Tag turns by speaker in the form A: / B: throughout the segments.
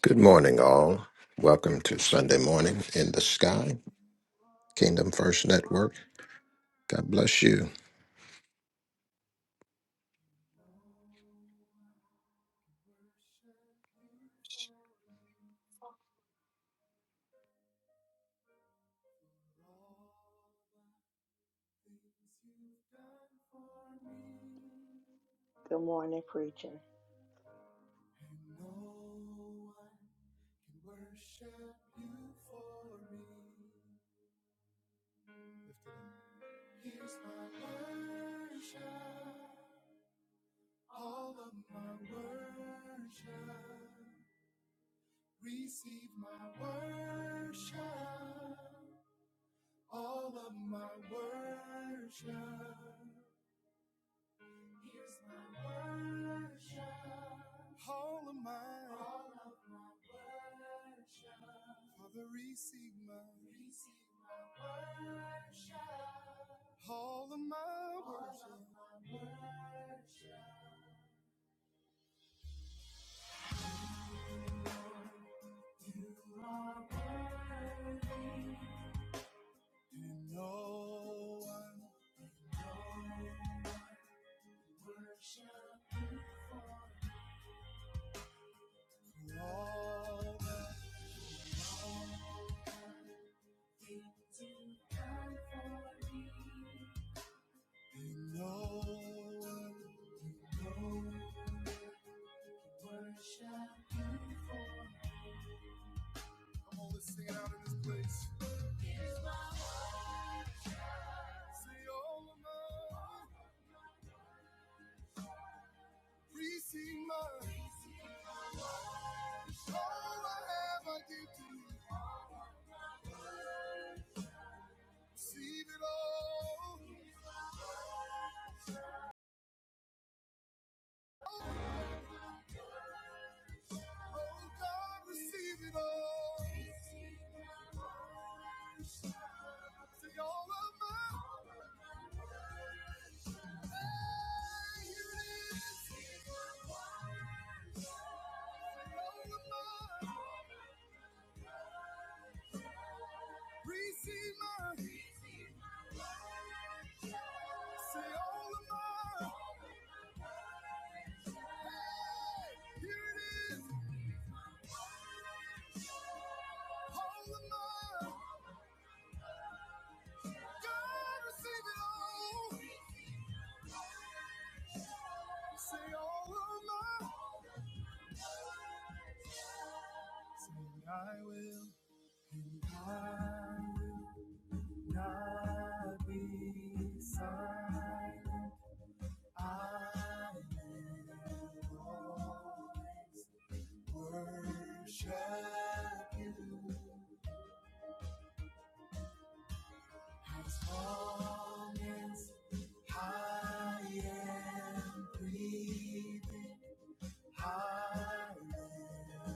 A: Good morning, all. Welcome to Sunday Morning in the Sky,
B: You are
A: Kingdom First Network.
B: worthy.
A: God bless you.
B: No one can worship you for me. For all the things you've done for me. And no one can worship you for me. Lift
C: Good morning, preacher.
B: it up. Here's my worship, all of my worship. Receive my worship, all of my worship. Here's my worship, all of my, all of my worship. Father, receive my, receive my worship, all of my worship. all Of my worship. You are worthy. And no one, no one worship you for for all the things you've done for me. And no one, no one worship you for. Come on, let's sing it out in this place. Say all of my, receive my. So I have I give to you. Receive it all. Oh, oh God, receive it all. See all of my Hey, here it is. Say All of mine. Receive my receive my joy. say all of my all hey, here it is. All of my God receive it all. Say all of my say I will and I will not be silent. I will always worship you as long as I am breathing. I will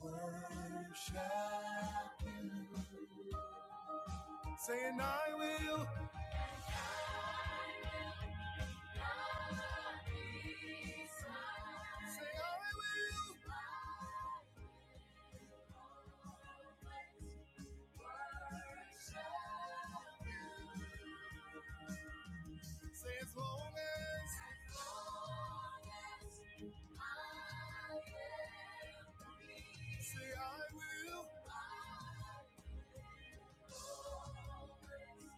B: always worship you, saying I will. Say as long as, as long as I am free. Say I will. I will always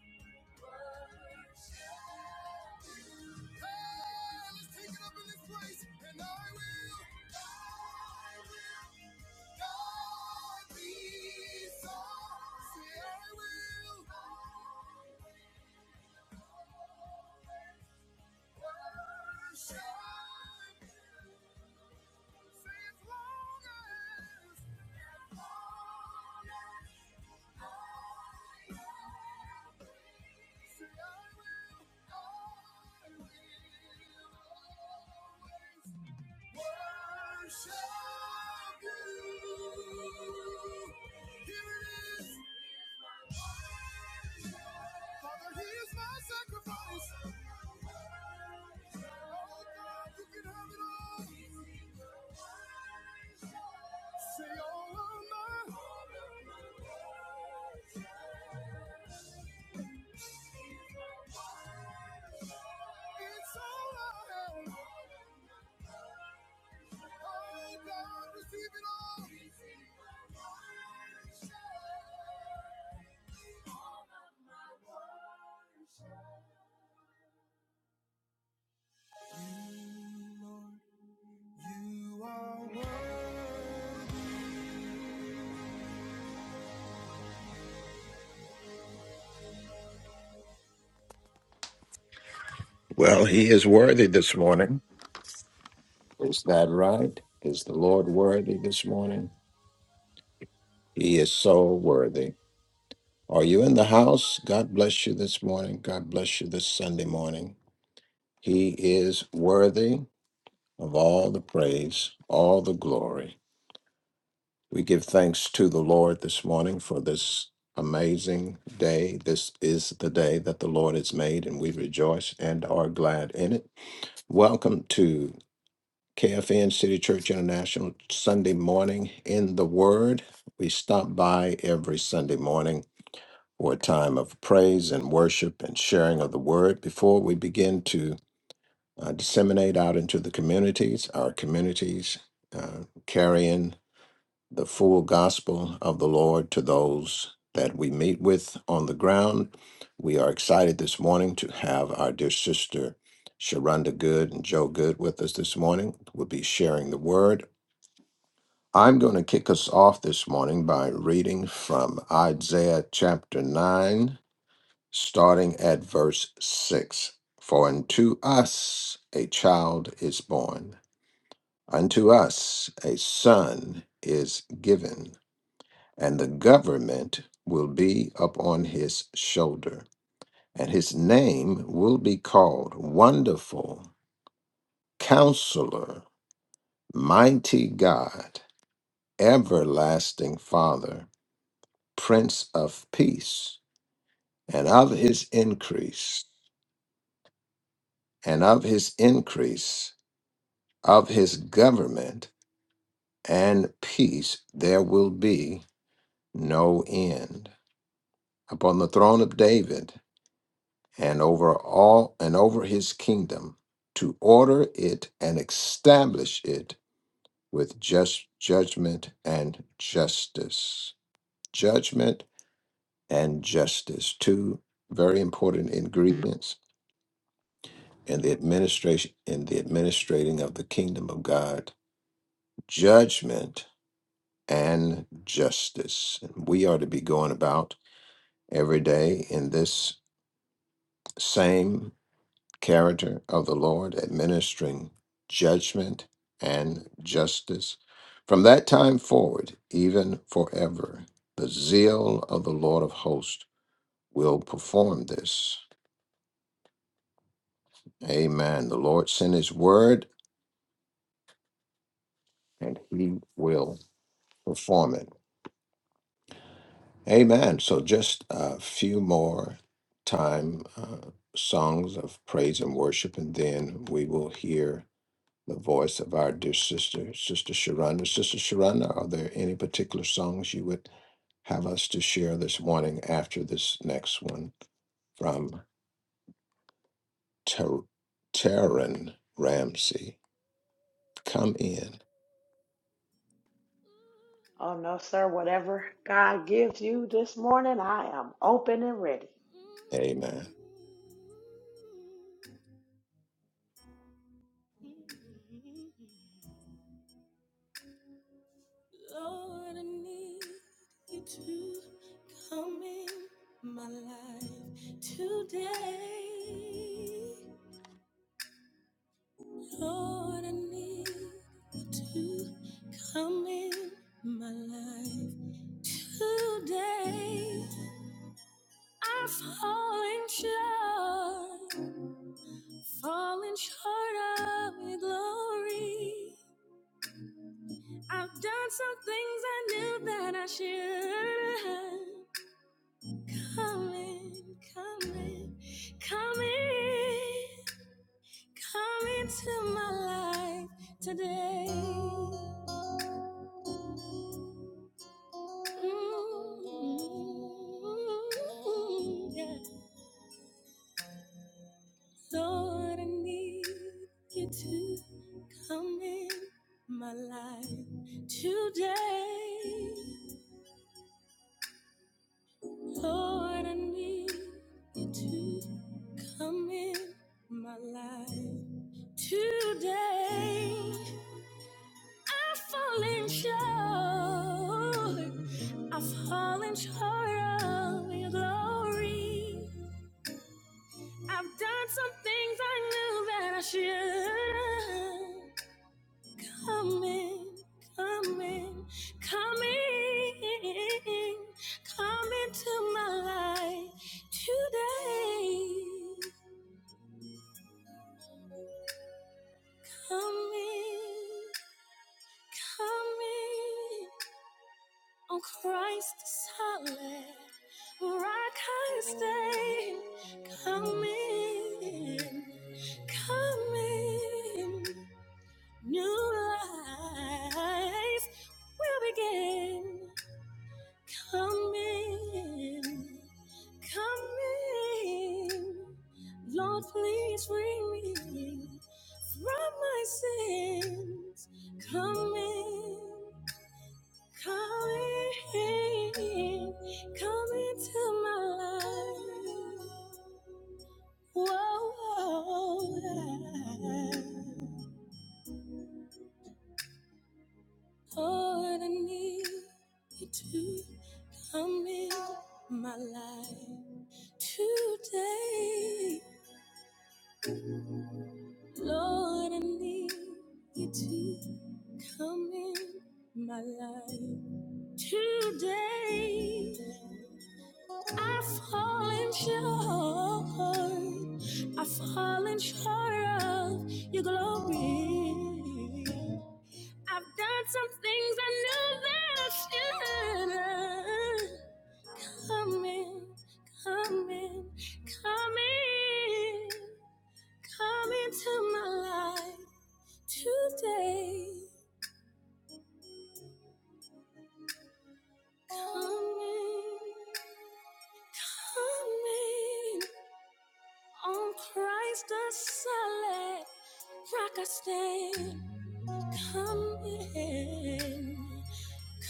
B: Hey, let's take it up in this place, and I will I will, God be so. Say, I will, I will Worship. Father, here's my sacrifice. Oh God, you can have it all. Say all of my, all of my words, it's all I have. Oh God, receive it all. All of my worship, You, Lord, you are worthy.
A: Well, He is worthy this morning. Is that right? Is the Lord worthy this morning? He is so worthy. Are you in the house? God bless you this morning. God bless you this Sunday morning. He is worthy of all the praise, all the glory. We give thanks to the Lord this morning for this amazing day. This is the day that the Lord has made, and we rejoice and are glad in it. Welcome to KFN City Church International Sunday morning in the Word. We stop by every Sunday morning for a time of praise and worship and sharing of the Word before we begin to uh, disseminate out into the communities, our communities. Uh, carrying the full gospel of the Lord to those that we meet with on the ground. We are excited this morning to have our dear sister Sharonda Good and Joe Good with us this morning. We'll be sharing the word. I'm going to kick us off this morning by reading from Isaiah chapter 9, starting at verse 6. For unto us a child is born, unto us a son is given and the government will be upon his shoulder, and his name will be called Wonderful, Counselor, Mighty God, Everlasting Father, Prince of Peace, and of his increase, and of his increase, of his government and peace, there will be no end. Upon the throne of David, and over all and over his kingdom to order it and establish it with just judgment and justice judgment and justice two very important ingredients in the administration in the administrating of the kingdom of god judgment and justice and we are to be going about every day in this same character of the Lord, administering judgment and justice. From that time forward, even forever, the zeal of the Lord of hosts will perform this. Amen. The Lord sent his word and he will perform it. Amen. So just a few more time uh, songs of praise and worship, and then we will hear. the voice of our dear sister, Sister Sharonda. Sister Sharonda, are there any particular songs you would have us to share this morning after this next one from Ter- Taryn Ramsey? Come in.
C: Oh, no, sir. Whatever God gives you this morning, I am open and ready.
A: Amen.
B: Lord, I need you to come in my life today. Lord, I need you to come in my life today. I'm falling short, falling short of your glory. I've done some things I knew that I should have. Come in, come in, come in, come into my life today. Mm, yeah. Lord, I need you to come in my life today. Lord, I need you to come in my life today. I've fallen short. I've fallen short of your glory. I've done some things I knew that I should. Come in, come in, come in, come into my life today. Come in, come in, on Christ's solid rock I stand. Come in, come in, new life will begin. Come in, come in, Lord, please free me from my sins. Come in, come in, come into my life. Whoa, whoa, Lord, I need you to come in my life. Today, Lord, I need you to come in my life. Today, I've fallen short. I've fallen short of your glory. I've done some things I knew that I shouldn't. Come in, come in, come in. Come into my life today. Come in, come in. On Christ the solid rock I stand. Come in,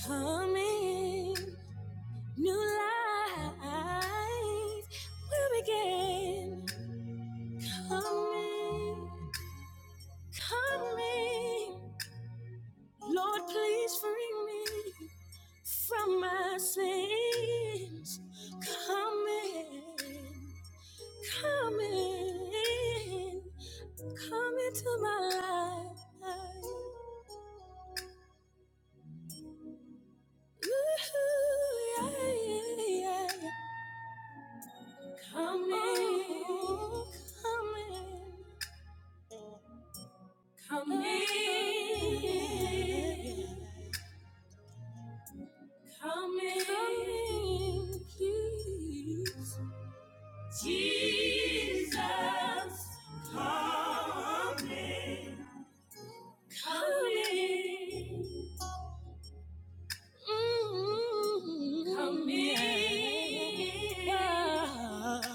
B: come in. New life will begin. Come in, come in. Lord, please free me. from my sins. Come in, come in, come into my life. Ooh, yeah, yeah, yeah. Come in, come in, come in, come in, please. Jesus come in, come in, mm in, God,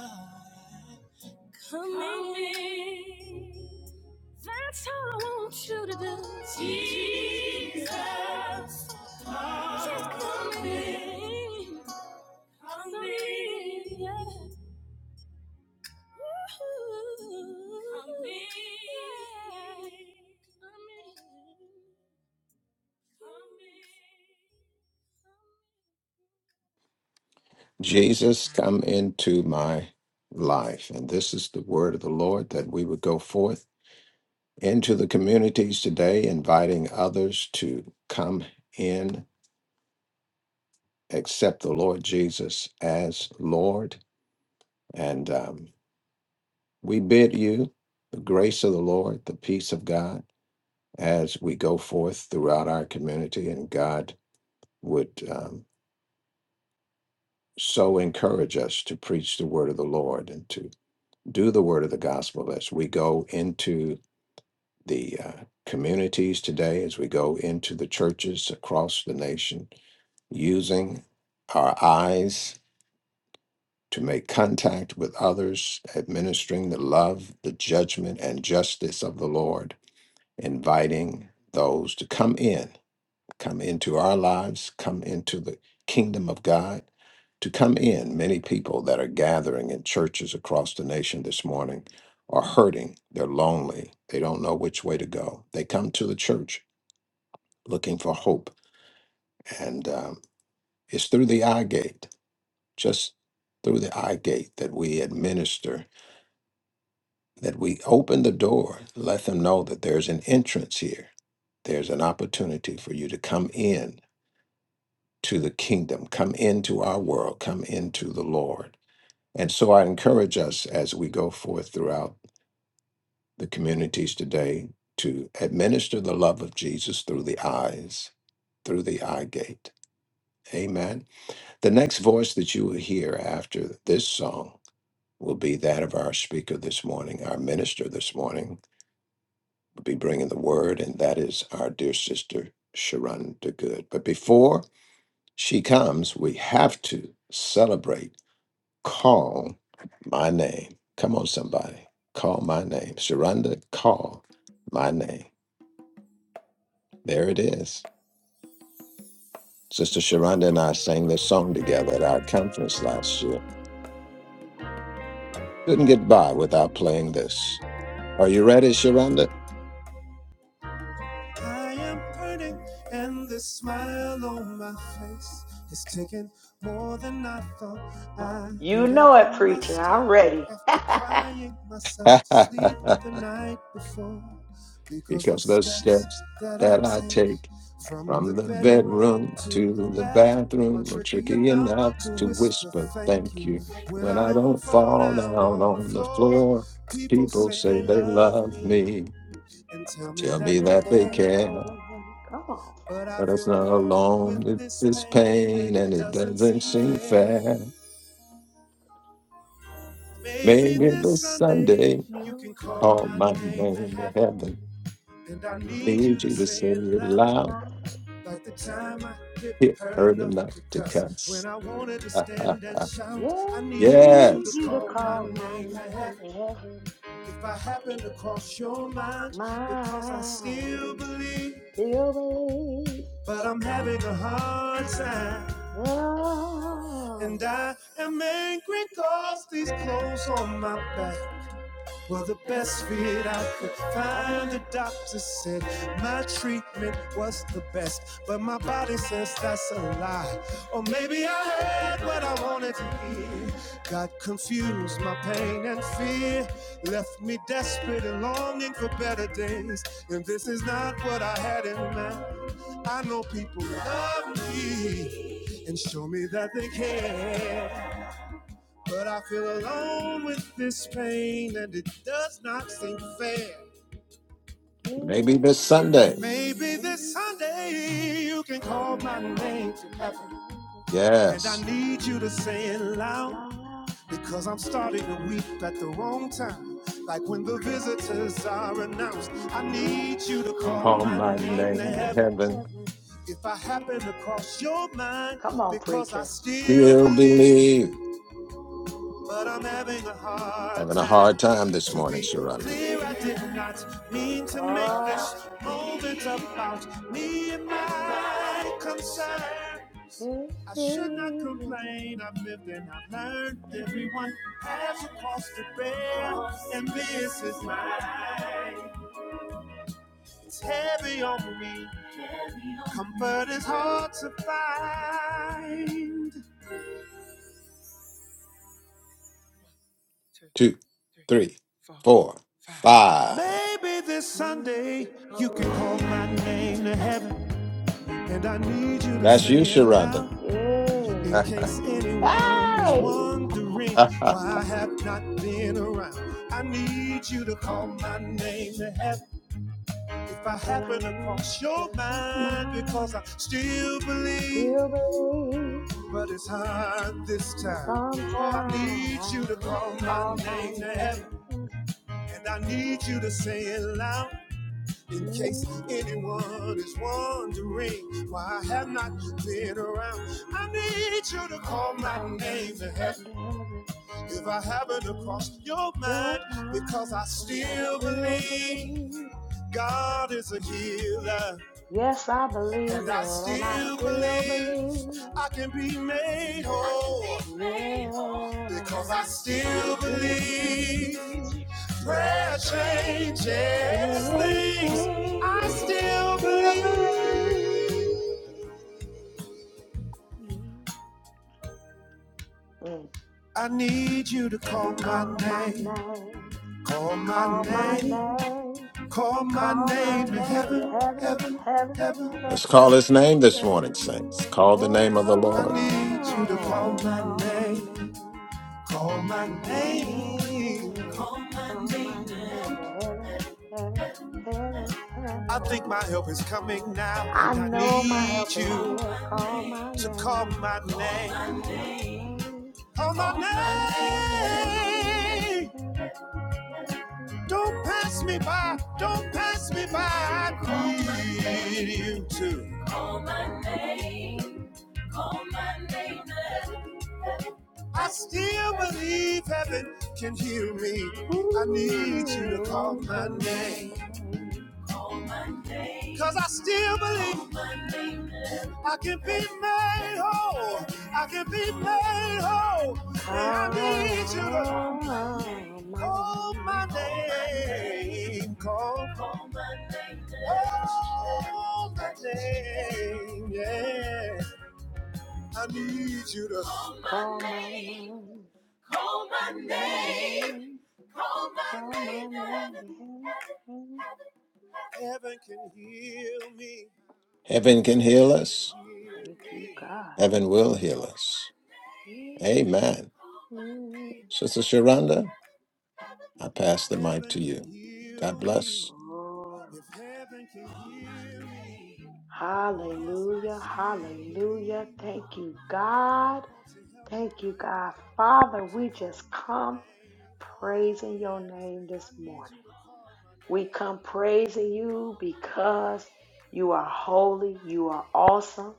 B: Come, come in. in. That's all I want you to do. Jesus, come, just come in, in. come in, yeah. Come in. Come in. Come in.
A: Jesus, come into my life. And this is the word of the Lord that we would go forth into the communities today, inviting others to come in, accept the Lord Jesus as Lord. And um, We bid you the grace of the Lord, the peace of God, as we go forth throughout our community, and God would um, so encourage us to preach the word of the Lord and to do the word of the gospel as we go into the uh, communities today, as we go into the churches across the nation, using our eyes to make contact with others, administering the love, the judgment, and justice of the Lord inviting those to come in, come into our lives, come into the kingdom of God, to come in. Many people that are gathering in churches across the nation this morning are hurting. They're lonely. They don't know which way to go. They come to the church looking for hope. And um, it's through the eye gate, just through the eye gate, that we administer, that we open the door, let them know that there's an entrance here. There's an opportunity for you to come in to the kingdom, come into our world, come into the Lord. And so I encourage us as we go forth throughout the communities today to administer the love of Jesus through the eyes, through the eye gate. Amen. The next voice that you will hear after this song will be that of our speaker this morning, our minister this morning will be bringing the word, and that is our dear sister, Sharon DeGood. But before she comes, we have to celebrate Call my name. Come on, somebody. Call my name. Sharonda, call my name. There it is. Sister Sharonda and I sang this song together at our conference last year. Couldn't get by without playing this. Are you ready, Sharonda?
B: I am hurting, and the smile on my face is taking more than I thought I
C: You
B: could
C: know
B: ever
C: it, preacher.
B: muster.
C: I'm ready.
B: After crying myself to sleep the night before, because the
A: because those
B: steps
A: steps
B: that I
A: that I
B: take
A: take.
B: from the
A: From the bedroom
B: bedroom to the
A: to the
B: bathroom are
A: bathroom, are
B: tricky
A: tricky
B: enough
A: enough
B: to
A: to
B: whisper
A: whisper
B: thank
A: thank
B: you
A: you.
B: when
A: When
B: I
A: I
B: don't
A: don't
B: fall
A: fall down
B: down on the
A: on the
B: floor.
A: floor,
B: People
A: people
B: say
A: say
B: they
A: they
B: love
A: love
B: me
A: me,
B: and tell me
A: tell
B: that
A: me
B: they
C: Is
A: that
C: it
A: they
C: heaven?
B: care.
A: care.
C: Come on.
B: But I
A: But it's
B: feel
A: not
B: alone with
A: alone, it's
B: this
A: this
B: pain and
A: pain,
B: it
A: and it
B: doesn't seem
A: doesn't seem
B: fair.
A: fair.
B: Maybe
A: Maybe
C: Let me
B: this
A: this
B: Sunday
A: Sunday,
B: you can
C: You
B: call
A: call
C: call
B: my
A: my
C: my
B: name to
A: name
C: name
A: to
B: heaven.
C: to
A: heaven.
C: heaven.
B: And I
C: I will
B: need you
A: Need
B: to
A: you to
B: say
A: say
B: it
A: it
B: loud.
C: praise
A: loud,
C: thy name.
B: Like the time I hit
A: it
B: hurt
A: hurt
B: enough
A: enough
B: to
A: to
B: cuss.
A: cuss.
B: When I wanted to stand and
C: Yeah,
B: shout, I
C: you
B: need you
C: need
B: to
A: yes,
C: you to
B: call my
C: call my
B: name to
C: name
B: heaven.
C: to heaven.
B: If I happen to cross your mind, because I still
C: Mine.
B: believe,
C: Do you believe?
B: but I'm having a hard time. And
C: Oh.
B: I am angry 'cause these clothes on my back well, the best fit I could
C: Brother
B: find, the
C: Brian,
B: doctor said my treatment was the best. But my body says that's a lie. Or maybe I heard what I wanted to hear. Got confused, my pain and fear left me desperate and longing for better days. And this is not what I had in mind. I know people love me and show me that they care. But I feel alone with this pain and it does not seem fair.
A: maybe this Sunday.
B: Maybe
C: maybe
B: this
C: this
B: Sunday you can
C: Sunday.
B: call my
C: Come
B: name
C: on
B: to
C: and
B: heaven.
C: dance.
B: And I
A: Yes.
B: need you
C: Need
B: to
C: you
B: say
C: to
B: it
C: feel
B: loud
C: alive.
B: because I'm starting to weep at the wrong time. Like when the visitors are announced, I need you to call
C: You
A: Call
B: my
A: my
C: come my
B: name to
A: name to
C: day
B: heaven.
C: to
A: heaven.
C: heaven.
B: If I happen to cross your mind,
C: Come on,
B: because I
C: preacher.
B: still
A: Still
B: believe.
A: believe.
B: But I'm having a hard
A: Having a
B: time
A: hard time this
B: to
A: morning,
B: be
A: Sharonda.
B: clear. I did not mean to make this
C: Oh,
B: moment about me and my concerns. I should not
C: hey,
B: complain. I've lived and I've learned. Everyone has a cost to bear, and this is mine. It's heavy on me. Comfort is hard to find.
A: Two, three, four, five.
B: Maybe this
C: you can
B: Sunday you
C: call
B: can
C: my
B: call
C: name
B: my
C: to
B: name to
C: heaven.
B: heaven. And I need you to
A: That's you,
B: say it
A: Sharonda.
B: loud in
C: Yay.
B: case anyone is
C: Hey!
B: wondering why I have not been around. I need you to call my name to heaven if I
C: And I
B: happen to
C: need
B: cross your
C: just your
B: mind because
C: mind.
B: I still believe,
C: Still believe.
B: but it's hard this time. Oh, I need you to
C: Sometimes
B: call my
C: call my
B: name to
C: name to
B: heaven
C: heaven.
B: and I need you to say it loud In
C: Mm,
B: case anyone is wondering why I have not been around, I need you to call my
C: Call my
B: name and help
C: name to heaven.
B: if I haven't across
C: Mm,
B: your mind,
C: Your
B: because
C: mind,
B: I
C: cause I
B: still
C: still
B: believe
C: believe.
B: God is a healer,
C: Yes, I believe
B: and I
C: it, and I
B: still
C: still
B: believe
C: believe.
B: I can be made whole. because I
C: Yeah,
B: still
C: still
B: believe
C: believe.
B: prayer changes
C: Yes,
B: things.
C: think,
B: I still
C: still
B: believe.
C: believe. Mm.
B: I need you to call my
C: Call my
B: name,
C: name,
B: call my
C: call my
B: name,
C: name,
B: call my
C: call my
B: name to
C: name to
B: heaven,
C: heaven,
B: heaven,
C: heaven,
B: heaven,
C: heaven.
A: Let's call
B: heaven,
A: his name this morning,
B: heaven.
A: saints. Call the name of the
B: I
A: Lord.
B: need you to call
C: Oh,
B: my
C: call my
B: name,
C: name,
B: call my
C: call my
B: name.
C: name, call my name to heaven, heaven, heaven,
B: I
C: heaven.
B: think my help is coming now,
C: I
B: and I
C: know my
B: need
C: help is
B: you
C: here. Call my
B: to call
C: name,
B: my
C: call my
B: name,
C: name,
B: call my
C: call my name to heaven,
B: name.
C: heaven, heaven. heaven.
B: Don't pass me by. Don't pass me by. I Call my
C: Call my
B: name. need you
C: name.
B: to. Call my
C: Call my
B: name.
C: name.
B: Call my name. I still believe heaven can hear me. I need you to call
C: Ooh,
B: my
C: call my
B: name.
C: name.
B: Cause I still believe I can be made whole. I can be made whole. And I need you to
C: Call my
B: call my
C: name.
B: name. Call, my name. call my name. Yeah. I need you to call my
C: Call my
B: name.
C: name.
B: Call Call
C: Call
B: my my
C: my
B: name.
C: name.
B: Call my
C: Call my
B: name to heaven. Heaven.
C: name.
B: Heaven heaven can heal me,
A: Heaven
B: if
A: can heal
B: heaven can
A: us.
B: Call my heal my me.
C: Thank you,
B: name,
C: God.
A: Heaven will heal
B: call my
A: us.
B: name,
A: Amen.
B: call
C: Mm.
A: Sister Sharonda,
B: my name, that
A: I pass the mic
B: Heaven
A: to you.
B: can
A: God
B: heal me,
A: bless.
C: Oh,
B: if heaven can Call my heal my me. name, Oh, yes, call I my
C: hallelujah,
B: still name.
C: hallelujah.
B: believe.
C: Thank you, God.
B: Won't you help me
C: Thank you,
B: right
C: God.
B: now
C: Father, we
B: to call
C: just
B: my
C: come
B: name? Oh,
C: praising your
B: yes,
C: name this
B: I need
C: morning.
B: you to call my
C: We come
B: name.
C: praising you
B: I
C: because you are holy, you are awesome,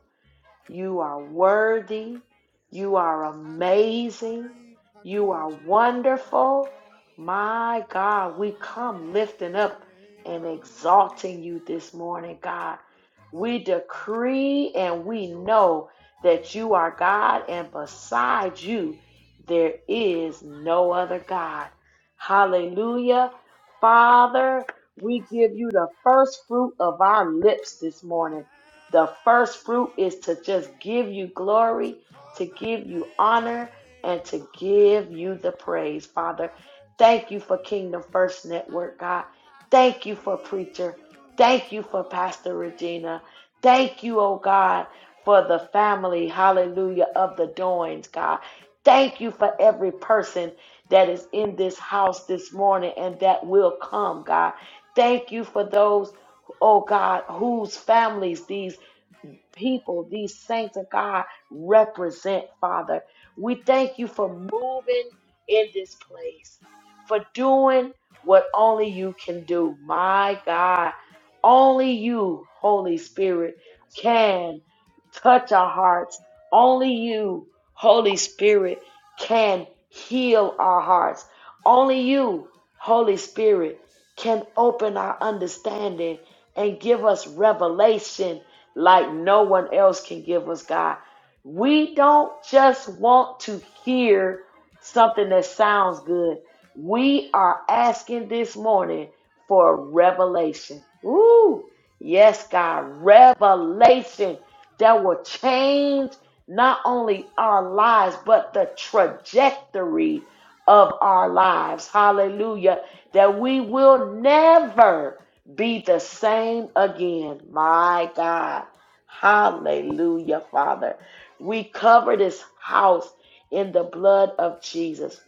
C: you are worthy. You are
B: need,
C: amazing.
B: I need, I
C: You are
B: need you to
C: wonderful.
B: call.
C: My God,
B: Call
C: we
B: my
C: come lifting
B: name.
C: up and
B: Call my
C: exalting
B: name.
C: you this morning, God. We decree and we know that you are God, and beside you, there is no other God.
B: Call my
C: Hallelujah.
B: name.
C: Father,
B: I
C: we give
B: need you
C: you the first fruit of our lips this
B: to
C: morning. The first fruit is to just give you glory,
B: call
C: to
B: my
C: give you honor, and
B: name.
C: to give you the praise,
B: I
C: Father.
B: heard you
C: Thank you
B: right
C: for
B: here.
C: Kingdom First Network, God.
B: I
C: Thank you for
B: need
C: Preacher.
B: you
C: Thank
B: to
C: you for
B: call my
C: Pastor
B: name.
C: Regina. Thank you, oh God, for the family, hallelujah, of the Doings, God. Thank you for every person that is in this house this morning and that will come, God. Thank you for those oh God, whose families these people, these saints of God represent, Father. We thank you for moving in this place, for doing what only you can do. My God, only you, Holy Spirit, can touch our hearts. Only you, Holy Spirit, can heal our hearts. Only you, Holy Spirit, can open our understanding and give us revelation like no one else can give us, God. We don't just want to hear something that sounds good. We are asking this morning for revelation. Ooh, yes, God, revelation that will change not only our lives, but the trajectory of our lives. Hallelujah. That we will never be the same again. My God. Hallelujah, Father. We cover this house in the blood of Jesus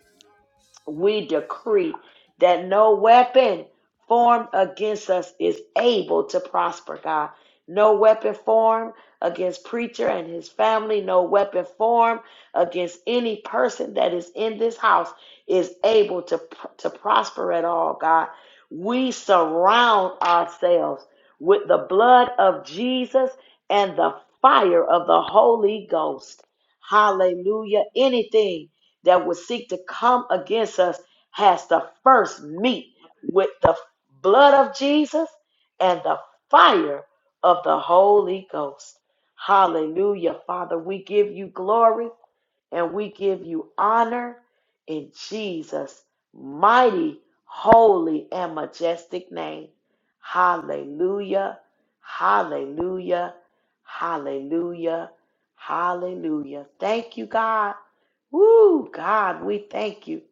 C: we decree that no weapon formed against us is able to prosper, God. No weapon formed against preacher and his family, no weapon formed against any person that is in this house is able to, to prosper at all, God. We surround ourselves with the blood of Jesus and the fire of the Holy Ghost. Hallelujah. Anything that would seek to come against us has to first meet with the blood of Jesus and the fire of the Holy Ghost. Hallelujah. Father, we give you glory and we give you honor in Jesus' mighty, holy, and majestic name. Hallelujah, hallelujah, hallelujah, hallelujah. Thank you, God. Woo, God, we thank you.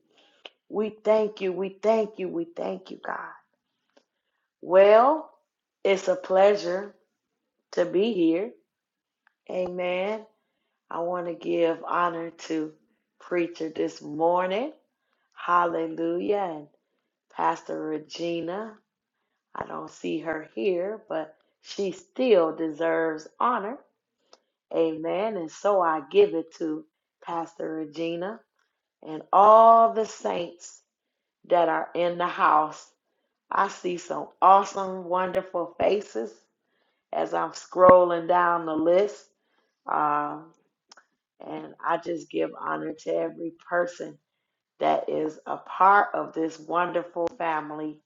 C: We thank you, we thank you, we thank you, God. Well, it's a pleasure to be here. Amen. I want to give honor to Preacher this morning. Hallelujah. And Pastor Regina, I don't see her here, but she still deserves honor. Amen. And so I give it to Pastor Regina and all the saints that are in the house. I see some awesome, wonderful faces as I'm scrolling down the list. Um, and I just give honor to every person that is a part of this wonderful family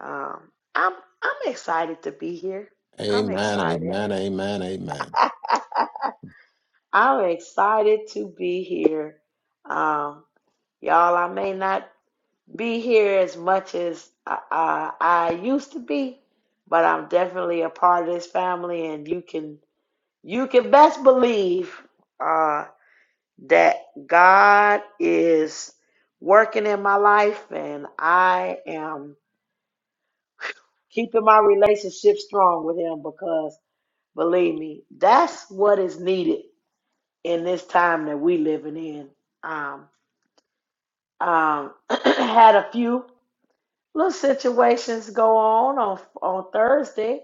C: Um, I'm I'm excited to be here. I'm
A: Amen,
C: excited.
A: amen, amen, amen.
C: I'm excited to be here. Um, y'all, I may not be here as much as I, I, I used to be, but I'm definitely a part of this family, and you can you can best believe uh, that God is working in my life, and I am keeping my relationship strong with Him because. Believe me, that's what is needed in this time that we living in. Um, um, had a few little situations go on on on Thursday.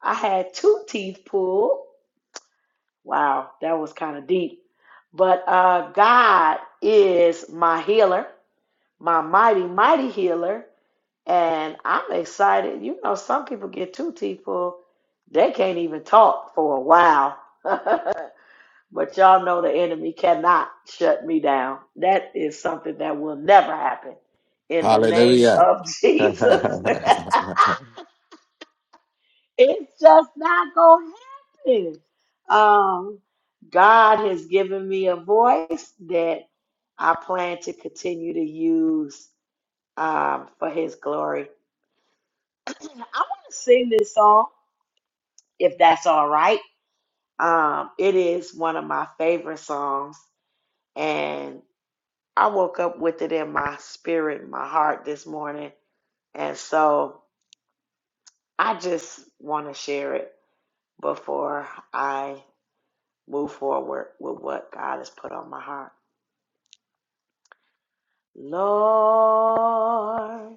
C: I had two teeth pulled. Wow, that was kind of deep. But uh, God is my healer, my mighty, mighty healer. And I'm excited. You know, some people get two teeth pulled, they can't even talk for a while. But y'all know the enemy cannot shut me down. That is something that will never happen. In the name
A: Hallelujah.
C: of Jesus. it's just not going to happen. Um, God has given me a voice that I plan to continue to use um, for his glory. I want to sing this song, if that's all right. Um, it is one of my favorite songs. and. I woke up with it in my spirit, my heart this morning. And so I just want to share it before I move forward with what God has put on my heart. Lord,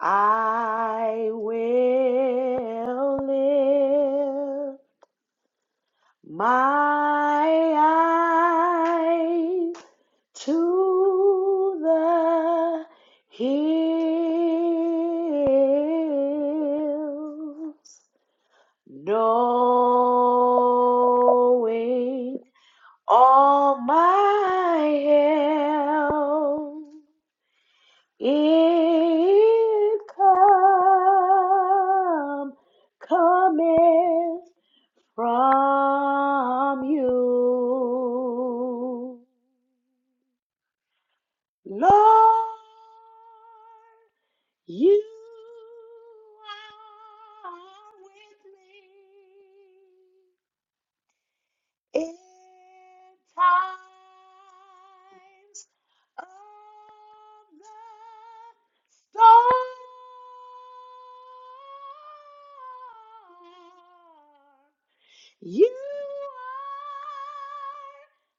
C: I will lift my eyes. to the hills, knowing all my help it come cometh from you. Lord, you are with me in times of the storm. You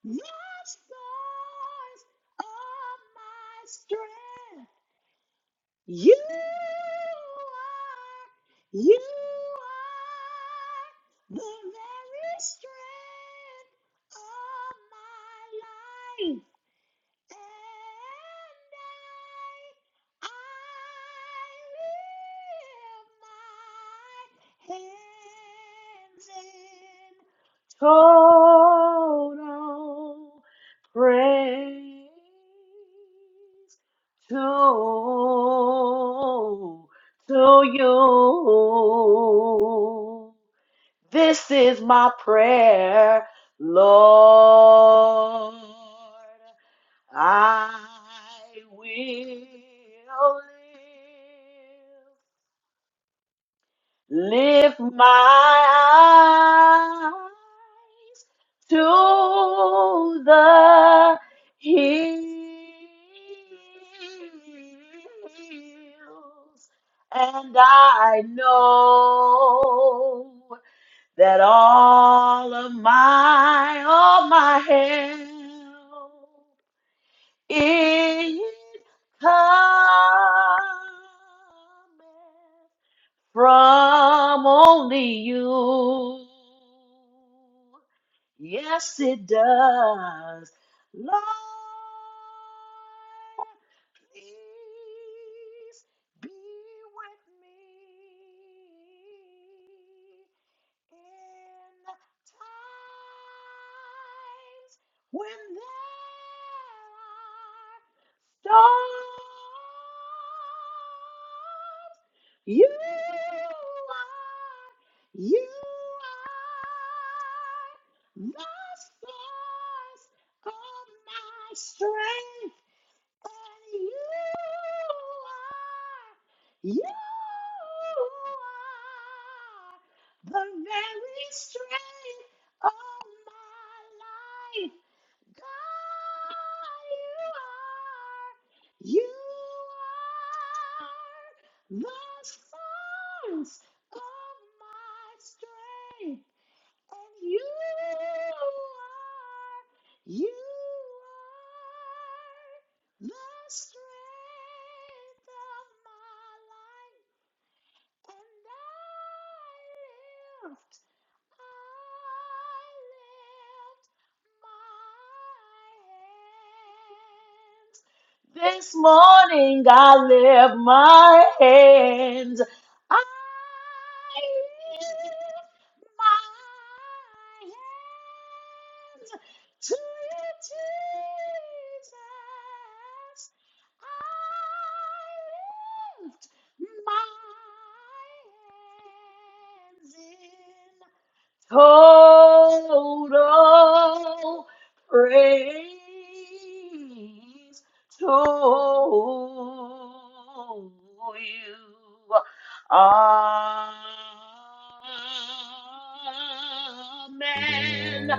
C: are the source of my strength. You are, you are the very strength of my life. And I, I lift my hands in total praise to, to you. This is my prayer, Lord. I will live, lift my eyes to the hills, and I know that all of my, all my help. It cometh from only you. Yes, it does. Lord, please be with me. In times when there are storms, you are, you are the source of my strength. And you are, you are the very strength of my life. God, you are, you are the source of my strength. And you are, you are the strength of my life. And I lift, I lift my hands. This morning I lift my hands. I lift my hands to you, Jesus. I lift my hands in total praise to you. Amen.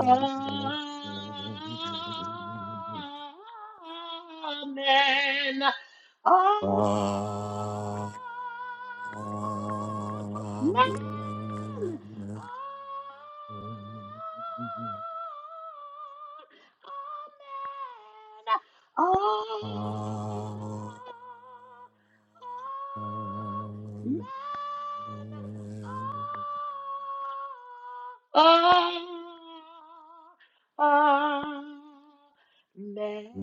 C: Amen. Amen.
A: Amen.
C: Amen.
A: Amen.
C: Amen. Amen.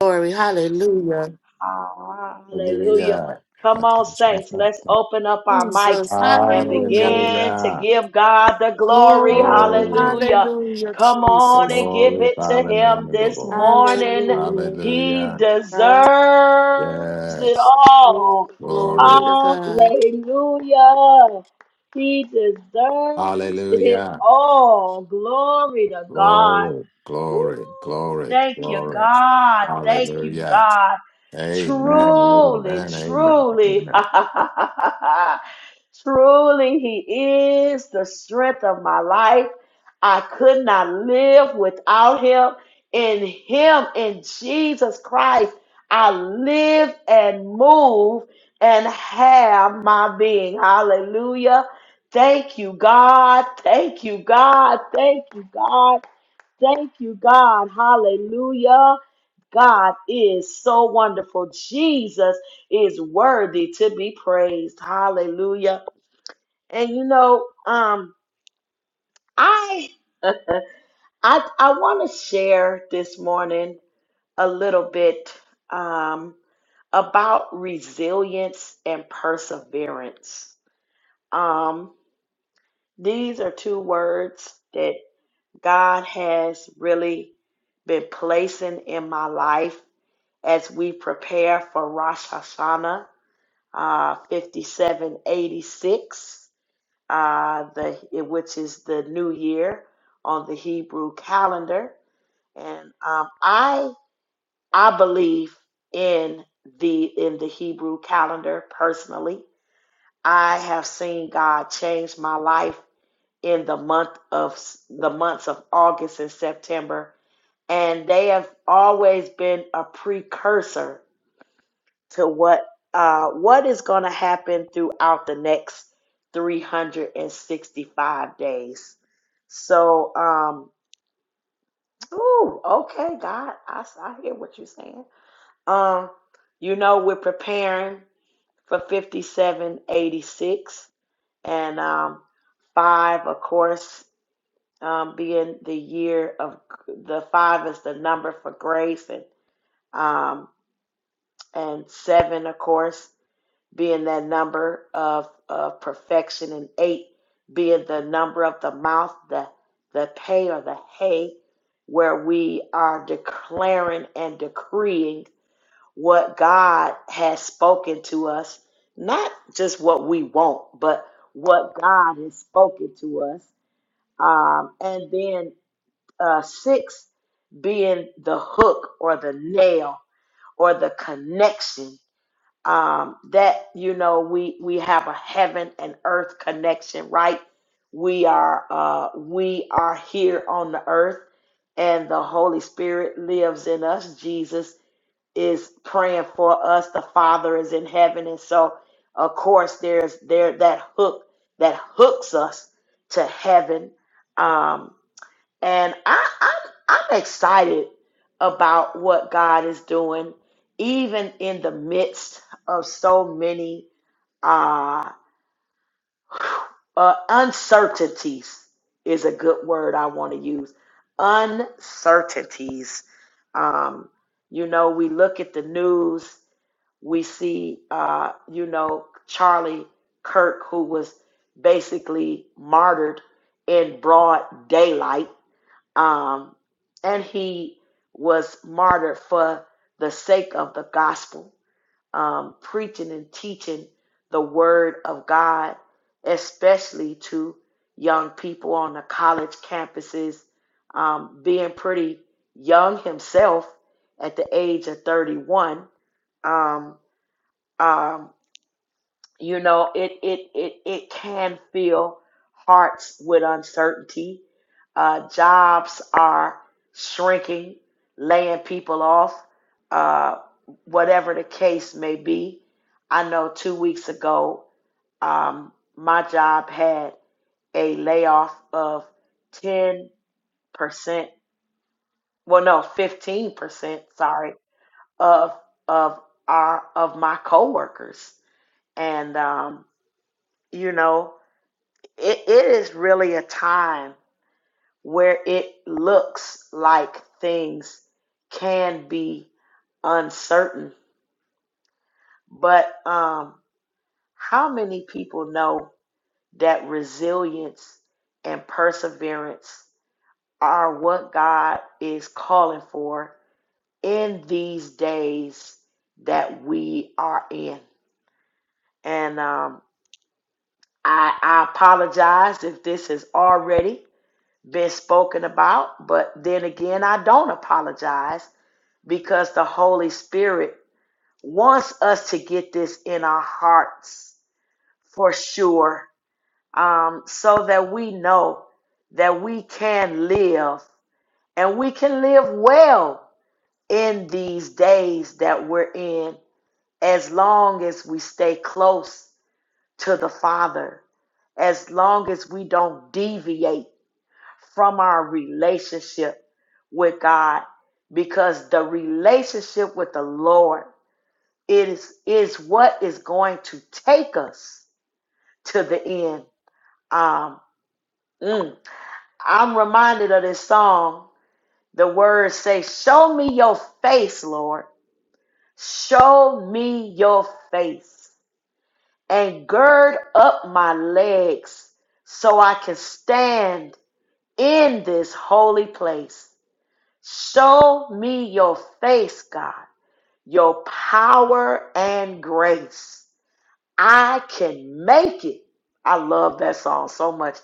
D: Glory, hallelujah.
C: Hallelujah.
A: Hallelujah.
C: Come on, saints. Let's open up our mics
D: Jesus,
C: and
D: hallelujah.
C: begin to
A: Hallelujah.
C: give God the glory.
D: Glory,
A: Glory.
C: Hallelujah.
D: hallelujah,
C: Come on
D: Jesus.
C: and give
A: Glory,
C: it to
A: Father, in the
C: Him
A: name of the
C: this
A: Lord.
C: morning.
D: Hallelujah,
C: He
A: Hallelujah.
C: deserves
D: hallelujah.
C: it
A: Yes.
C: all.
D: Oh, Glory
A: Glory.
D: to God.
C: Hallelujah. He deserves it
A: Hallelujah.
C: all. Glory to God.
A: Glory.
C: Woo!
A: Glory. Glory.
C: Thank you,
A: Glory.
C: God. Thank you,
A: Hallelujah.
C: God.
A: Amen.
C: Truly,
A: Amen. Amen.
C: truly,
A: Amen.
C: truly, He is the strength of my life. I could not live without Him. In Him, in Jesus Christ, I live and move and have my being. Hallelujah. Thank you, God. Thank you, God. Thank you, God. Thank you, God. Hallelujah. God is so wonderful. Jesus is worthy to be praised. Hallelujah. And you know, um, I I I want to share this morning a little bit um about resilience and perseverance. Um, these are two words that God has really been placing in my life as we prepare for Rosh Hashanah uh, 5786, uh, the, which is the new year on the Hebrew calendar. And um, I I believe in the in the Hebrew calendar personally. I have seen God change my life in the month of the months of August and September, and they have always been a precursor to what uh, what is going to happen throughout the next 365 days. So, um, ooh, okay, God, I, I hear what you're saying. Um, you know, we're preparing for 5786 and um, five, of course, um, being the year of the five is the number for grace and um, and seven, of course. being that number of, of perfection, and eight being the number of the mouth, the the pay or the hay, where we are declaring and decreeing what God has spoken to us, not just what we want, but what God has spoken to us. Um, and then uh, six being the hook or the nail or the connection um, that you know we we have a heaven and earth connection right we are uh, we are here on the earth and the holy spirit lives in us jesus is praying for us the father is in heaven and so of course there's there that hook that hooks us to heaven Um, and I, I'm I'm excited about what God is doing, even in the midst of so many uh, uh, uncertainties. Is a good word I want to use. Uncertainties. Um, you know, we look at the news. We see, uh, you know, Charlie Kirk, who was basically martyred in broad daylight um, and he was martyred for the sake of the gospel, um, preaching and teaching the word of God, especially to young people on the college campuses, um, being pretty young himself at the age of 31. Um, um, you know it it it it can fill hearts with uncertainty uh, jobs are shrinking laying people off uh, whatever the case may be i know two weeks ago um, my job had a layoff of 10% well no 15% sorry of of our of my coworkers and um, you know it, it is really a time where it looks like things can be uncertain. But um, how many people know that resilience and perseverance are what God is calling for in these days that we are in? And um, I, I apologize if this is already been spoken about, but then again, I don't apologize because the Holy Spirit wants us to get this in our hearts for sure, um, so that we know that we can live and we can live well in these days that we're in as long as we stay close to the Father, as long as we don't deviate from our relationship with God because the relationship with the Lord is is what is going to take us to the end. Um, mm. I'm reminded of this song. The words say, "Show me your face, Lord. Show me your face, and gird up my legs, so I can stand in this holy place." Show me your face, God, your power and grace. I can make it. I love that song so much.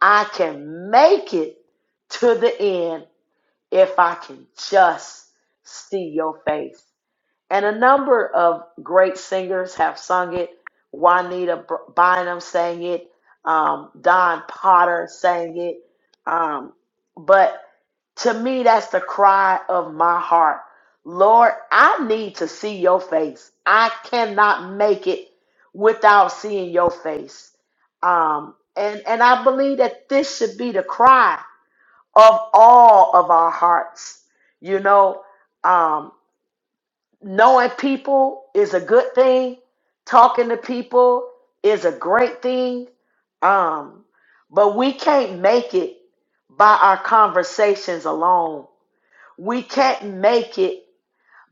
C: I can make it to the end if I can just see your face. And a number of great singers have sung it. Juanita B- Bynum sang it. Um, Don Potter sang it. Um, but to me, that's the cry of my heart. Lord, I need to see your face. I cannot make it without seeing your face. Um, and, and I believe that this should be the cry of all of our hearts. You know, um, knowing people is a good thing, talking to people is a great thing. Um, but we can't make it by our conversations alone we can't make it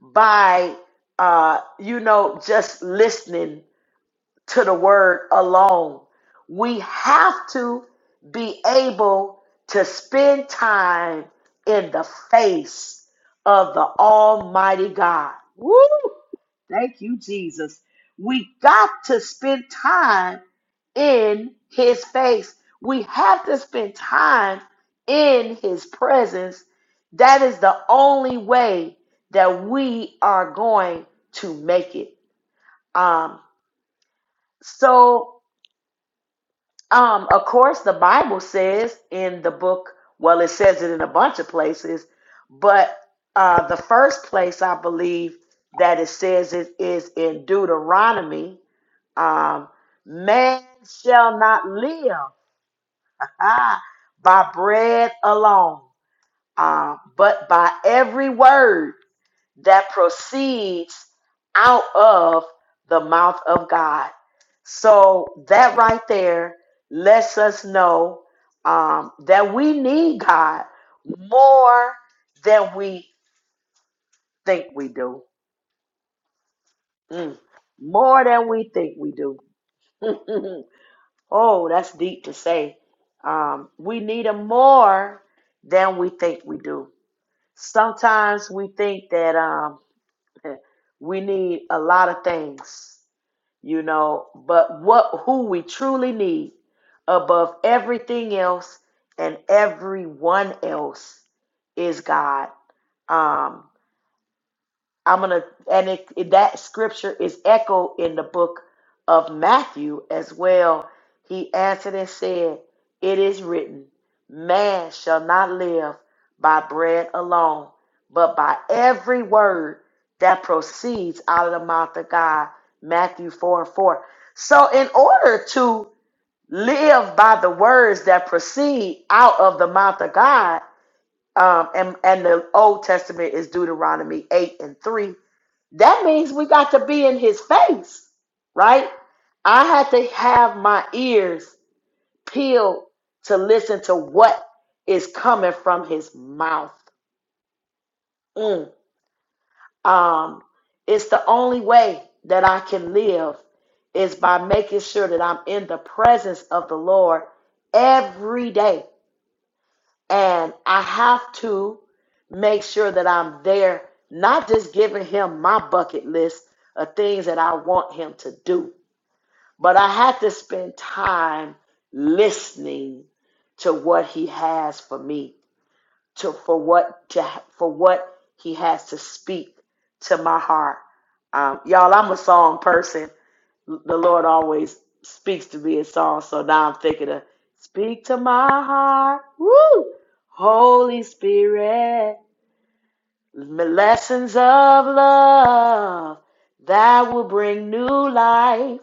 C: by uh you know just listening to the word alone we have to be able to spend time in the face of the almighty god Woo! thank you jesus we got to spend time in his face. We have to spend time in his presence. That is the only way that we are going to make it. Um, so, um, of course, the Bible says in the book, well, it says it in a bunch of places, but uh, the first place I believe that it says it is in Deuteronomy um, man shall not live Ah, by bread alone, uh, but by every word that proceeds out of the mouth of God. So that right there lets us know um, that we need God more than we think we do. Mm. More than we think we do. oh, that's deep to say. Um, we need him more than we think we do. Sometimes we think that um, we need a lot of things, you know, but what who we truly need above everything else and everyone else is God. Um, I'm gonna, and it, it- that scripture is echoed in the book of Matthew as well. He answered and said, "It is written, man shall not live by bread alone, but by every word that proceeds out of the mouth of God." Matthew four and four. So, in order to live by the words that proceed out of the mouth of God um, and and the Old Testament is Deuteronomy eight and three. That means we got to be in His face, right? I had to have my ears peeled to listen to what is coming from His mouth. Mm. Um, it's the only way that I can live is by making sure that I'm in the presence of the Lord every day And I have to make sure that I'm there, not just giving him my bucket list of things that I want him to do, but I have to spend time listening to what he has for me, to for what to for what he has to speak to my heart. Um, y'all, I'm a song person the Lord always speaks to me in songs. So now I'm thinking of speak to my heart. Woo! Holy Spirit, lessons of love that will bring new life.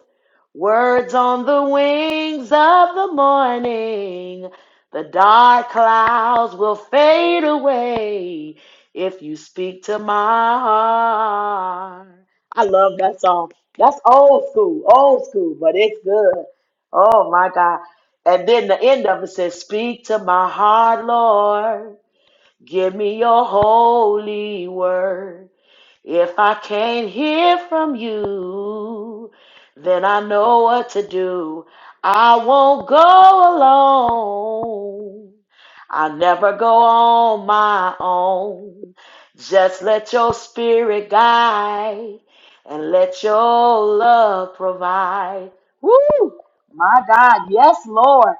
C: Words on the wings of the morning. The dark clouds will fade away if you speak to my heart. I love that song. That's old school, old school, but it's good. Oh my God. And then the end of it says, Speak to my heart, Lord. Give me your holy word. If I can't hear from you, then I know what to do. I won't go alone. I never go on my own. Just let your spirit guide and let your love provide. Woo! My God, yes, Lord.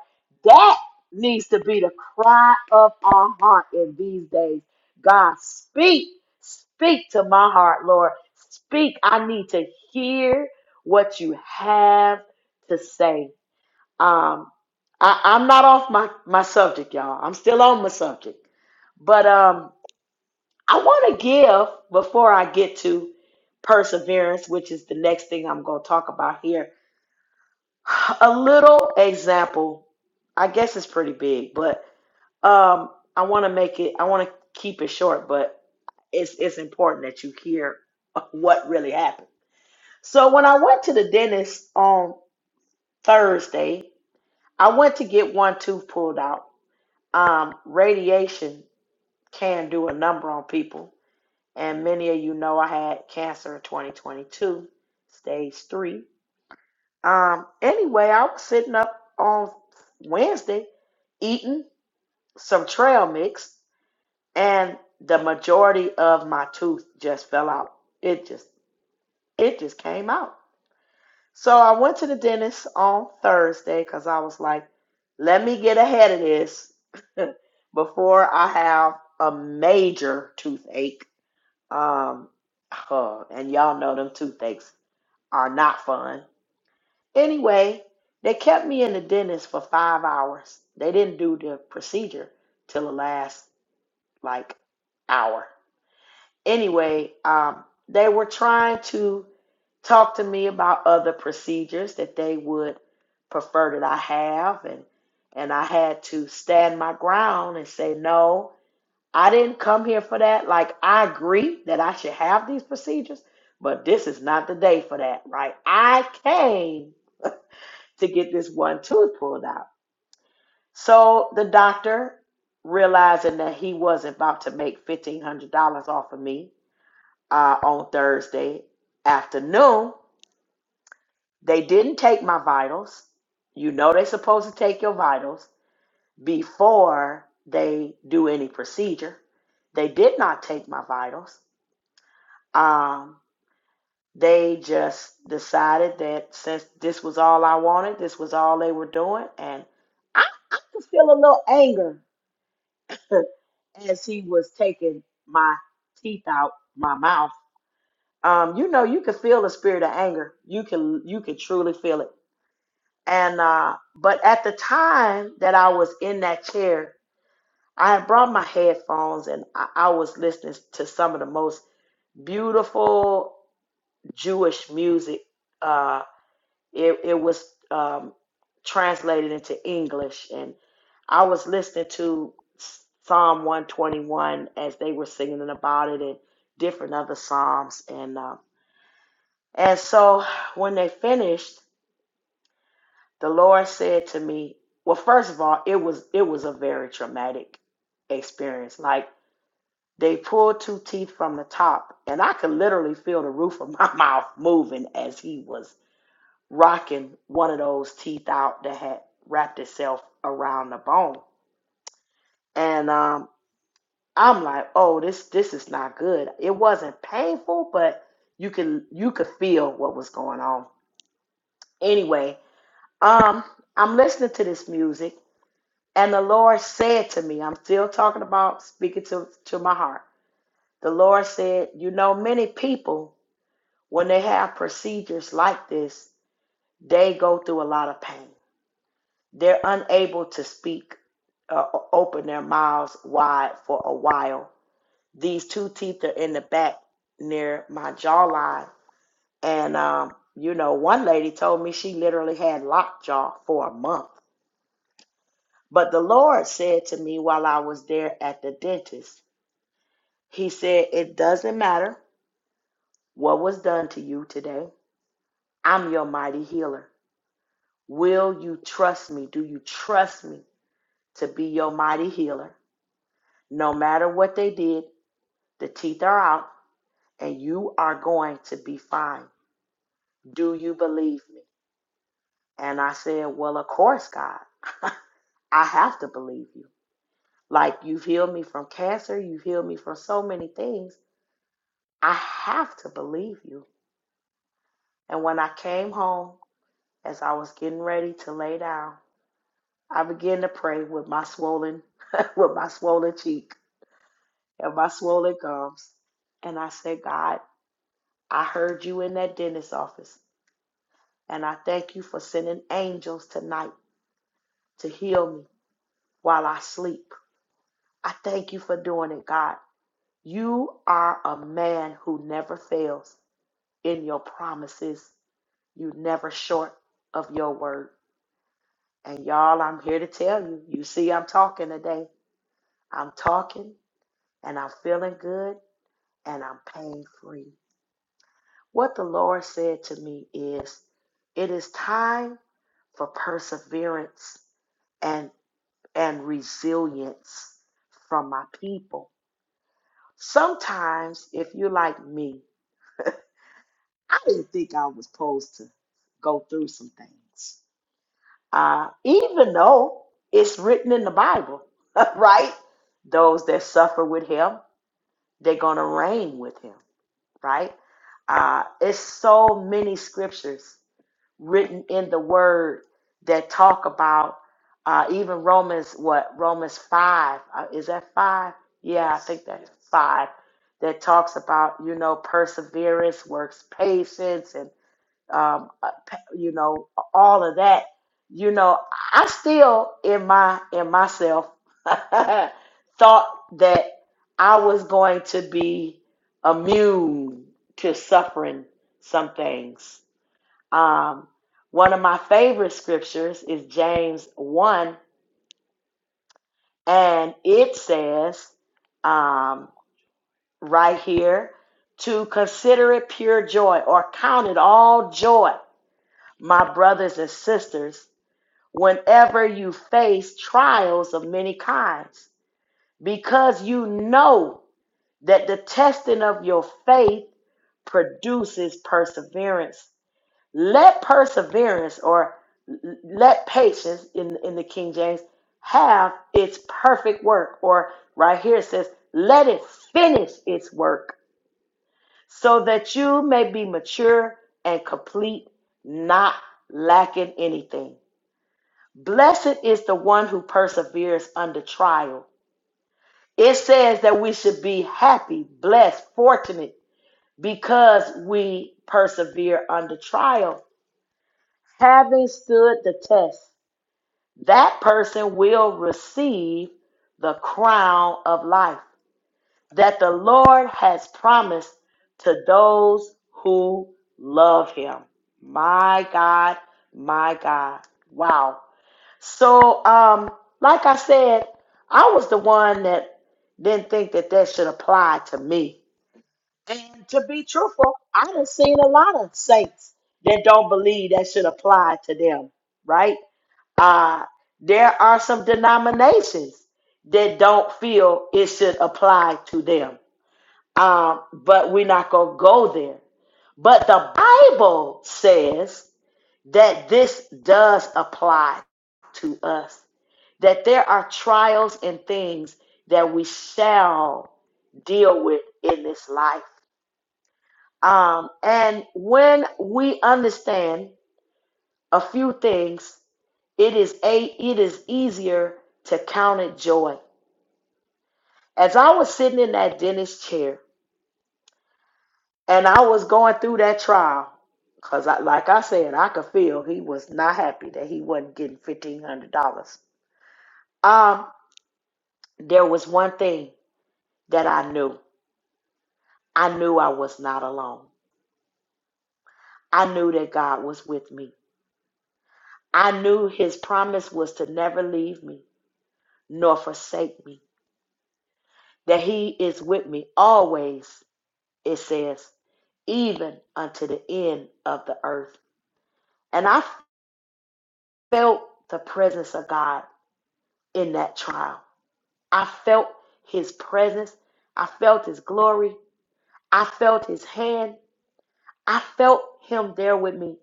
C: That needs to be the cry of our heart in these days. God, speak Speak to my heart, Lord. Speak. I need to hear what you have to say. Um, I, I'm not off my, my subject, y'all. I'm still on my subject. But um, I want to give before I get to perseverance, which is the next thing I'm going to talk about here, a little example. I guess it's pretty big, but um, I want to make it. I want to keep it short, but it's it's important that you hear what really happened. So when I went to the dentist on Thursday, I went to get one tooth pulled out. Um, radiation can do a number on people, and many of you know I had cancer in 2022, stage three. Um, anyway, I was sitting up on Wednesday eating some trail mix and the majority of my tooth just fell out. It just it just came out. So I went to the dentist on Thursday because I was like, let me get ahead of this before I have a major toothache. Um, huh, and y'all know them toothaches are not fun. Anyway, they kept me in the dentist for five hours. They didn't do the procedure till the last like hour. anyway, um, they were trying to talk to me about other procedures that they would prefer that I have, and and I had to stand my ground and say no. I didn't come here for that. Like I agree that I should have these procedures, but this is not the day for that, right? I came to get this one tooth pulled out. So the doctor, realizing that he wasn't about to make fifteen hundred dollars off of me, uh, on Thursday afternoon. They didn't take my vitals. You know they're supposed to take your vitals before they do any procedure. They did not take my vitals. Um, they just decided that since this was all I wanted, this was all they were doing, and I, I could feel a little anger as he was taking my teeth out my mouth um, you know you can feel the spirit of anger you can you can truly feel it and uh, but at the time that i was in that chair i had brought my headphones and I, I was listening to some of the most beautiful jewish music uh, it, it was um, translated into english and i was listening to psalm 121 as they were singing about it and different other psalms and um, And so when they finished, the Lord said to me, well, first of all, it was it was a very traumatic experience. Like they pulled two teeth from the top, and I could literally feel the roof of my mouth moving as he was rocking one of those teeth out that had wrapped itself around the bone. And um, I'm like, oh, this this is not good. It wasn't painful, but you can you could feel what was going on. Anyway, Um, I'm listening to this music, and the Lord said to me, I'm still talking about speaking to, to my heart. The Lord said, You know, many people, when they have procedures like this, they go through a lot of pain. They're unable to speak, uh, o- open their mouths wide for a while. These two teeth are in the back near my jawline. And, um, you know, one lady told me she literally had lockjaw for a month But the Lord said to me while I was there at the dentist, He said, It doesn't matter what was done to you today. I'm your mighty healer. Will you trust me? Do you trust me to be your mighty healer? No matter what they did, the teeth are out and you are going to be fine. Do you believe me? And I said, Well, of course, God. I have to believe you. Like you've healed me from cancer, you've healed me from so many things. I have to believe you. And when I came home, as I was getting ready to lay down, I began to pray with my swollen, with my swollen cheek and my swollen gums. And I said, God, I heard you in that dentist's office, and I thank you for sending angels tonight to heal me while I sleep. I thank you for doing it, God. You are a man who never fails in your promises. You never short of your word. And y'all, I'm here to tell you. You see, I'm talking today. I'm talking and I'm feeling good and I'm pain free. What the Lord said to me is it is time for perseverance and and resilience from my people. Sometimes if you're like me, I didn't think I was supposed to go through some things. uh, even though it's written in the Bible, right? Those that suffer with him, they're going to reign with him, right? Uh, it's so many scriptures written in the word that talk about uh, even Romans, what? Romans 5. Uh, is that 5? Yeah, I think that's 5. That talks about, you know, perseverance, works patience, and um, uh, pa- you know, all of that. You know, I still in my in myself thought that I was going to be immune to suffering some things. Um, one of my favorite scriptures is James one, and it says, um, right here, to consider it pure joy or count it all joy, my brothers and sisters whenever you face trials of many kinds, because you know that the testing of your faith produces perseverance. Let perseverance or l- let patience in, in the King James have its perfect work, or right here it says, let it finish its work so that you may be mature and complete, not lacking anything. Blessed is the one who perseveres under trial. It says that we should be happy, blessed, fortunate because we persevere under trial. Having stood the test, that person will receive the crown of life that the Lord has promised to those who love him. My God, my God. Wow. So, um, like I said, I was the one that didn't think that that should apply to me. And to be truthful, I done seen a lot of saints that don't believe that should apply to them, right? Uh, there are some denominations that don't feel it should apply to them. Um, but we're not going to go there. But the Bible says that this does apply to us, that there are trials and things that we shall deal with in this life. Um, and when we understand a few things, it is a it is easier to count it joy. As I was sitting in that dentist chair and I was going through that trial, because I, like I said, I could feel he was not happy that he wasn't getting fifteen hundred dollars. Um. there was one thing that I knew. I knew I was not alone. I knew that God was with me. I knew his promise was to never leave me nor forsake me, that he is with me always, it says, even unto the end of the earth. And I felt the presence of God in that trial. I felt his presence. I felt his glory. I felt his hand. I felt him there with me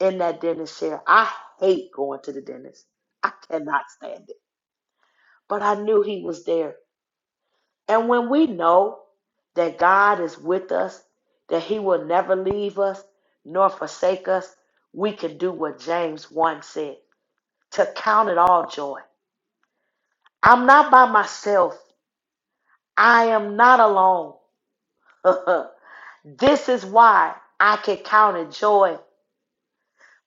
C: in that dentist chair. I hate going to the dentist. I cannot stand it. But I knew he was there. And when we know that God is with us, that he will never leave us nor forsake us, we can do what James 1 said to count it all joy. I'm not by myself. I am not alone. this is why I can count it joy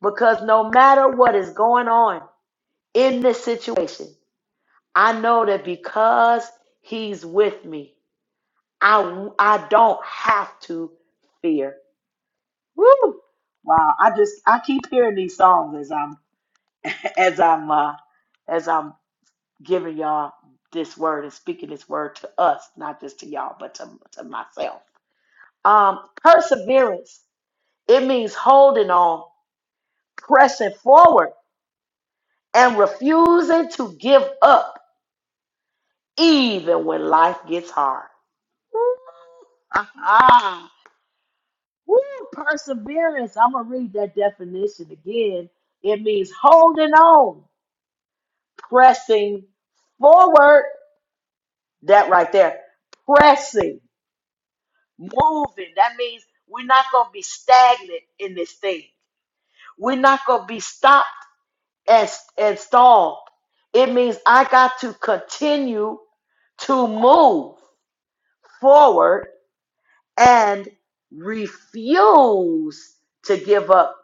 C: because no matter what is going on in this situation, I know that because he's with me, I I don't have to fear. Woo! Wow, I just I keep hearing these songs as I'm as I'm uh, as I'm giving y'all this word and speaking this word to us, not just to y'all, but to to myself. Um, perseverance it means holding on, pressing forward, and refusing to give up even when life gets hard. Woo! Woo, perseverance. I'm going to read that definition again. It means holding on, pressing forward. That right there. Pressing, moving. That means we're not going to be stagnant in this thing. We're not going to be stopped and, and stalled. It means I got to continue to move forward and refuse to give up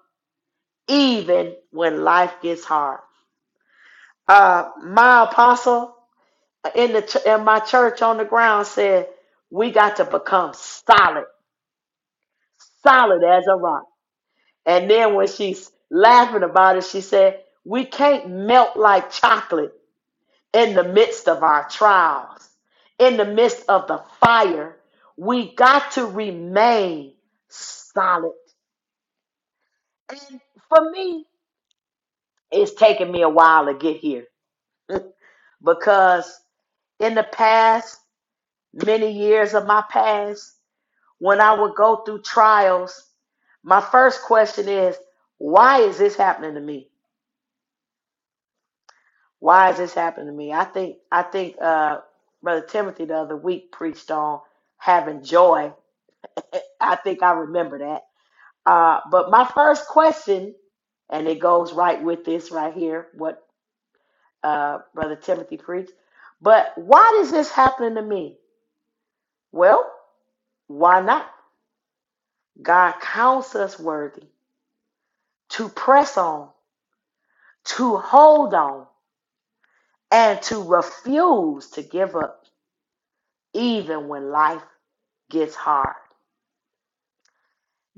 C: even when life gets hard. Uh, my apostle in the ch- in my church on the ground said we got to become solid, solid as a rock. And then when she's laughing about it, she said we can't melt like chocolate in the midst of our trials, in the midst of the fire. We got to remain solid. And for me, it's taken me a while to get here. because in the past, many years of my past, when I would go through trials, my first question is, why is this happening to me? Why is this happening to me? I think I think uh, Brother Timothy the other week preached on having joy. I think I remember that. Uh, but my first question, and it goes right with this right here, what uh, Brother Timothy preached. But why is this happening to me? Well, Why not? God counts us worthy to press on, to hold on, and to refuse to give up, even when life gets hard.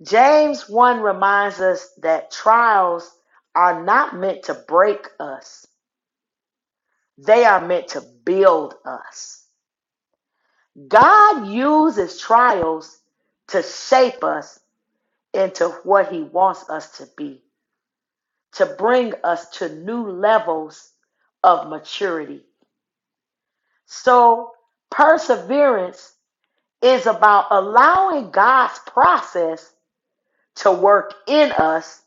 C: James 1 reminds us that trials are not meant to break us, they are meant to build us. God uses trials to shape us into what He wants us to be to bring us to new levels of maturity. So, perseverance is about allowing God's process to work in us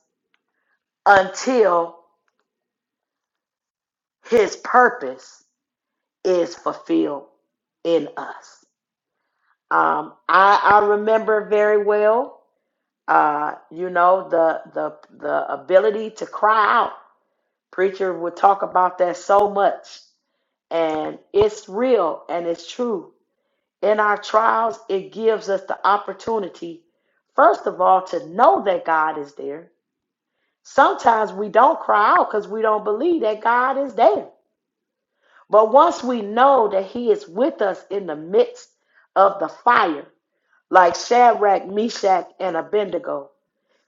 C: until his purpose is fulfilled in us. Um, I, I remember very well, uh, you know, the, the, the ability to cry out. Preacher would talk about that so much, and it's real and it's true In our trials, it gives us the opportunity, first of all, to know that God is there. Sometimes we don't cry out because we don't believe that God is there. But once we know that He is with us in the midst of the fire, like Shadrach, Meshach, and Abednego,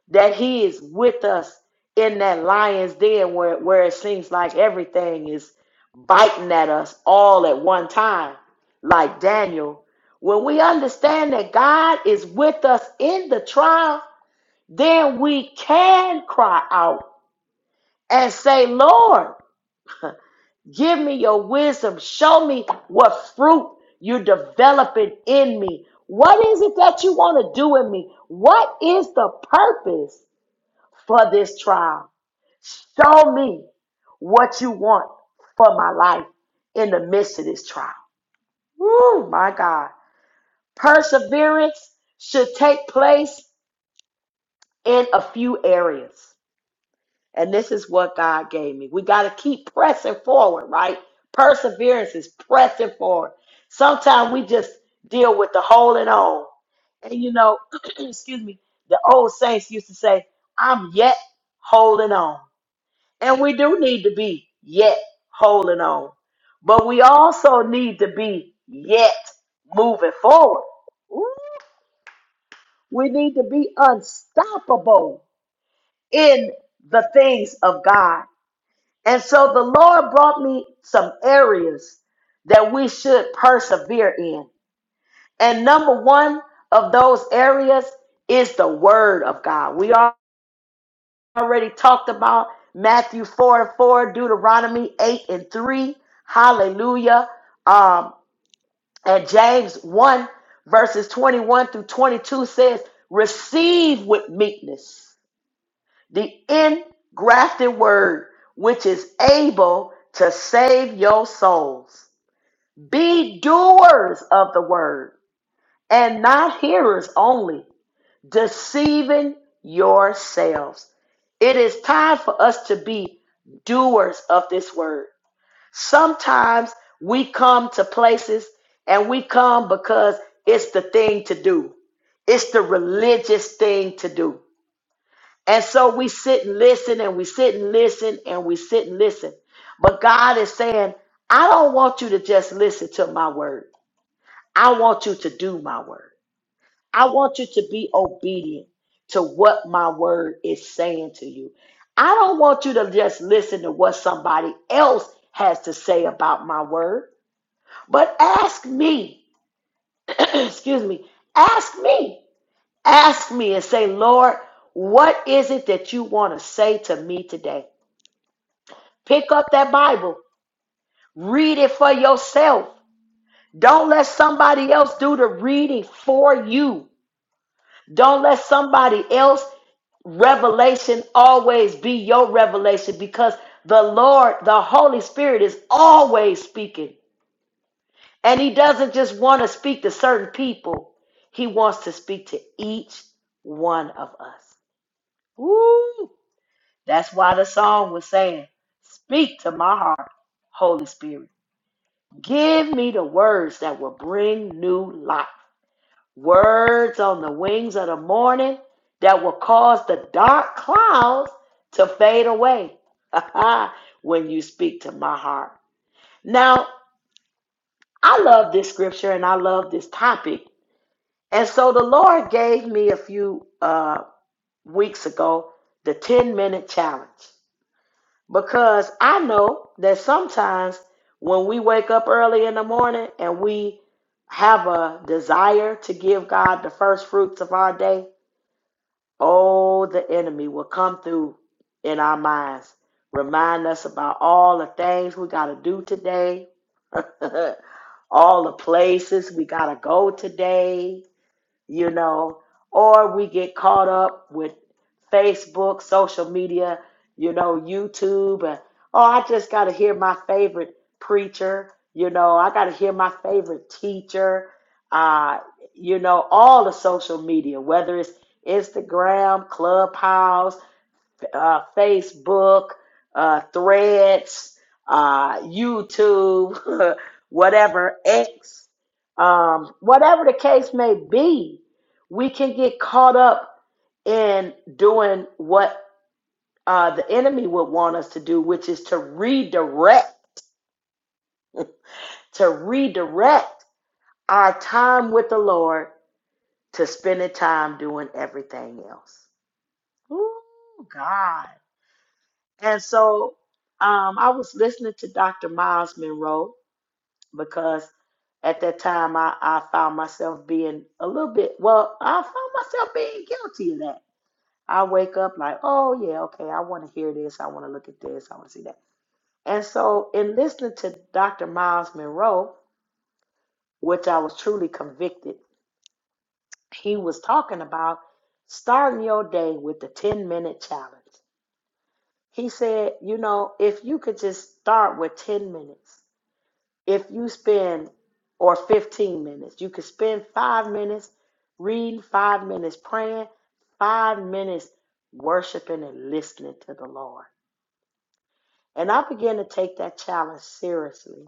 C: that he is with us in that lion's den where, where it seems like everything is biting at us all at one time, like Daniel. When we understand that God is with us in the trial, then we can cry out and say, Lord, give me your wisdom. Show me what fruit you're developing in me. What is it that you want to do in me? What is the purpose for this trial? Show me what you want for my life in the midst of this trial. Woo, my God. Perseverance should take place in a few areas. And this is what God gave me. We got to keep pressing forward, right? Perseverance is pressing forward. Sometimes we just deal with the holding on. And you know, excuse me, the old saints used to say, I'm yet holding on. And we do need to be yet holding on. But we also need to be yet moving forward. Ooh, We need to be unstoppable in the things of God. And so the Lord brought me some areas that we should persevere in. And number one of those areas is the Word of God. We are. already talked about Matthew 4 and 4, Deuteronomy 8 and 3. Hallelujah. Um, and James 1, verses 21 through 22 says, Receive with meekness the engrafted word, which is able to save your souls. Be doers of the word and not hearers only, deceiving yourselves. It is time for us to be doers of this word. Sometimes we come to places and we come because it's the thing to do, it's the religious thing to do. And so we sit and listen and we sit and listen and we sit and listen. But God is saying, I don't want you to just listen to my word, I want you to do my word. I want you to be obedient to what my word is saying to you. I don't want you to just listen to what somebody else has to say about my word, but ask me, excuse me, ask me, ask me and say, Lord, what is it that you want to say to me today? Pick up that Bible, read it for yourself. Don't let somebody else do the reading for you. Don't let somebody else Revelation always be your revelation because the Lord, the Holy Spirit is always speaking. And he doesn't just want to speak to certain people. He wants to speak to each one of us. Woo! That's why the song was saying, "Speak to my heart, Holy Spirit. Give me the words that will bring new life." words on the wings of the morning that will cause the dark clouds to fade away when you speak to my heart. Now, I love this scripture and I love this topic. And so the Lord gave me a few uh, weeks ago the 10 minute challenge because I know that sometimes when we wake up early in the morning and we have a desire to give God the first fruits of our day, Oh, the enemy will come through in our minds, remind us about all the things we got to do today, all the places we got to go today you know, or we get caught up with Facebook, social media, you know, YouTube, and oh, I just got to hear my favorite preacher, you know, I got to hear my favorite teacher, uh, you know, all the social media, whether it's Instagram, Clubhouse uh, Facebook, uh, Threads, uh, YouTube, whatever, X, um, whatever the case may be, we can get caught up in doing what uh, the enemy would want us to do, which is to redirect, to redirect our time with the Lord to spending time doing everything else. Ooh, God. And so um, I was listening to Dr. Miles Monroe because at that time I, I found myself being a little bit, well, I found myself being guilty of that. I wake up like, oh, yeah, okay, I want to hear this. I want to look at this. I want to see that. And so in listening to Dr. Miles Monroe, which I was truly convicted, he was talking about starting your day with the 10 minute challenge. He said, you know, if you could just start with 10 minutes If you spend, or 15 minutes, you could spend five minutes reading, five minutes praying, five minutes worshiping and listening to the Lord. And I began to take that challenge seriously.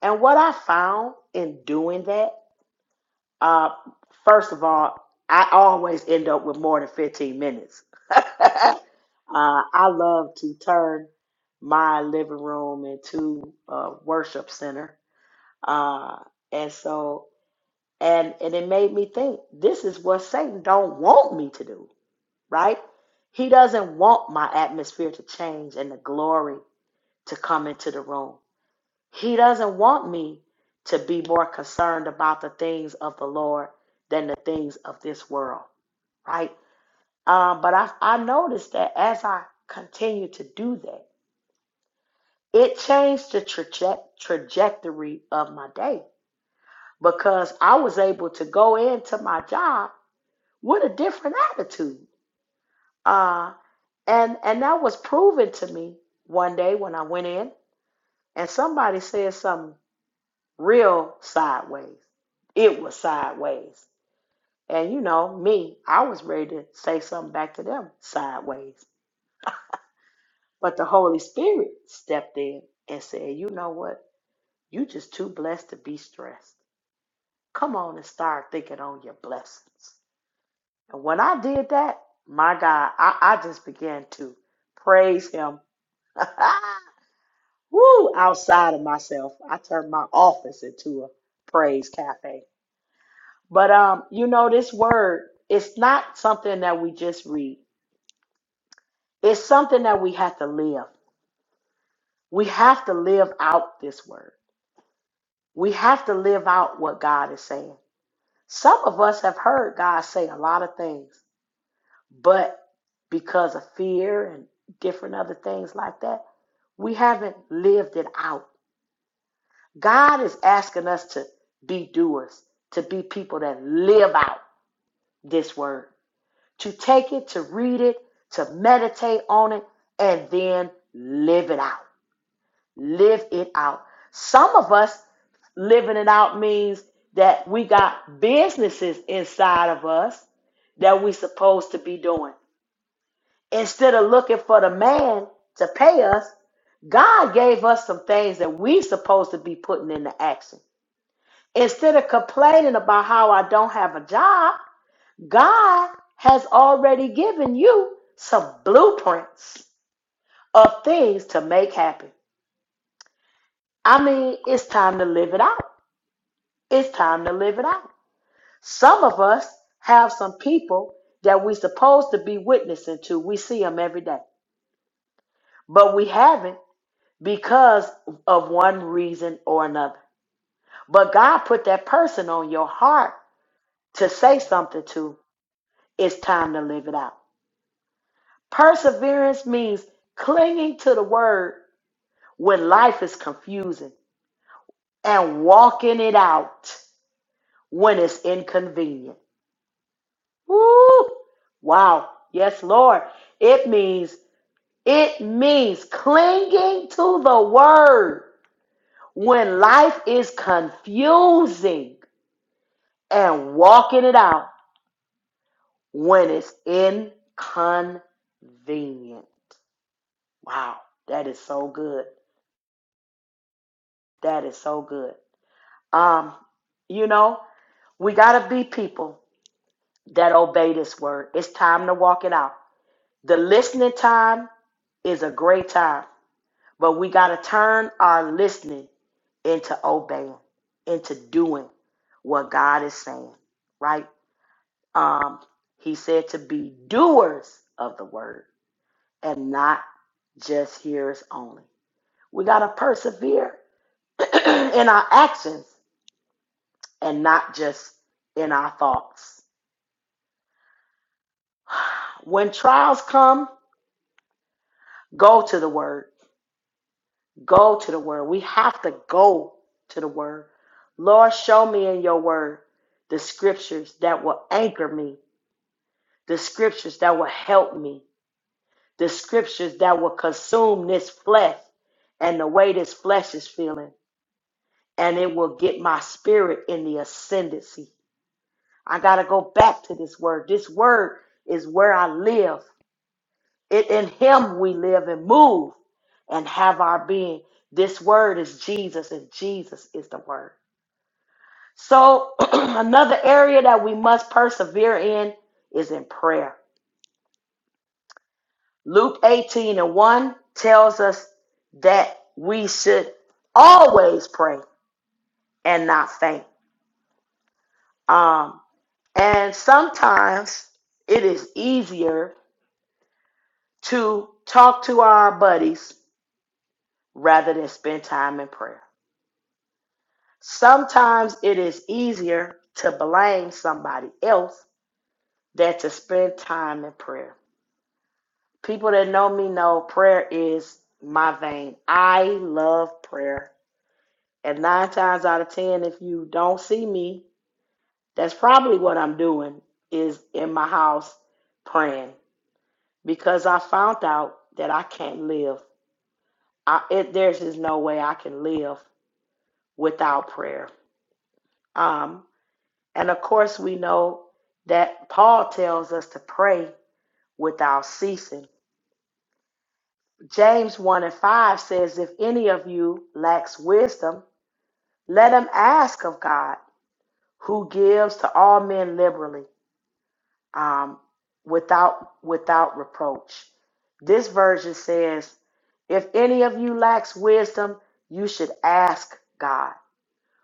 C: And what I found in doing that, uh, first of all, I always end up with more than 15 minutes. uh, I love to turn my living room into a worship center. Uh, and so and and it made me think this is what satan don't want me to do right he doesn't want my atmosphere to change and the glory to come into the room he doesn't want me to be more concerned about the things of the lord than the things of this world right um, but I, I noticed that as i continued to do that it changed the traje- trajectory of my day because i was able to go into my job What a different attitude. Uh, and and that was proven to me one day when I went in and somebody said something real sideways. It was sideways. And you know, me, I was ready to say something back to them sideways. But the Holy Spirit stepped in and said, You know what? You just too blessed to be stressed. Come on and start thinking on your blessings. And when I did that, my God, I, I just began to praise him Woo! Outside of myself, I turned my office into a praise cafe. But um, you know, this word, it's not something that we just read. It's something that we have to live. We have to live out this word. We have to live out what God is saying. Some of us have heard God say a lot of things, but because of fear and different other things like that, we haven't lived it out. God is asking us to be doers, to be people that live out this word, to take it, to read it, to meditate on it, and then live it out. Live it out. Some of us living it out means that we got businesses inside of us that we supposed to be doing. Instead of looking for the man to pay us, God gave us some things that we supposed to be putting into action. Instead of complaining about how I don't have a job, God has already given you some blueprints of things to make happen. I mean, it's time to live it out. It's time to live it out. Some of us have some people that we are supposed to be witnessing to. We see them every day, but we haven't because of one reason or another. But God put that person on your heart to say something to. It's time to live it out. Perseverance means clinging to the word when life is confusing and walking it out when it's inconvenient. Woo! Wow. Yes, Lord. It means it means clinging to the word when life is confusing and walking it out when it's inconvenient. Wow, that is so good. That is so good. Um, you know, we got to be people that obey this word. It's time to walk it out. The listening time is a great time, but we got to turn our listening into obeying, into doing what God is saying, right? Um, he said to be doers of the word and not just hearers only. We got to persevere in our actions and not just in our thoughts. When trials come, go to the word. Go to the word. We have to go to the word. Lord, show me in your word the scriptures that will anchor me, the scriptures that will help me, the scriptures that will consume this flesh and the way this flesh is feeling. And it will get my spirit in the ascendancy. I got to go back to this word. This word is where I live. It in him we live and move and have our being. This word is Jesus, and Jesus is the word. So another area that we must persevere in is in prayer. Luke 18 and 1 tells us that we should always pray and not faint. Um, and sometimes it is easier to talk to our buddies rather than spend time in prayer. Sometimes it is easier to blame somebody else than to spend time in prayer. People that know me know prayer is my vein. I love prayer. And nine times out of ten, if you don't see me, that's probably what I'm doing is in my house praying because I found out that I can't live. I, it, there's just no way I can live without prayer. Um. And of course, we know that Paul tells us to pray without ceasing. James 1 and 5 says, If any of you lacks wisdom, let him ask of God, who gives to all men liberally, um, without, without reproach. This version says, If any of you lacks wisdom, you should ask God,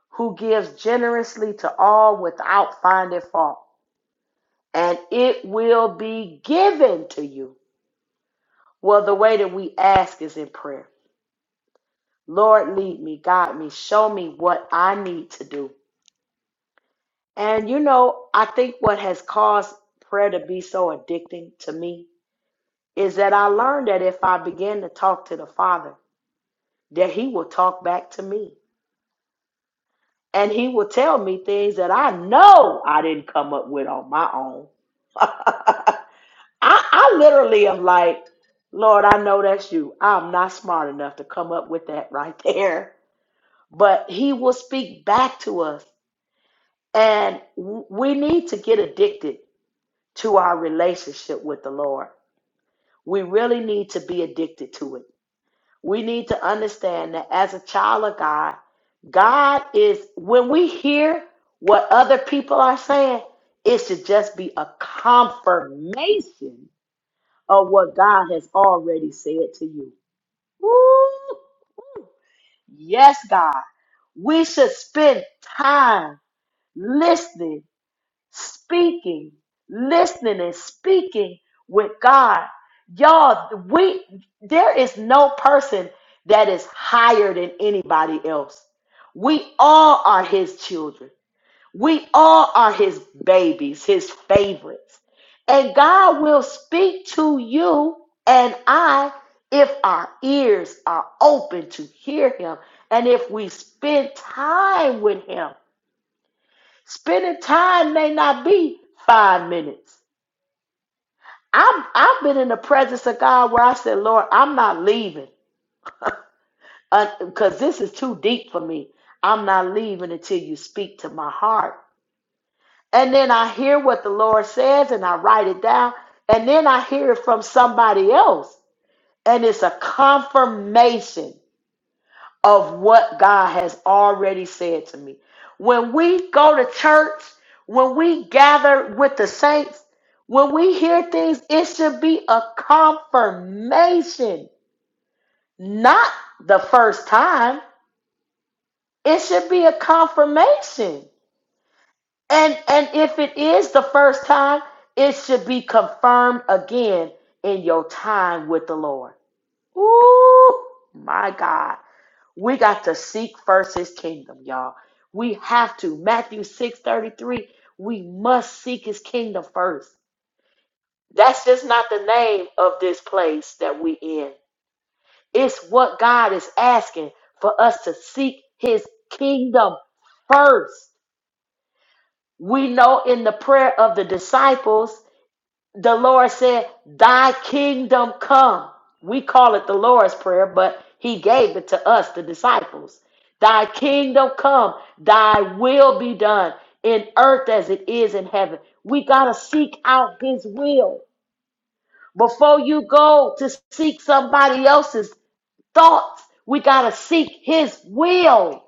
C: who gives generously to all without finding fault and it will be given to you. Well, the way that we ask is in prayer. Lord, lead me, guide me, show me what I need to do. And you know, I think what has caused prayer to be so addicting to me is that I learned that if I begin to talk to the Father, that He will talk back to me. And He will tell me things that I know I didn't come up with on my own. I, I literally am like, Lord, I know that's you. I'm not smart enough to come up with that right there. But he will speak back to us. And w- we need to get addicted to our relationship with the Lord. We really need to be addicted to it. We need to understand that as a child of God, God is, when we hear what other people are saying, it should just be a confirmation of what God has already said to you. Woo! Yes, God. We should spend time listening, speaking, listening and speaking with God. Y'all, we there is no person that is higher than anybody else. We all are his children. We all are his babies, his favorites. And God will speak to you and I if our ears are open to hear him and if we spend time with him. Spending time may not be five minutes. i have I've been in the presence of God where I said, Lord, I'm not leaving because this is too deep for me. I'm not leaving until you speak to my heart. and then I hear what the Lord says and I write it down, and then I hear it from somebody else, and it's a confirmation of what God has already said to me. When we go to church, when we gather with the saints, when we hear things, it should be a confirmation, not the first time. It should be a confirmation. And and if it is the first time, it should be confirmed again in your time with the Lord. Ooh, my God. We got to seek first his kingdom, y'all. We have to. Matthew 6 33. We must seek his kingdom first. That's just not the name of this place that we in. It's what God is asking for us to seek his kingdom first. We know in the prayer of the disciples The Lord said, Thy kingdom come. We call it the Lord's Prayer, but He gave it to us, the disciples. Thy kingdom come, thy will be done in earth as it is in heaven. We got to seek out His will. Before you go to seek somebody else's thoughts, we got to seek His will.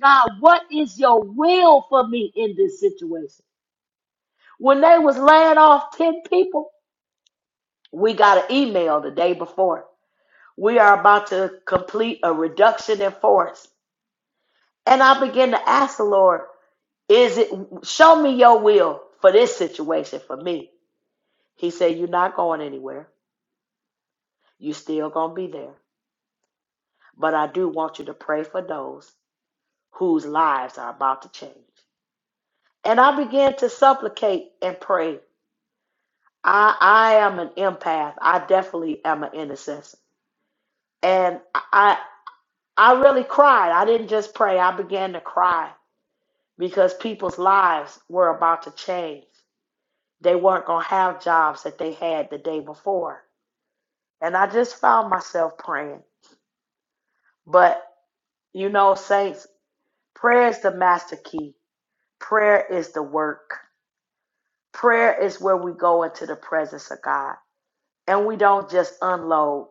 C: God, what is your will for me in this situation? When they was laying off 10 people, We got an email the day before. We are about to complete a reduction in force. And I begin to ask the Lord, is it show me your will for this situation for me he said you're not going anywhere you're still going to be there but i do want you to pray for those whose lives are about to change and i began to supplicate and pray i i am an empath i definitely am an intercessor and i I really cried. I didn't just pray, I began to cry because people's lives were about to change. They weren't going to have jobs that they had the day before. And I just found myself praying. But, you know, saints, prayer is the master key, prayer is the work. Prayer is where we go into the presence of God. And we don't just unload,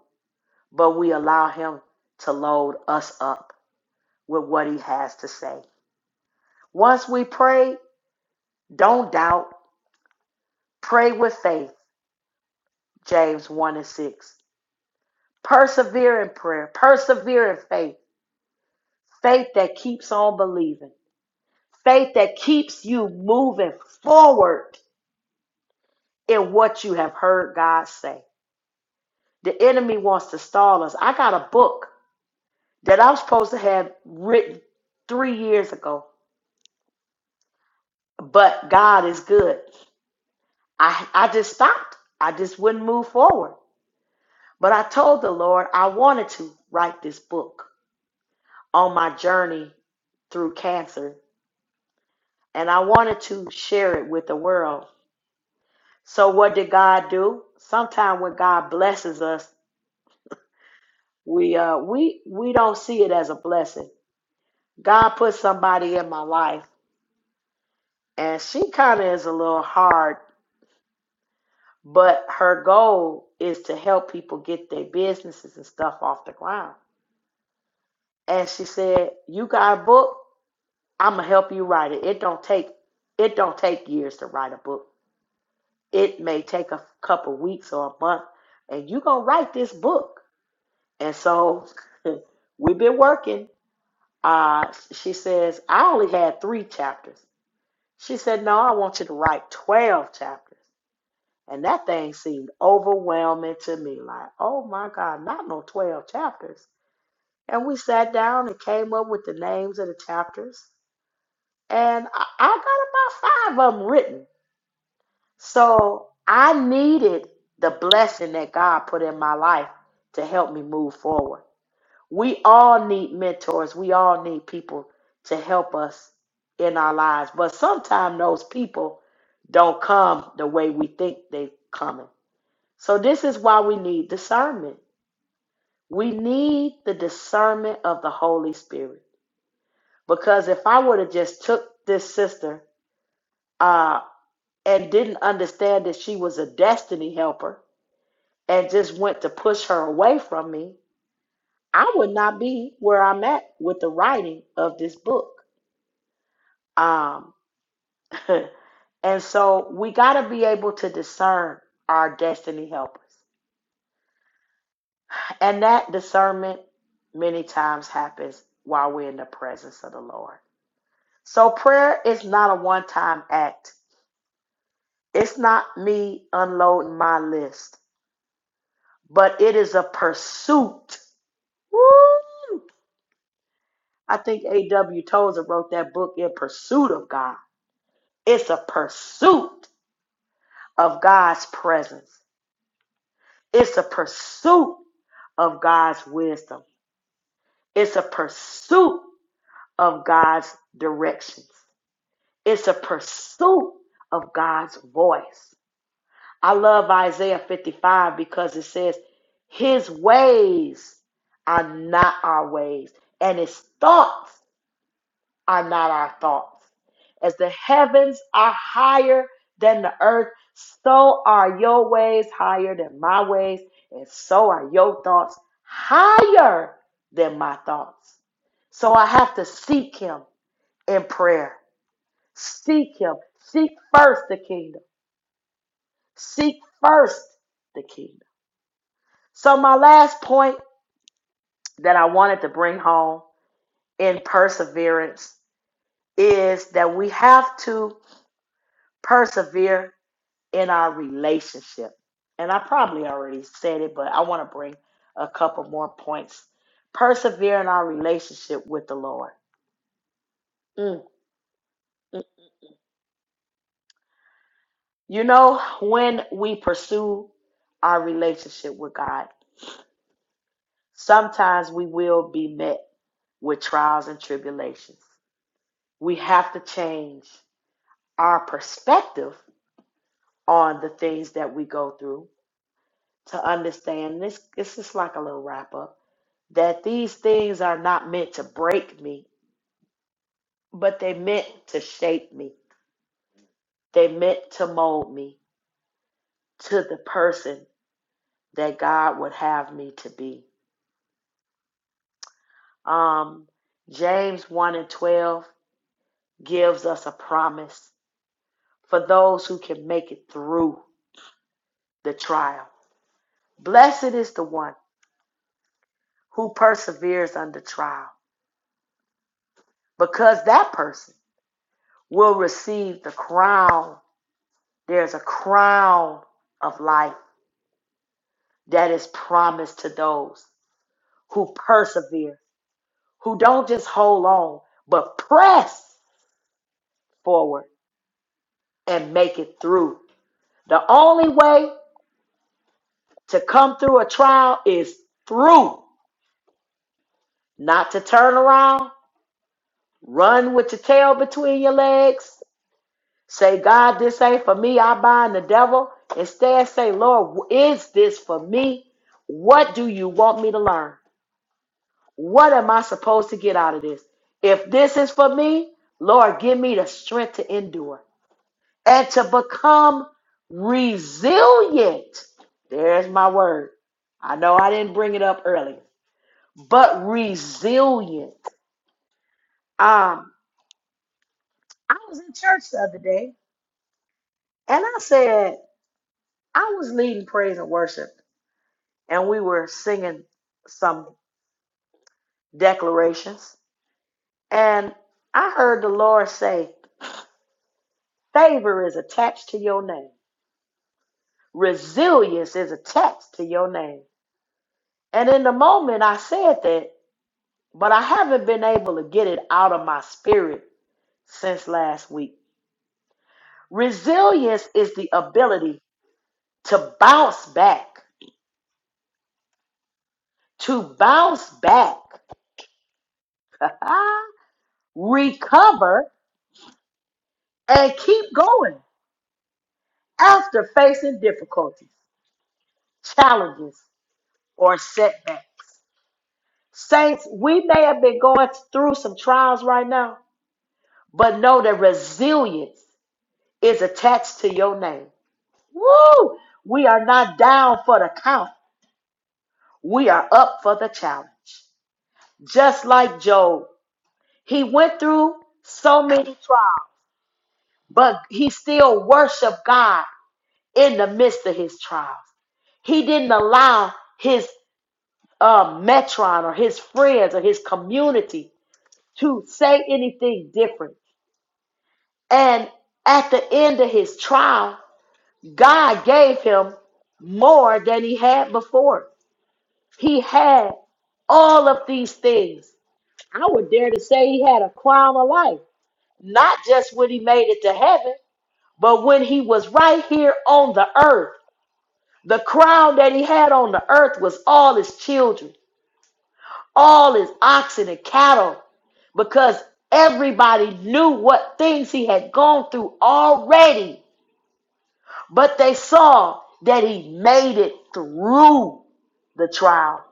C: but we allow Him to load us up with what He has to say. Once we pray, don't doubt. Pray with faith, James 1 and 6. Persevere in prayer. Persevere in faith. Faith that keeps on believing. Faith that keeps you moving forward in what you have heard God say. The enemy wants to stall us. I got a book that I'm supposed to have written three years ago, but God is good. I, I just stopped. I just wouldn't move forward. But I told the Lord I wanted to write this book. on my journey through cancer, and I wanted to share it with the world. So what did God do? Sometimes when God blesses us, we uh we we don't see it as a blessing. God put somebody in my life, and she kind of is a little hard, but her goal is to help people get their businesses and stuff off the ground. And she said, "You got a book? I'm gonna help you write it. It don't take it don't take years to write a book." It may take a couple weeks or a month, and you're going to write this book. And so we've been working. Uh, she says, I only had three chapters. She said, No, I want you to write 12 chapters. And that thing seemed overwhelming to me like, oh my God, not no 12 chapters. And we sat down and came up with the names of the chapters. And I, I got about five of them written. So I needed the blessing that God put in my life to help me move forward. We all need mentors. We all need people to help us in our lives. But sometimes those people don't come the way we think they coming. So this is why we need discernment. We need the discernment of the Holy Spirit. Because if I would have just took this sister uh, and didn't understand that she was a destiny helper, and just went to push her away from me, I would not be where I'm at with the writing of this book. Um, and so we got to be able to discern our destiny helpers. And that discernment many times happens while we're in the presence of the Lord. So prayer is not a one time act, it's not me unloading my list, but it is a pursuit. Woo! I think A.W. Tozer wrote that book in pursuit of God. It's a pursuit of God's presence. It's a pursuit of God's wisdom. It's a pursuit of God's directions. It's a pursuit of God's voice. I love Isaiah 55 because it says, His ways are not our ways, and His thoughts are not our thoughts. As the heavens are higher than the earth, so are your ways higher than my ways, and so are your thoughts higher than my thoughts. So I have to seek him in prayer. Seek him. Seek first the kingdom. Seek first the kingdom. So, my last point that I wanted to bring home in perseverance is that we have to persevere in our relationship. And I probably already said it, but I want to bring a couple more points. Persevere in our relationship with the Lord. Mm. mm. You know, when we pursue our relationship with God, sometimes we will be met with trials and tribulations. We have to change our perspective on the things that we go through to understand this. This is like a little wrap up that these things are not meant to break me but they meant to shape me. They meant to mold me to the person that God would have me to be. Um, James 1 and 12 gives us a promise for those who can make it through the trial. Blessed is the one who perseveres under trial, because that person will receive the crown. There's a crown of life that is promised to those who persevere who don't just hold on, but press forward and make it through. The only way to come through a trial is through, not to turn around, run with your tail between your legs, say, God, this ain't for me, I bind the devil. Instead, say, Lord, is this for me? What do you want me to learn? What am I supposed to get out of this? If this is for me, Lord, give me the strength to endure. and to become resilient. There's my word. I know I didn't bring it up earlier, but resilient. Um, I was in church the other day and I said, I was leading praise and worship and we were singing some declarations. And I heard the Lord say, Favor is attached to your name, resilience is attached to your name. And in the moment I said that, but I haven't been able to get it out of my spirit since last week. Resilience is the ability to bounce back, to bounce back, recover, and keep going after facing difficulties, challenges, or setbacks. Saints, we may have been going through some trials right now, but know that resilience is attached to your name. Woo! We are not down for the count. we are up for the challenge. Just like Job, he went through so many trials, but he still worshiped God in the midst of his trials. He didn't allow his uh, metron or his friends or his community to say anything different. And at the end of his trial, God gave him more than he had before. He had all of these things I would dare to say he had a crown of life, not just when he made it to heaven, but when he was right here on the earth. The crown that he had on the earth was all his children, all his oxen and cattle, because everybody knew what things he had gone through already, but they saw that he made it through the trial.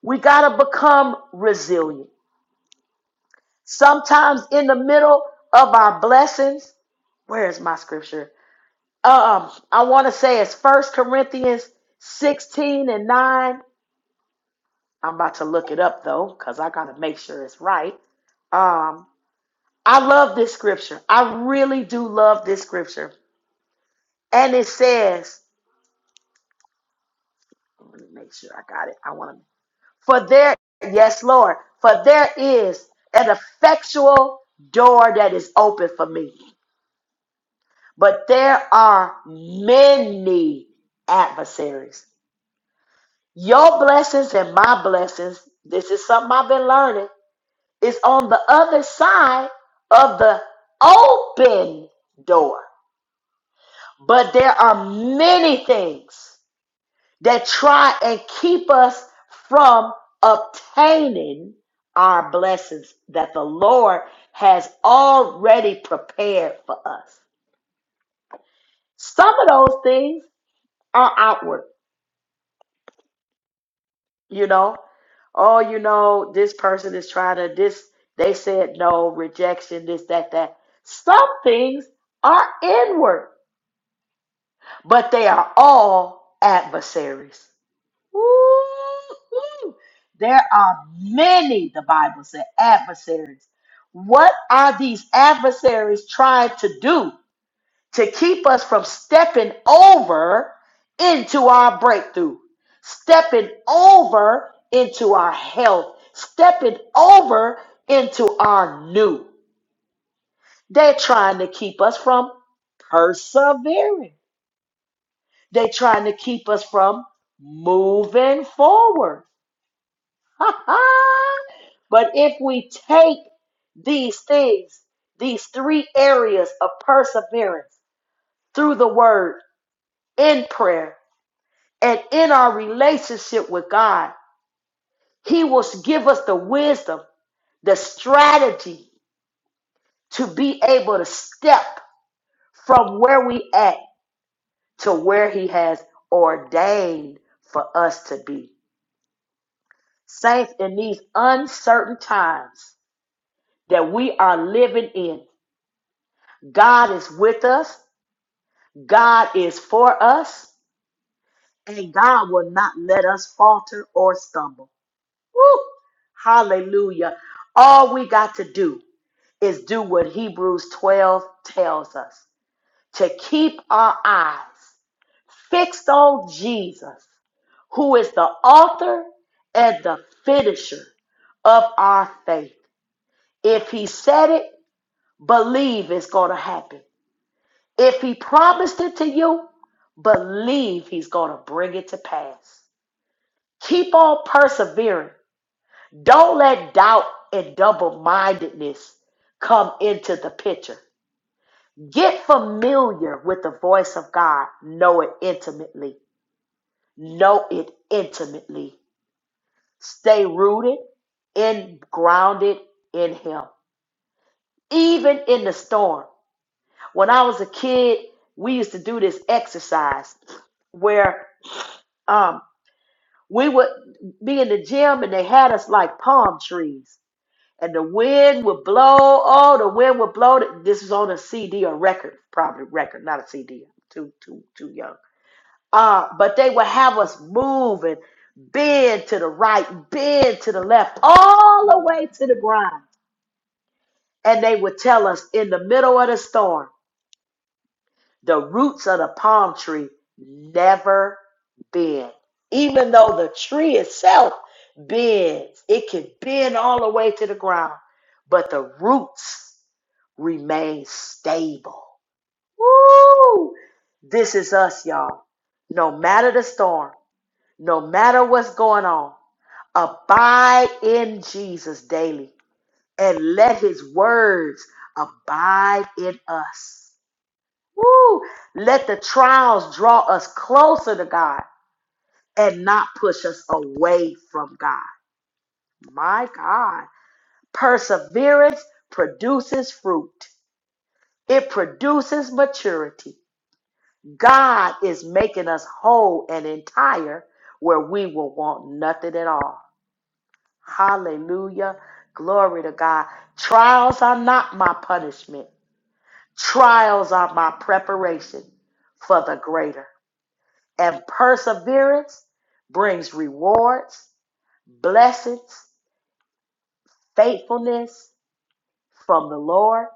C: We got to become resilient. Sometimes in the middle of our blessings, where is my scripture? Uh, Um, I want to say it's First Corinthians 16 and 9. I'm about to look it up though, because I gotta make sure it's right. Um, I love this scripture. I really do love this scripture. And it says, let me make sure I got it. I want to, for there, yes, Lord, for there is an effectual door that is open for me. But there are many adversaries. Your blessings and my blessings, this is something I've been learning, is on the other side of the open door. But there are many things that try and keep us from obtaining our blessings that the Lord has already prepared for us. Some of those things are outward you know oh you know this person is trying to this they said no rejection this that that some things are inward but they are all adversaries Woo-hoo. there are many the bible said adversaries what are these adversaries trying to do to keep us from stepping over into our breakthrough, stepping over into our health, stepping over into our new. They're trying to keep us from persevering. They're trying to keep us from moving forward. but if we take these things, these three areas of perseverance through the word in prayer And in our relationship with God, He will give us the wisdom, the strategy to be able to step from where we at to where He has ordained for us to be. Saints, in these uncertain times that we are living in, God is with us, God is for us, and God will not let us falter or stumble. Woo! Hallelujah. All we got to do is do what Hebrews 12 tells us to keep our eyes fixed on Jesus, who is the author and the finisher of our faith. If He said it, believe it's going to happen. If He promised it to you, believe He's going to bring it to pass. Keep on persevering. Don't let doubt and double mindedness come into the picture. Get familiar with the voice of God. Know it intimately. Know it intimately. Stay rooted and grounded in Him, even in the storm. When I was a kid, we used to do this exercise where um, we would be in the gym and they had us like palm trees. And the wind would blow. Oh, the wind would blow. This is on a CD or record, probably record, not a CD. am too, too, too young Uh, but they will have us move and bend to the right, bend to the left, all the way to the ground. And they would tell us in the middle of the storm, the roots of the palm tree never bend. Even though the tree itself bends, it can bend all the way to the ground, but the roots remain stable. Woo! This is us, y'all. No matter the storm, No matter what's going on, abide in Jesus daily and let his words abide in us. Woo! Let the trials draw us closer to God and not push us away from God. My God. Perseverance produces fruit, it produces maturity. God is making us whole and entire where we will want nothing at all. Hallelujah. Glory to God. Trials are not my punishment. Trials are my preparation for the greater. And perseverance brings rewards, blessings, faithfulness from the Lord.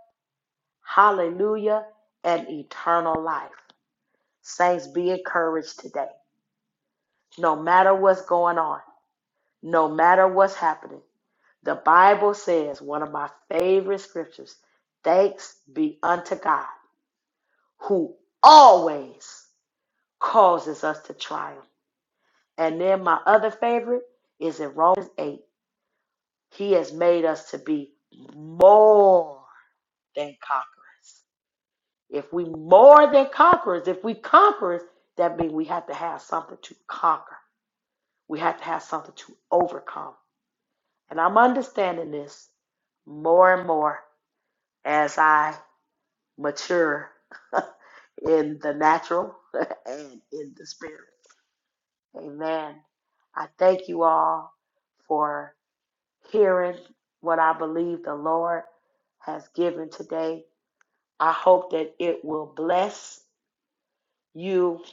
C: Hallelujah. And eternal life. Saints, be encouraged today. No matter what's going on no matter what's happening. The Bible says, one of my favorite scriptures, thanks be unto God who always causes us to triumph. And then my other favorite is in Romans 8. He has made us to be more than conquerors. If we more than conquerors, if we conquerors, that means we have to have something to conquer. We have to have something to overcome. And I'm understanding this more and more as I mature in the natural and in the spirit. Amen. I thank you all for hearing what I believe the Lord has given today. I hope that it will bless you,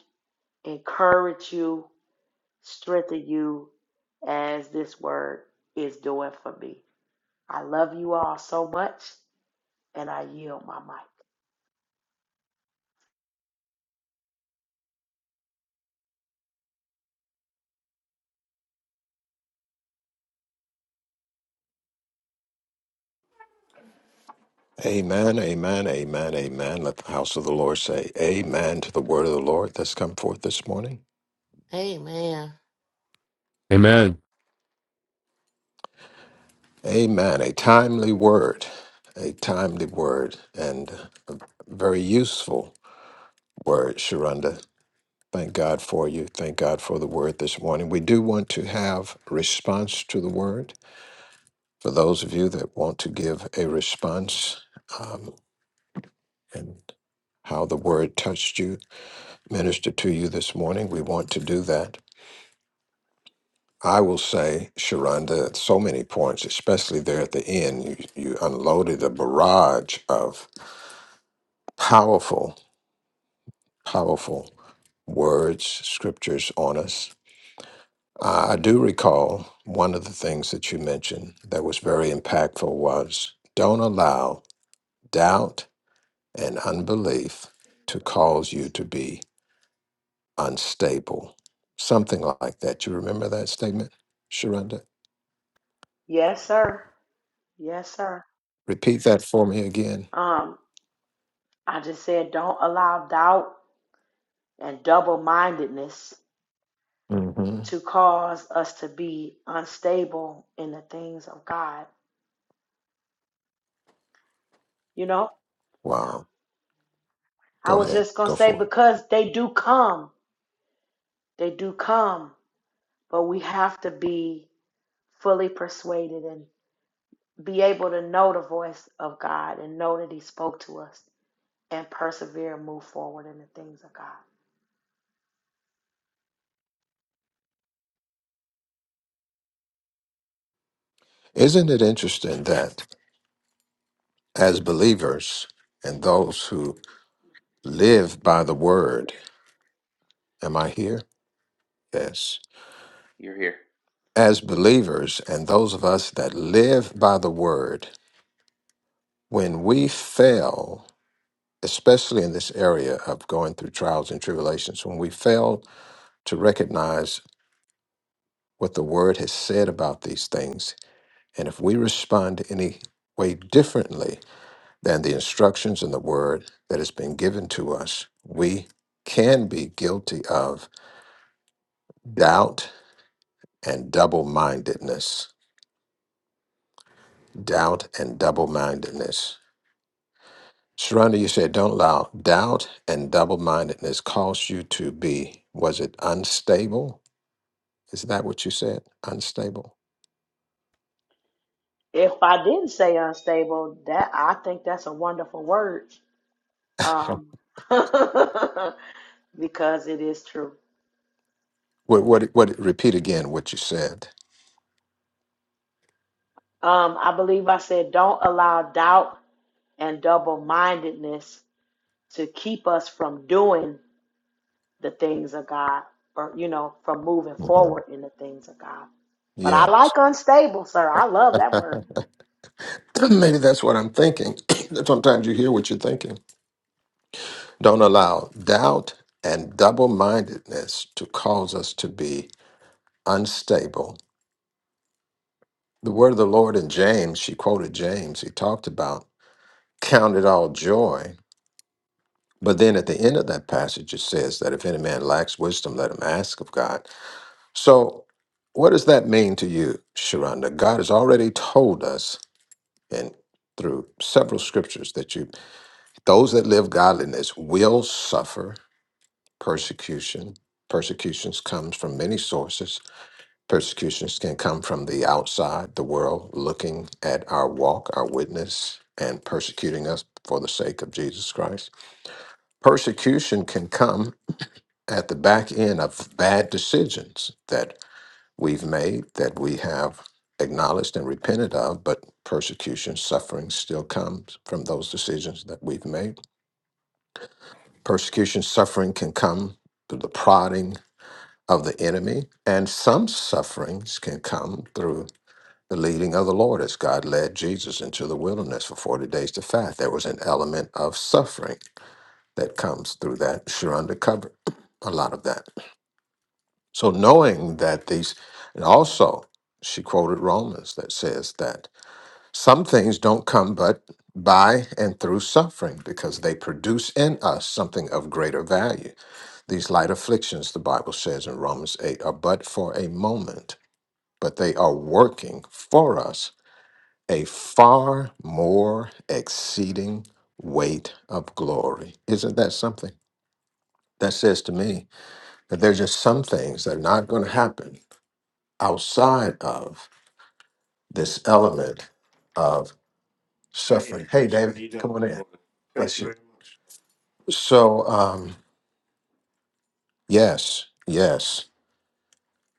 C: encourage you, strengthen you as this word is doing for me. I love you all so much and I yield my mic.
A: Amen, amen, amen, amen. Let the house of the Lord say amen to the word of the Lord that's come forth this morning.
D: Amen.
E: Amen.
A: Amen. A timely word, a timely word, and a very useful word, Sharonda. Thank God for you. Thank God for the word this morning. We do want to have response to the word. For those of you that want to give a response um, and how the word touched you, minister to you this morning. We want to do that. I will say, Sharonda, at so many points, especially there at the end, you, you unloaded a barrage of powerful, powerful words, scriptures on us. Uh, I do recall one of the things that you mentioned that was very impactful was don't allow doubt and unbelief to cause you to be unstable. Something like that. You remember that statement, Sharonda?
C: Yes, sir. Yes, sir.
A: Repeat that for me again.
C: Um. I just said, don't allow doubt and double mindedness
A: hmm
C: to cause us to be unstable in the things of God. You know? Yeah.
A: Wow.
C: I
A: Go
C: was
A: ahead.
C: just going to
A: Go
C: say,
A: for
C: because they do come, they do come, but we have to be fully persuaded and be able to know the voice of God and know that He spoke to us and persevere and move forward in the things of God.
A: it. Isn't it interesting that as believers and those who live by the word, am I here? Yes.
F: You're here.
A: As believers and those of us that live by the word, when we fail, especially in this area of going through trials and tribulations, when we fail to recognize what the word has said about these things, and if we respond to any way differently, than the instructions in the word that has been given to us, we can be guilty of doubt and double mindedness. Doubt and double mindedness. Sharonda, you said don't allow doubt and double mindedness cause you to be, was it unstable? Is that what you said? Unstable?
C: If I didn't say unstable, that I think that's a wonderful word um, because it is true.
A: What,
C: And
A: what, what, repeat again what you said.
C: um, I believe I said, don't allow doubt and double mindedness to keep us from doing the things of God or, you know, from moving
A: hmm
C: forward in the things of God. But I
A: Yeah.
C: like unstable, sir. I love that word.
A: Maybe that's what I'm thinking. That Sometimes you hear what you're thinking. Don't allow doubt and double mindedness to cause us to be unstable. The word of the Lord in James, she quoted James, he talked about count it all joy But then at the end of that passage, it says that if any man lacks wisdom, let him ask of God. So, what does that mean to you, Sharonda? God has already told us, and through several scriptures, that you those that live godliness will suffer persecution. Persecutions comes from many sources. Persecutions can come from the outside, the world looking at our walk, our witness, and persecuting us for the sake of Jesus Christ. Persecution can come at the back end of bad decisions that we've made, that we have acknowledged and repented of, but persecution, suffering still comes from those decisions that we've made. Persecution, suffering can come through the prodding of the enemy, and some sufferings can come through the leading of the Lord as God led Jesus into the wilderness for 40 days to fast. There was an element of suffering that comes through that. Sharonda covered a lot of that. So knowing that these, and also she quoted Romans that says that some things don't come but by and through suffering because they produce in us something of greater value. These light afflictions, the Bible says in Romans 8, are but for a moment, but they are working for us a far more exceeding weight of glory. Isn't that something? That says to me that there's just some things that are not going to happen outside of this element of suffering. Hey, David, come on in. Bless you. So, um, yes, yes,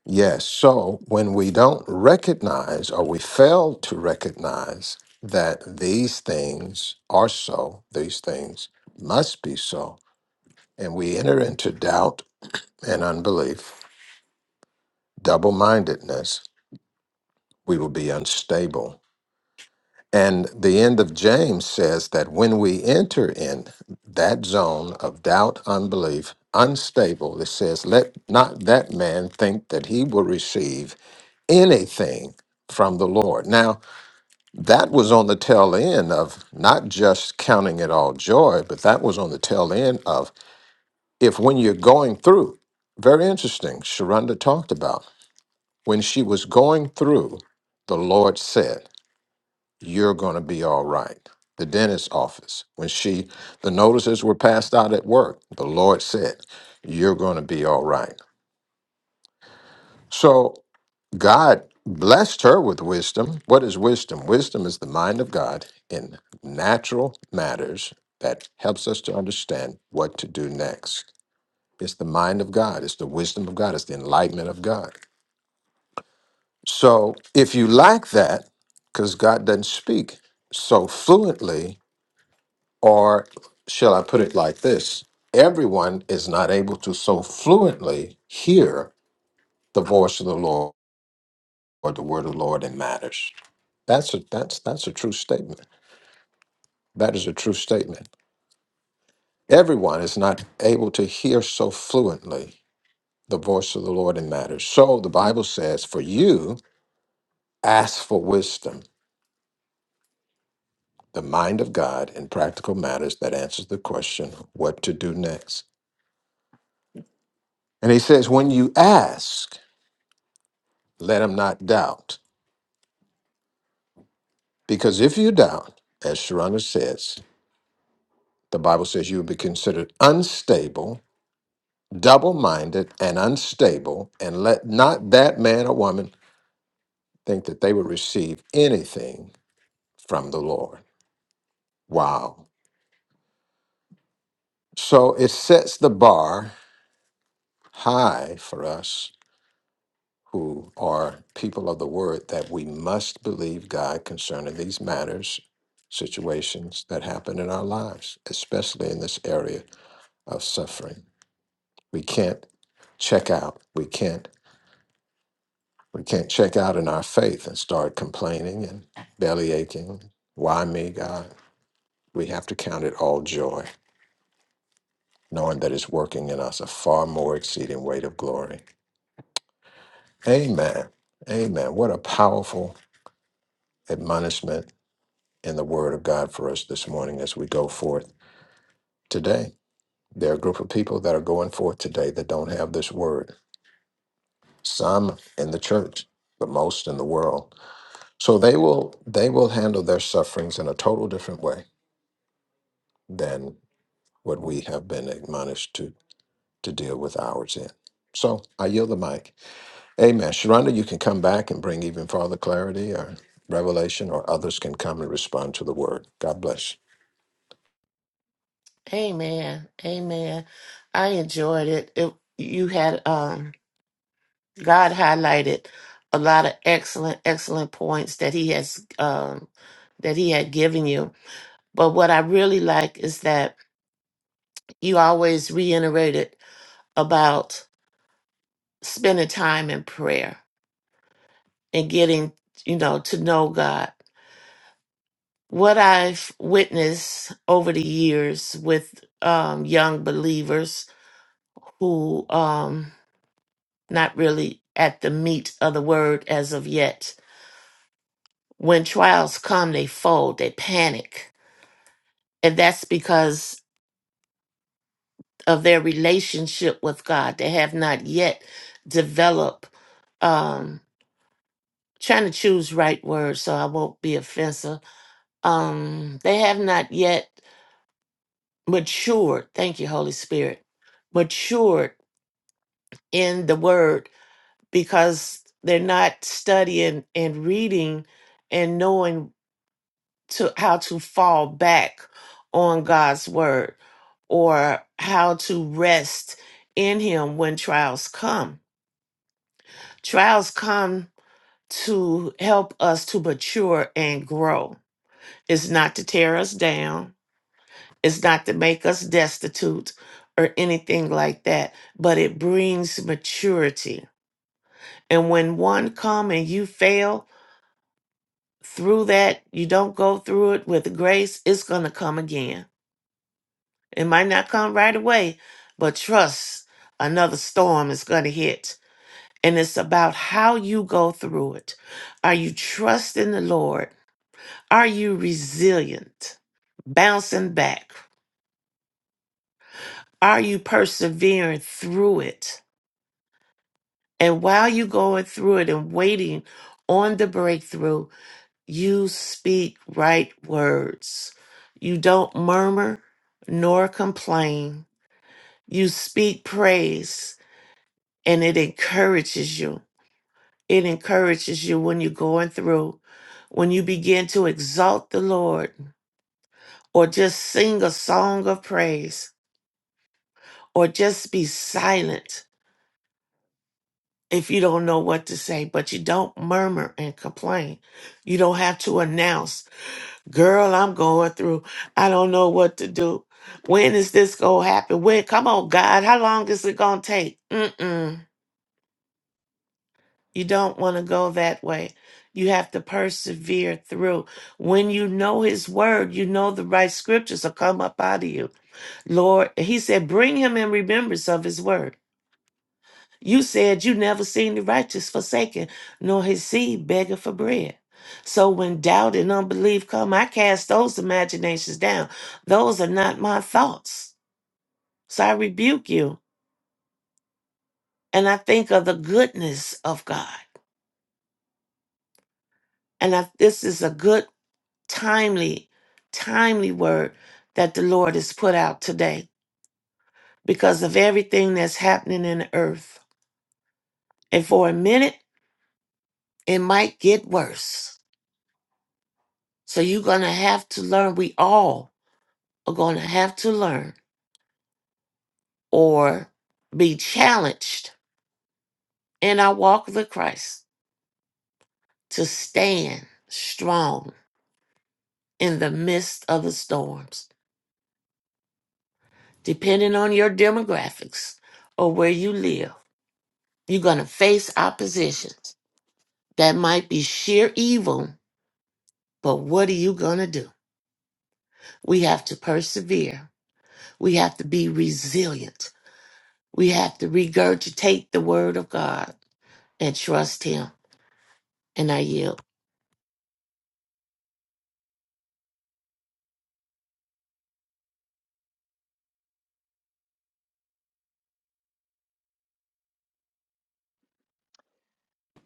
A: yes. So, when we don't recognize or we fail to recognize that these things are so, these things must be so, and we enter into doubt and unbelief, double mindedness, we will be unstable And the end of James says that when we enter in that zone of doubt, unbelief, unstable, it says, let not that man think that he will receive anything from the Lord. Now, that was on the tail end of not just counting it all joy, but that was on the tail end of if when you're going through, very interesting, Sharonda talked about when she was going through, the Lord said you're going to be all right. The dentist's office, when she, the notices were passed out at work, the Lord said, You're going to be all right. So God blessed her with wisdom. What is wisdom? Wisdom is the mind of God in natural matters that helps us to understand what to do next. It's the mind of God, it's the wisdom of God, it's the enlightenment of God. So if you lack that, because God doesn't speak so fluently, Or shall I put it like this? Everyone is not able to so fluently hear the voice of the Lord or the word of the Lord in matters. That's a that's that's a true statement. That is a true statement. Everyone is not able to hear so fluently the voice of the Lord in matters. So the Bible says, for you ask for wisdom, the mind of God in practical matters that answers the question what to do next. And he says, when you ask, let him not doubt. Because if you doubt, as Sharonda says, the Bible says you will be considered unstable, double minded, and unstable, and let not that man or woman think that they will receive anything from the Lord. Wow. So it sets the bar high for us who are people of the word that we must believe God concerning these matters, situations that happen in our lives, especially in this area of suffering. We can't check out. We can't we can't check out in our faith and start complaining and belly aching. Why me, God? We have to count it all joy, knowing that it's working in us a far more exceeding weight of glory. Amen. Amen. What a powerful admonishment in the word of God for us this morning as we go forth today. There are a group of people that are going forth today that don't have this word. Some in the church, but most in the world So they will they will handle their sufferings in a total different way than what we have been admonished to to deal with ours in. So I yield the mic. Amen. Sharonda, you can come back and bring even farther clarity or revelation, or others can come and respond to the word. God bless.
D: Amen. Amen. I enjoyed it. it you had um God highlighted a lot of excellent, excellent points that He has um that He had given you. But what I really like is that you always reiterated about spending time in prayer and getting, you know, to know God. What I've witnessed over the years with um, young believers who um, not really at the meat of the word as of yet. When trials come, they fold, they panic, and that's because of their relationship with God. They have not yet developed. Um, trying to choose right words, so I won't be offensive um they have not yet matured thank you holy spirit matured in the word because they're not studying and reading and knowing to how to fall back on God's word or how to rest in him when trials come trials come to help us to mature and grow it's not to tear us down It's not to make us destitute or anything like that, but it brings maturity. And when one come and you fail through that, you don't go through it with grace, it's going to come again. It might not come right away, but trust another storm is going to hit. And it's about how you go through it. Are you trusting the Lord? Are you resilient? Bouncing back? Are you persevering through it? And while you're going through it and waiting on the breakthrough, you speak right words. You don't murmur nor complain. You speak praise and it encourages you. It encourages you when you're going through. When you begin to exalt the Lord or just sing a song of praise or just be silent if you don't know what to say, but you don't murmur and complain. You don't have to announce Girl, I'm going through. I don't know what to do. When is this going to happen? When? Come on, God. How long is it going to take? Mm-mm. You don't want to go that way. You have to persevere through. When you know His word, you know the right scriptures will come up out of you. Lord, He said, bring Him in remembrance of His word. You said you never seen the righteous forsaken, nor his seed begging for bread. So when doubt and unbelief come, I cast those imaginations down. Those are not my thoughts. So I rebuke you. And I think of the goodness of God. And I, this is a good, timely, timely word that the Lord has put out today because of everything that's happening in the earth. And for a minute, it might get worse. So you're going to have to learn. We all are going to have to learn or be challenged in our walk with Christ to stand strong in the midst of the storms. Depending on your demographics or where you live, you're going to face oppositions that might be sheer evil, but what are you going to do? We have to persevere. We have to be resilient. We have to regurgitate the word of God and trust Him. And I yield.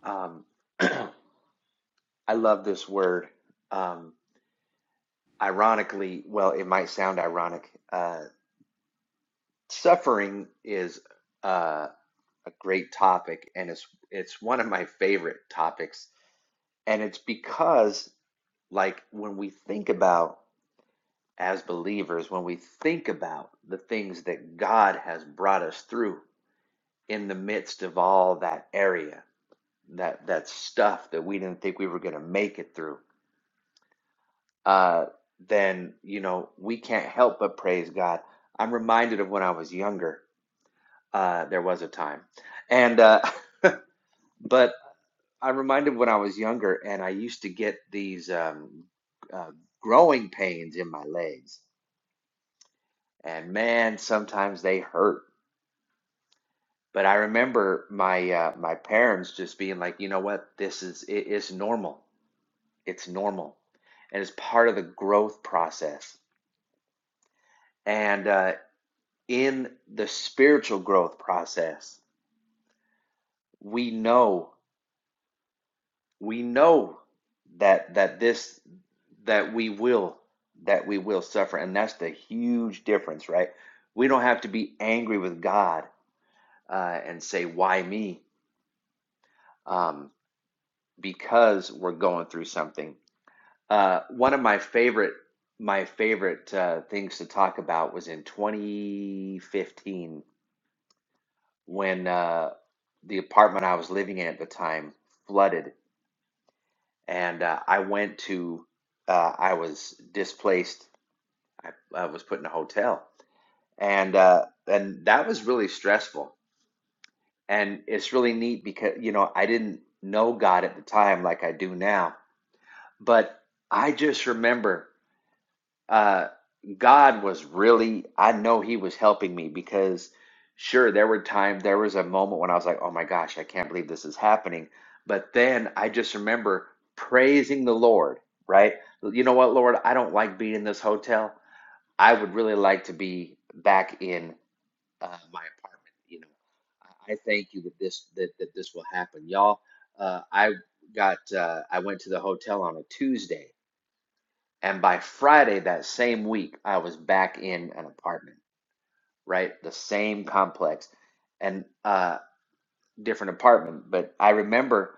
F: Um, I love this word. Um, ironically, well, it might sound ironic. Uh, suffering is uh, a great topic, and it's it's one of my favorite topics. And it's because, like, when we think about as believers, when we think about the things that God has brought us through in the midst of all that area, that that stuff that we didn't think we were going to make it through uh then you know we can't help but praise god i'm reminded of when i was younger uh there was a time and uh but i'm reminded when i was younger and i used to get these um uh, growing pains in my legs and man sometimes they hurt but i remember my uh my parents just being like you know what this is it, it's normal It's normal and it's part of the growth process. And uh, in the spiritual growth process, we know we know that that this that we will that we will suffer, and that's the huge difference, right? We don't have to be angry with God uh, and say, "Why me?" Um, because we're going through something. Uh, one of my favorite my favorite uh, things to talk about was in 2015 when uh, the apartment I was living in at the time flooded, and uh, I went to uh, I was displaced. I, I was put in a hotel, and uh, and that was really stressful. And it's really neat because you know I didn't know God at the time like I do now, but I just remember. uh, God was really, I know He was helping me because, sure, there were times, there was a moment when I was like, oh my gosh, I can't believe this is happening. But then I just remember praising the Lord, right? You know what, Lord, I don't like being in this hotel. I would really like to be back in uh, my apartment. You know, I I thank you that this that, that this will happen, y'all. Uh, I got uh, I went to the hotel on a Tuesday and by Friday that same week, I was back in an apartment, right? The same complex and uh different apartment. But I remember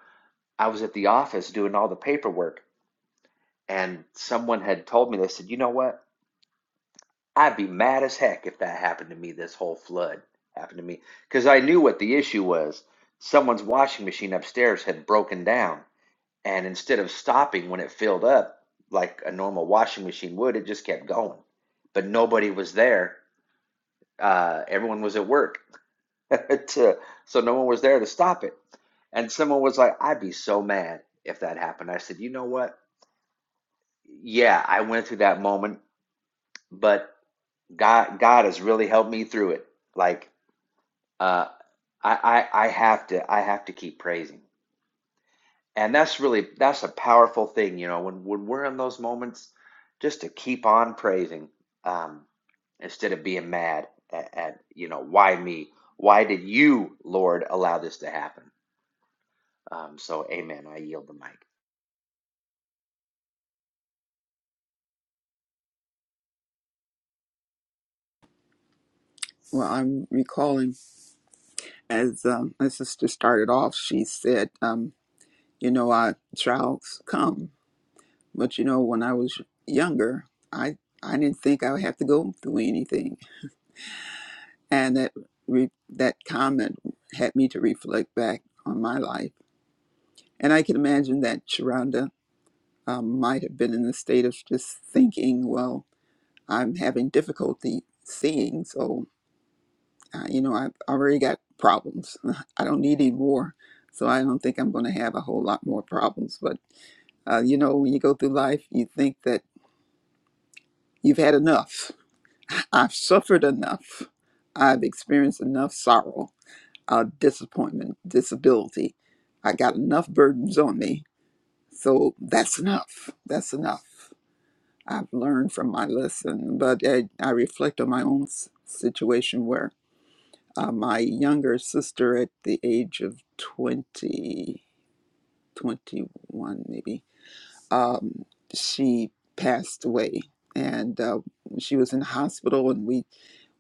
F: I was at the office doing all the paperwork and someone had told me, they said, you know what? I'd be mad as heck if that happened to me, this whole flood happened to me. Because I knew what the issue was. Someone's washing machine upstairs had broken down And instead of stopping when it filled up, like a normal washing machine would, it just kept going. But nobody was there. Uh, everyone was at work. to, so no one was there to stop it. And someone was like, I'd be so mad if that happened. I said, you know what? Yeah, I went through that moment, but God, God has really helped me through it. Like, uh, I, I, I have to, I have to keep praising. And that's really that's a powerful thing, you know, when when we're in those moments, just to keep on praising, um, instead of being mad at, at you know, why me? Why did you, Lord, allow this to happen? Um, so, amen. I yield the mic.
G: Well, I'm recalling as um, my sister started off, she said, um, "You know, our trials come, but you know, when I was younger, I I didn't think I would have to go through anything." And that re- that comment had me to reflect back on my life, and I can imagine that Sharonda um, might have been in the state of just thinking, "Well, I'm having difficulty seeing, so." uh, you know, I've already got problems. I don't need any more. So I don't think I'm going to have a whole lot more problems. But, uh, you know, when you go through life, you think that you've had enough. I've suffered enough. I've experienced enough sorrow, uh, disappointment, disability. I got enough burdens on me. So that's enough. That's enough. I've learned from my lesson, but I, I reflect on my own s- situation where uh, my younger sister at the age of 20, 21, maybe, um, she passed away. And uh, she was in the hospital, and we,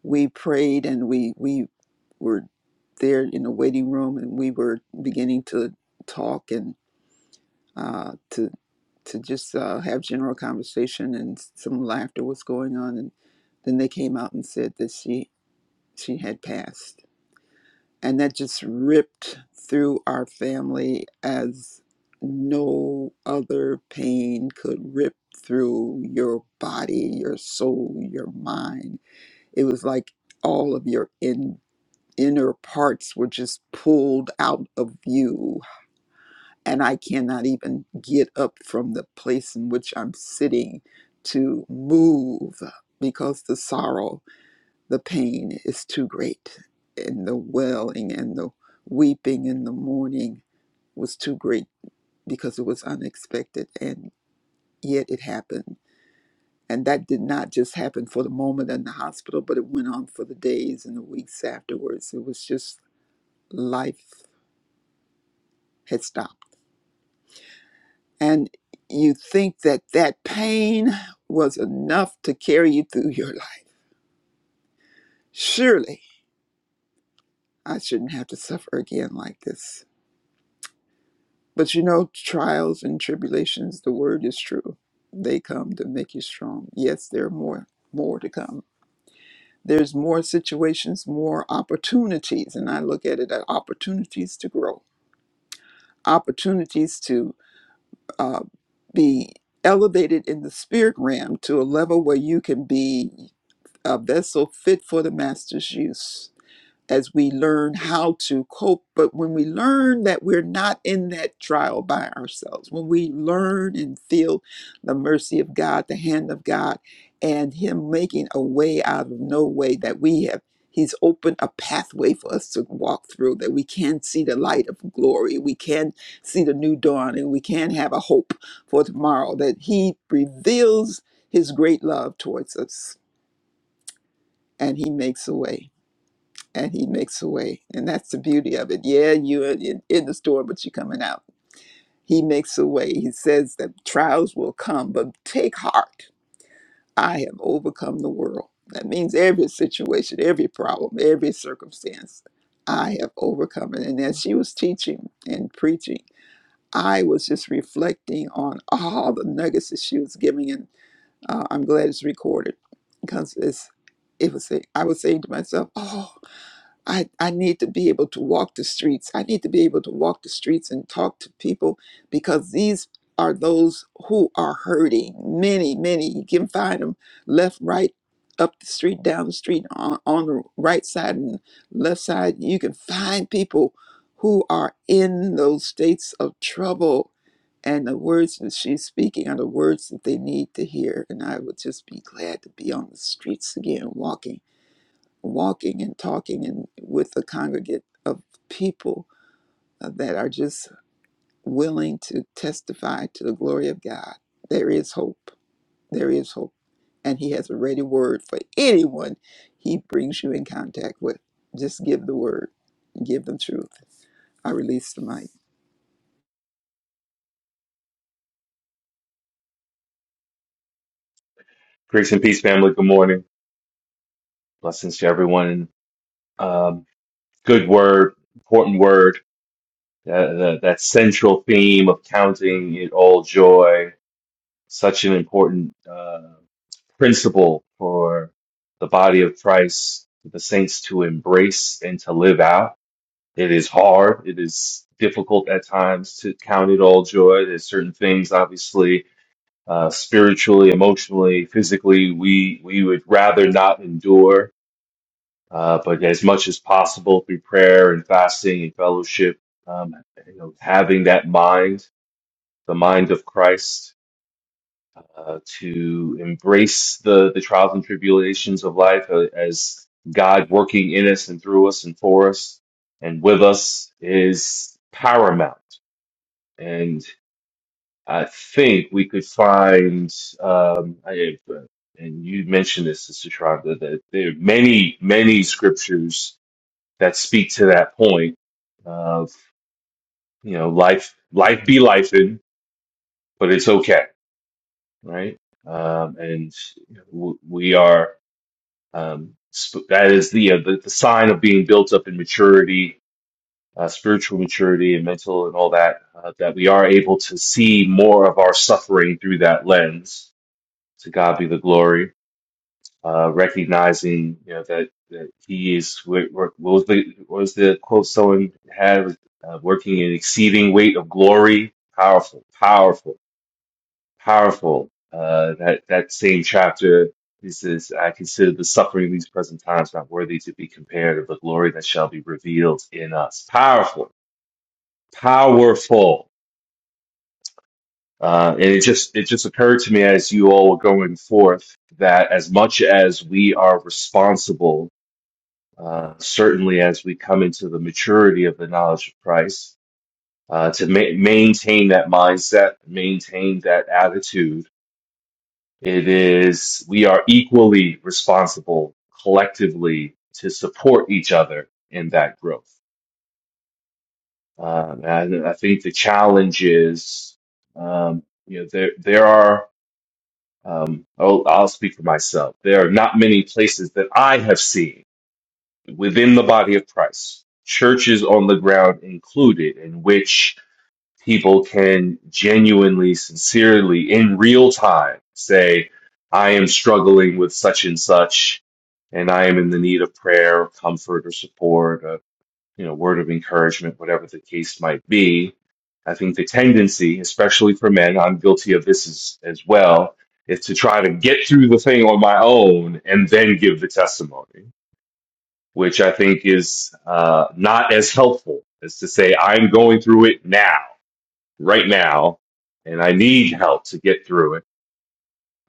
G: we prayed and we, we were there in the waiting room, and we were beginning to talk and uh, to, to just uh, have general conversation, and some laughter was going on. And then they came out and said that she, she had passed and that just ripped through our family as no other pain could rip through your body, your soul, your mind. It was like all of your in, inner parts were just pulled out of you. And I cannot even get up from the place in which I'm sitting to move because the sorrow the pain is too great, and the wailing and the weeping and the mourning was too great because it was unexpected, and yet it happened. And that did not just happen for the moment in the hospital, but it went on for the days and the weeks afterwards. It was just life had stopped. And you think that that pain was enough to carry you through your life. Surely I shouldn't have to suffer again like this But you know, trials and tribulations, the word is true. They come to make you strong. Yes, there are more, more to come. There's more situations, more opportunities, and I look at it as opportunities to grow, opportunities to uh, be elevated in the spirit realm to a level where you can be a vessel fit for the master's use as we learn how to cope. But when we learn that we're not in that trial by ourselves, when we learn and feel the mercy of God, the hand of God, and Him making a way out of no way that we have. He's opened a pathway for us to walk through that we can see the light of glory. We can see the new dawn and we can have a hope for tomorrow that He reveals His great love towards us and He makes a way and he makes a way and that's the beauty of it yeah you are in, in the storm but you're coming out he makes a way he says that trials will come but take heart i have overcome the world that means every situation every problem every circumstance i have overcome it and as she was teaching and preaching i was just reflecting on all the nuggets that she was giving and uh, i'm glad it's recorded because it's it was i was saying to myself oh. I, I need to be able to walk the streets. I need to be able to walk the streets and talk to people because these are those who are hurting. Many, many. You can find them left, right, up the street, down the street, on, on the right side and left side. You can find people who are in those states of trouble. And the words that she's speaking are the words that they need to hear. And I would just be glad to be on the streets again, walking walking and talking and with a congregate of people uh, that are just willing to testify to the glory of God. There is hope. There is hope. And He has a ready word for anyone He brings you in contact with. Just give the word, give them truth. I release the mic.
E: Grace and peace, family. Good morning. Blessings to everyone. Um, good word, important word. That, that, that central theme of counting it all joy, such an important uh, principle for the body of Christ, for the saints to embrace and to live out. It is hard. It is difficult at times to count it all joy. There's certain things, obviously, uh, spiritually, emotionally, physically, we we would rather not endure Uh, but as much as possible through prayer and fasting and fellowship, um, you know, having that mind, the mind of Christ, uh, to embrace the, the trials and tribulations of life uh, as God working in us and through us and for us and with us is paramount. And I think we could find, um, I, uh, and you mentioned this, Sister Shonda, that there are many, many scriptures that speak to that point of you know life life be life in but it's okay right um, and w- we are um, sp- that is the, uh, the the sign of being built up in maturity uh, spiritual maturity and mental and all that uh, that we are able to see more of our suffering through that lens to God be the glory uh, recognizing you know that, that he is what, what was the what was the quote someone had uh, working in exceeding weight of glory powerful powerful powerful uh, that that same chapter he says I consider the suffering of these present times not worthy to be compared of the glory that shall be revealed in us powerful powerful uh, and it just it just occurred to me as you all were going forth that as much as we are responsible uh, certainly as we come into the maturity of the knowledge of Christ, uh, to ma- maintain that mindset, maintain that attitude. It is, we are equally responsible collectively to support each other in that growth. Um, and I think the challenge is, um, you know, there, there are, um, oh, I'll speak for myself. There are not many places that I have seen within the body of Christ, churches on the ground included, in which people can genuinely, sincerely, in real time say, I am struggling with such and such, and I am in the need of prayer, or comfort, or support, a you know, word of encouragement, whatever the case might be. I think the tendency, especially for men, I'm guilty of this as, as well, is to try to get through the thing on my own and then give the testimony which I think is uh, not as helpful as to say, I'm going through it now, right now, and I need help to get through it.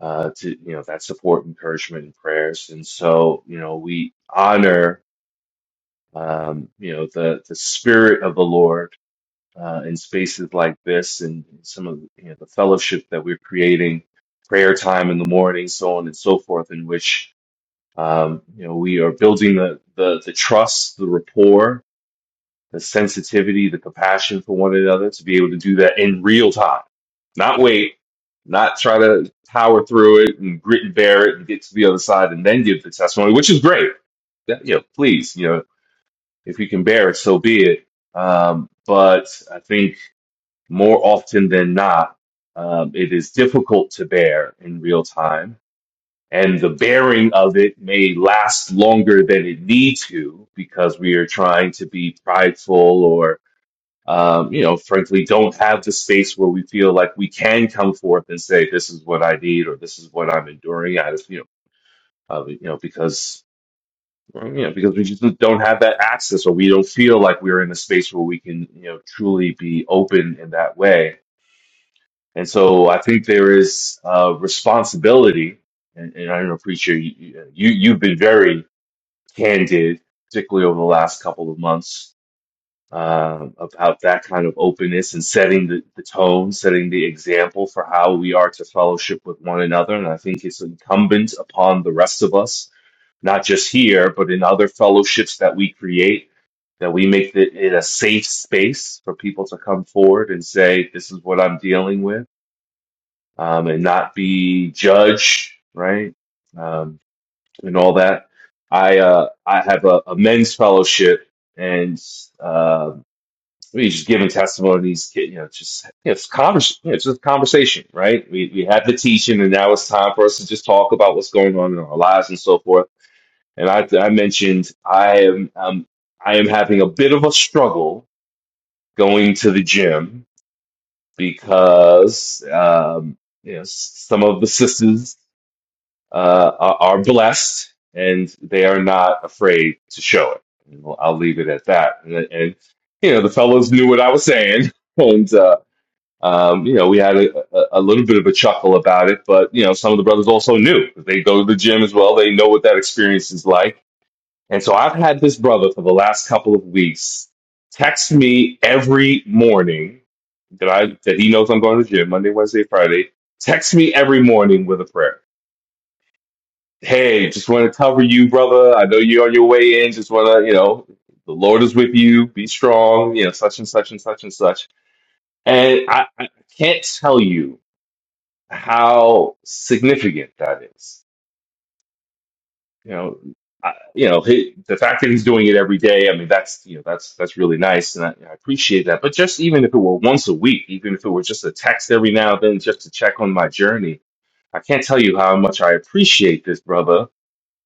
E: Uh, to you know that support, encouragement, and prayers, and so you know we honor um, you know the the spirit of the Lord uh, in spaces like this, and some of you know, the fellowship that we're creating, prayer time in the morning, so on and so forth, in which um, you know we are building the the, the trust, the rapport, the sensitivity, the compassion for one another to be able to do that in real time, not wait, not try to power through it and grit and bear it and get to the other side and then give the testimony, which is great. That, you know, please, you know, if you can bear it, so be it. Um, but I think more often than not, um, it is difficult to bear in real time. And the bearing of it may last longer than it need to because we are trying to be prideful or um, you know, frankly, don't have the space where we feel like we can come forth and say, "This is what I need," or "This is what I'm enduring." Out of you know, uh, you know, because well, you know, because we just don't have that access, or we don't feel like we're in a space where we can, you know, truly be open in that way. And so, I think there is uh, responsibility, and, and I don't know, preacher, you you- you've been very candid, particularly over the last couple of months um, about that kind of openness and setting the, the tone, setting the example for how we are to fellowship with one another. And I think it's incumbent upon the rest of us, not just here, but in other fellowships that we create, that we make the, it a safe space for people to come forward and say, this is what I'm dealing with, um, and not be judged, right? Um, and all that. I, uh, I have a, a men's fellowship and, um we just giving testimonies, you know, just you know, it's convers, you know, it's just conversation, right? We we had the teaching, and now it's time for us to just talk about what's going on in our lives and so forth. And I I mentioned I am um I am having a bit of a struggle going to the gym because um you know s- some of the sisters uh are, are blessed and they are not afraid to show it. You know, I'll leave it at that. And, and you know the fellows knew what I was saying and. uh, um, you know, we had a, a, a little bit of a chuckle about it, but you know, some of the brothers also knew they go to the gym as well. They know what that experience is like. And so I've had this brother for the last couple of weeks text me every morning that I that he knows I'm going to the gym Monday, Wednesday, Friday. Text me every morning with a prayer. Hey, just want to cover you, brother. I know you're on your way in. Just want to, you know, the Lord is with you. Be strong. You know, such and such and such and such. And I, I can't tell you how significant that is. You know, I, you know he, the fact that he's doing it every day. I mean, that's you know that's that's really nice, and I, I appreciate that. But just even if it were once a week, even if it were just a text every now and then, just to check on my journey, I can't tell you how much I appreciate this brother.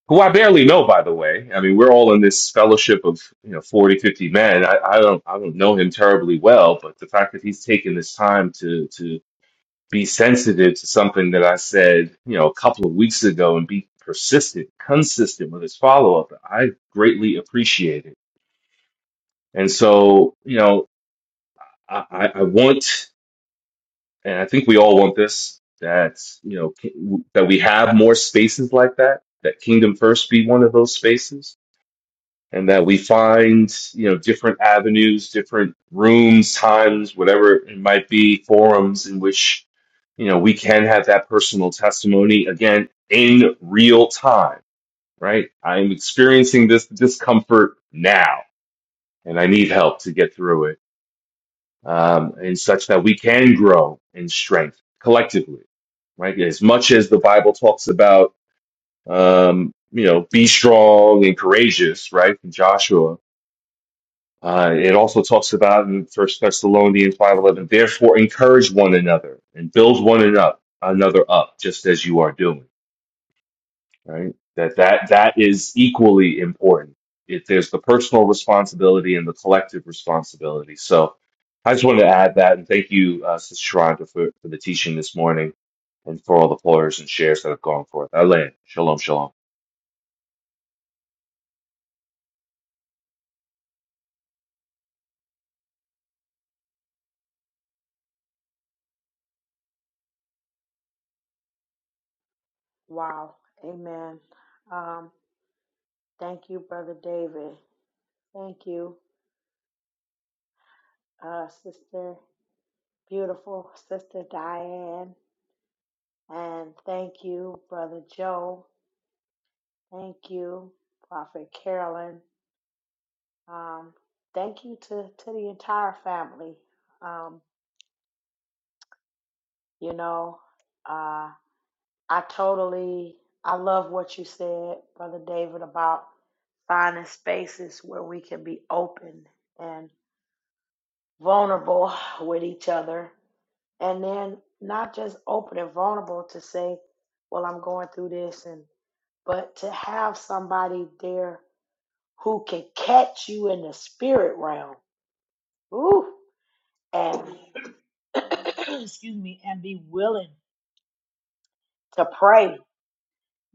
E: Who I barely know, by the way. I mean, we're all in this fellowship of you know 40 50 men. I, I don't, I don't know him terribly well, but the fact that he's taken this time to to be sensitive to something that I said, you know, a couple of weeks ago and be persistent, consistent with his follow up. I greatly appreciate it. And so, you know, I, I I want, and I think we all want this, that, you know, ki- that we have more spaces like that, that Kingdom First be one of those spaces and that we find you know different avenues different rooms times whatever it might be forums in which you know we can have that personal testimony again in real time right i'm experiencing this discomfort now and i need help to get through it um, and such that we can grow in strength collectively right as much as the bible talks about um, you know be strong and courageous right in joshua Uh, it also talks about in First Thessalonians five eleven, therefore encourage one another and build one another another up, just as you are doing. Right? That that that is equally important. If there's the personal responsibility and the collective responsibility. So I just wanted to add that, and thank you, uh, Sister Sharonda, for, for the teaching this morning and for all the prayers and shares that have gone forth. I land. Shalom, shalom.
C: Wow. Amen. Um, thank you, Brother David. Thank you, uh, Sister, beautiful Sister Diane. And thank you, Brother Joe. Thank you, Prophet Carolyn. Um, thank you to, to the entire family. Um, you know, uh, I totally, I love what you said, Brother David, about finding spaces where we can be open and vulnerable with each other. And then not just open and vulnerable to say, well, I'm going through this, and but to have somebody there who can catch you in the spirit realm. Ooh, and excuse me, and be willing to pray,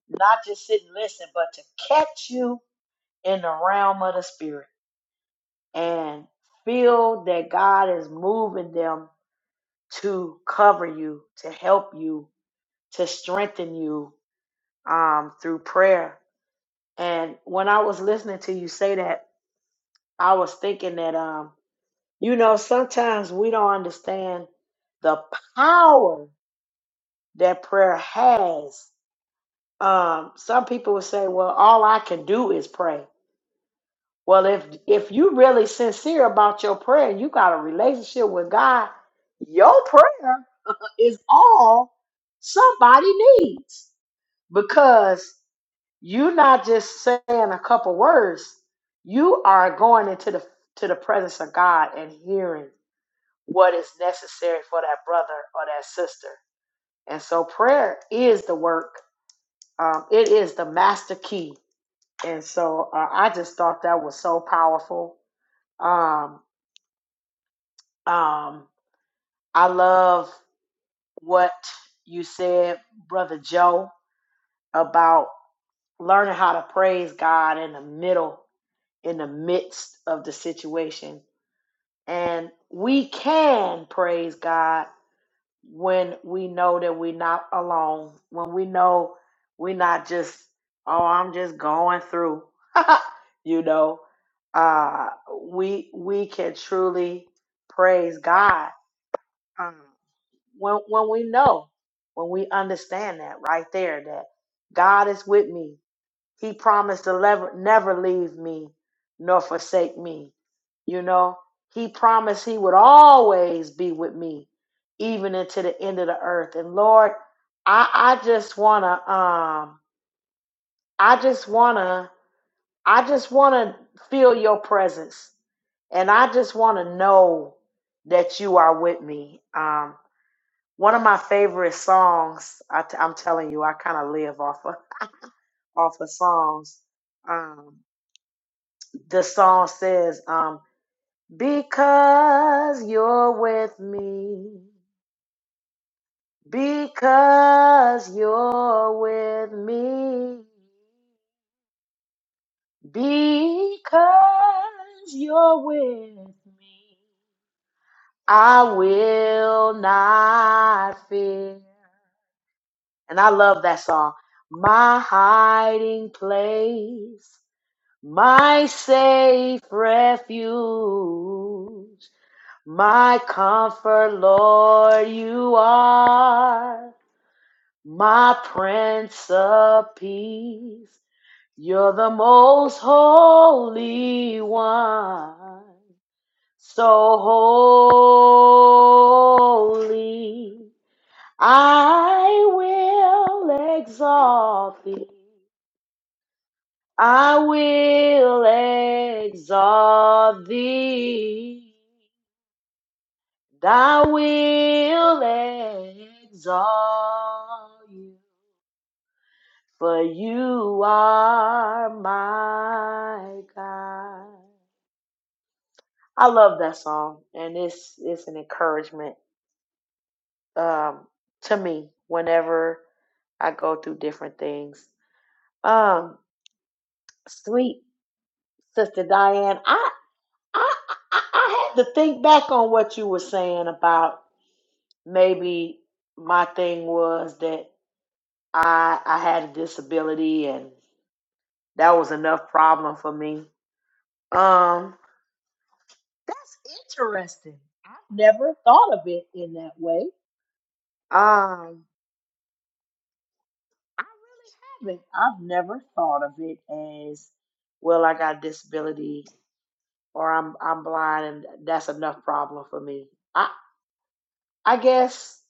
C: not just sit and listen, but to catch you in the realm of the spirit and feel that God is moving them to cover you, to help you, to strengthen you um, through prayer. And when I was listening to you say that, I was thinking that um, You know, sometimes we don't understand the power that prayer has. Um, some people will say, "Well, all I can do is pray." Well, if if you really sincere about your prayer and you got a relationship with God, your prayer is all somebody needs because you're not just saying a couple words. You are going into the to the presence of God and hearing. what is necessary for that brother or that sister. And so prayer is the work, um, it is the master key. And so uh, I just thought that was so powerful. Um, um, I love what you said, Brother Joe, about learning how to praise God in the middle, in the midst of the situation. And we can praise God when we know that we're not alone, when we know we're not just, oh, I'm just going through, you know, uh, we we can truly praise God um, when when we know, when we understand that right there that God is with me, he promised to never, never leave me nor forsake me. You know, He promised He would always be with me, even into the end of the earth. And Lord, I, I just wanna, um, I just wanna, I just wanna feel Your presence, and I just wanna know that You are with me. Um, one of my favorite songs, I, am telling you, I kind of live off of off of songs. um. the song says, um, because you're with me, because you're with me, because you're with me, I will not fear. And I love that song. My hiding place, my safe refuge. My comfort, Lord, you are my Prince of Peace. You're the most holy one, so holy. I will exalt thee. I will exalt thee. Thou will exalt you, for you are my God. I love that song, and it's it's an encouragement um, to me whenever I go through different things. Um, sweet sister Diane, I I I I had to think back on what you were saying about maybe my thing was that. I I had a disability and that was enough problem for me. Um That's interesting. I've never thought of it in that way. Um, I really haven't. I've never thought of it as well I got a disability or I'm I'm blind and that's enough problem for me. I I guess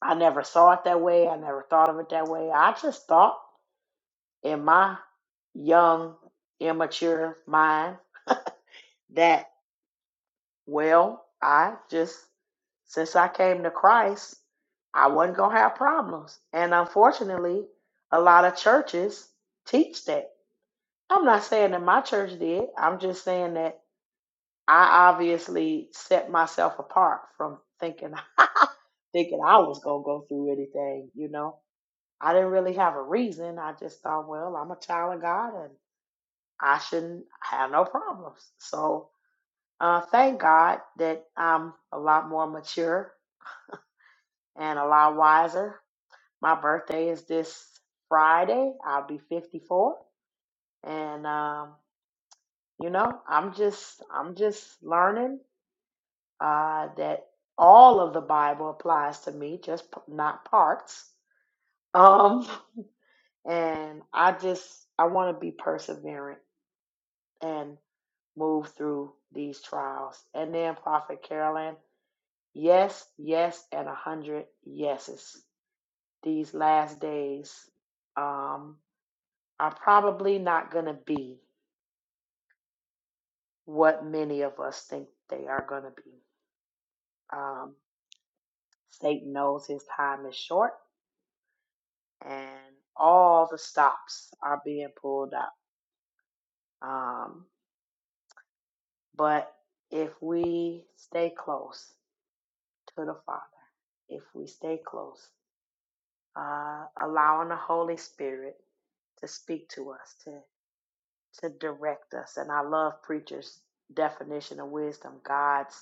C: I never saw it that way. I never thought of it that way. I just thought in my young immature mind that. Well, I just, since I came to Christ, I wasn't going to have problems. And unfortunately, a lot of churches teach that. I'm not saying that my church did. I'm just saying that I obviously set myself apart from thinking thinking I was going to go through anything, you know. I didn't really have a reason. I just thought, well, I'm a child of God and I shouldn't have no problems. So, uh, thank God that I'm a lot more mature and a lot wiser. My birthday is this Friday. I'll be 54, and um, you know, I'm just I'm just learning uh, that all of the Bible applies to me, just p- not parts. Um, and I just I want to be perseverant and move through these trials. And then Prophet Carolyn, yes, yes, and a hundred yeses. These last days. Um, are probably not going to be what many of us think they are going to be. Um, Satan knows his time is short, and all the stops are being pulled out. Um, but if we stay close to the Father, if we stay close, uh, allowing the Holy Spirit to speak to us, to to direct us. And I love preachers' definition of wisdom. God's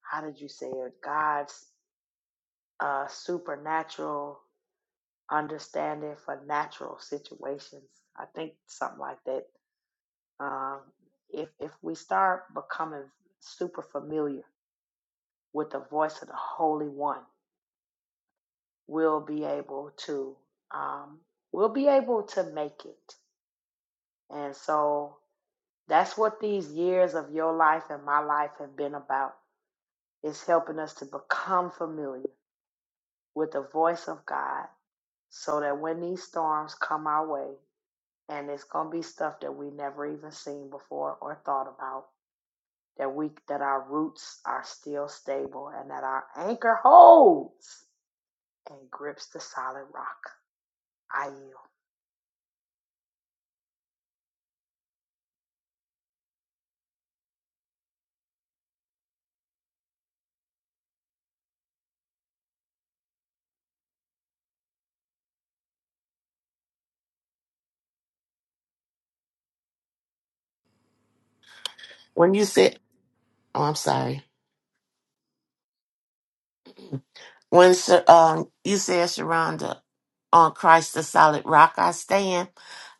C: how did you say it? God's A supernatural understanding for natural situations. I think something like that. Um, if if we start becoming super familiar with the voice of the Holy One, we'll be able to um, we'll be able to make it. And so that's what these years of your life and my life have been about. It's helping us to become familiar with the voice of God, so that when these storms come our way, and it's gonna be stuff that we never even seen before or thought about. That we that our roots are still stable and that our anchor holds and grips the solid rock. I yield.
D: When you said Oh, I'm sorry. When Sha- um, you said, Sharonda, on Christ the solid rock I stand,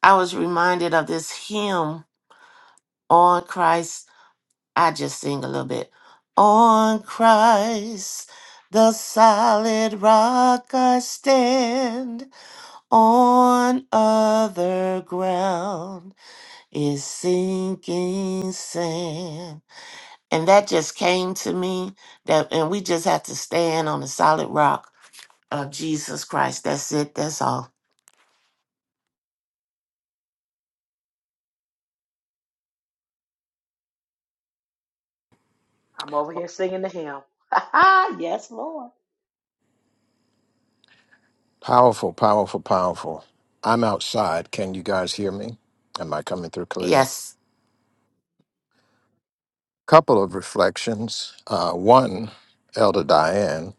D: I was reminded of this hymn, On Christ. I just sing a little bit. On Christ, the solid rock I stand, on other ground is sinking sand. And that just came to me that, and we just have to stand on the solid rock of Jesus Christ. That's it. That's all.
C: I'm over here singing the hymn. yes, Lord.
A: Powerful, powerful, powerful. I'm outside. Can you guys hear me? Am I coming through clearly?
D: Yes.
A: Couple of reflections. Uh, one, Elder Diane,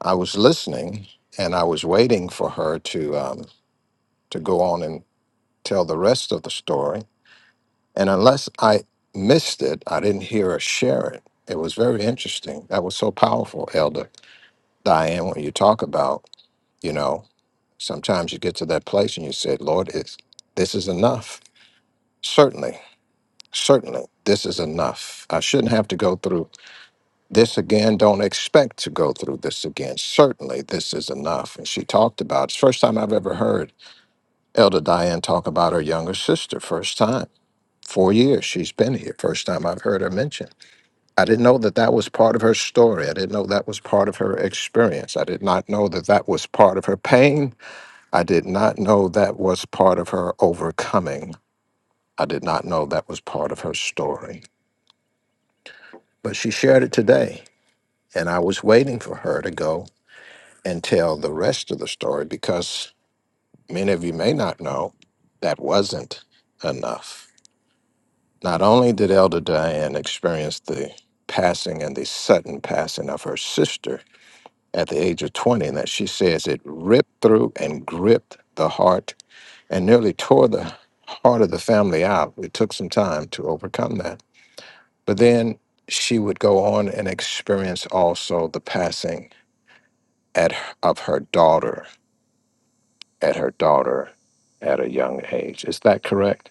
A: I was listening and I was waiting for her to um, to go on and tell the rest of the story. And unless I missed it, I didn't hear her share it. It was very interesting. That was so powerful, Elder Diane, when you talk about, you know, sometimes you get to that place and you say, Lord, it's, this is enough. Certainly Certainly, this is enough. I shouldn't have to go through this again. Don't expect to go through this again. Certainly, this is enough. And she talked about it's the first time I've ever heard Elder Diane talk about her younger sister. First time. Four years she's been here. First time I've heard her mention. I didn't know that that was part of her story. I didn't know that was part of her experience. I did not know that that was part of her pain. I did not know that was part of her overcoming. I did not know that was part of her story. But she shared it today And I was waiting for her to go and tell the rest of the story because many of you may not know that wasn't enough. Not only did Elder Diane experience the passing and the sudden passing of her sister at the age of 20, and that she says it ripped through and gripped the heart and nearly tore the heart of the family out. It took some time to overcome that. But then she would go on and experience also the passing at, of her daughter at her daughter at a young age. Is that correct,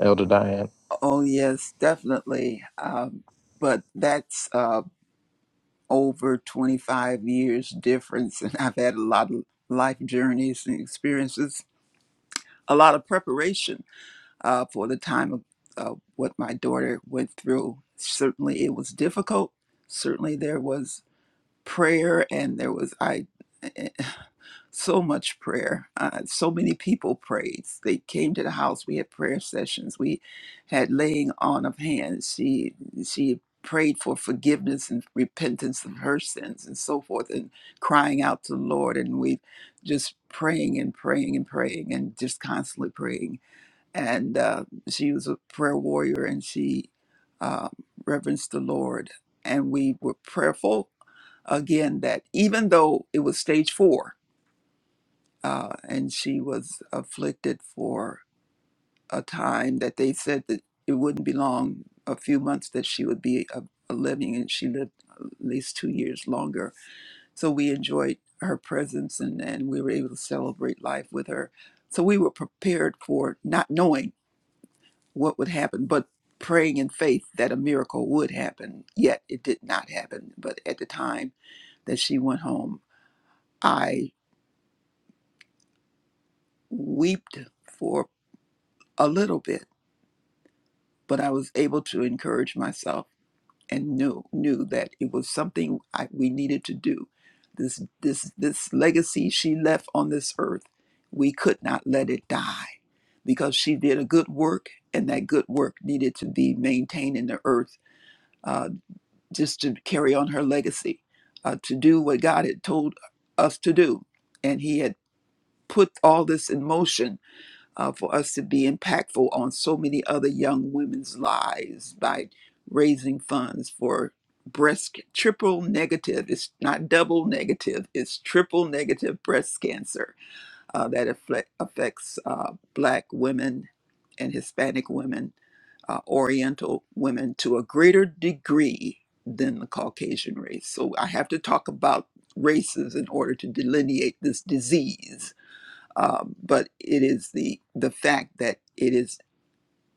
A: Elder Diane?
G: Oh, yes, definitely. Um, but that's uh, over 25 years difference. And I've had a lot of life journeys and experiences a lot of preparation uh, for the time of uh, what my daughter went through. Certainly, it was difficult. Certainly, there was prayer, and there was I eh, eh, so much prayer. Uh, so many people prayed. They came to the house. We had prayer sessions. We had laying on of hands. She she prayed for forgiveness and repentance of her sins and so forth, and crying out to the Lord. And we just praying and praying and praying and just constantly praying and uh, she was a prayer warrior and she uh, reverenced the Lord. And we were prayerful again that even though it was stage four uh, and she was afflicted for a time that they said that it wouldn't be long, a few months that she would be a, a living, and she lived at least two years longer. So we enjoyed her presence and, and we were able to celebrate life with her. So we were prepared for not knowing what would happen, but praying in faith that a miracle would happen. Yet it did not happen. But at the time that she went home, I wept for a little bit, but I was able to encourage myself and knew knew that it was something I, we needed to do. This this this legacy she left on this earth, we could not let it die because she did a good work, and that good work needed to be maintained in the earth uh, just to carry on her legacy, uh, to do what God had told us to do. And He had put all this in motion uh, for us to be impactful on so many other young women's lives by raising funds for breast triple negative. It's not double negative, it's triple negative breast cancer uh, that affect, affects uh, Black women and Hispanic women, uh, Oriental women to a greater degree than the Caucasian race. So I have to talk about races in order to delineate this disease. Um, but it is the the fact that it is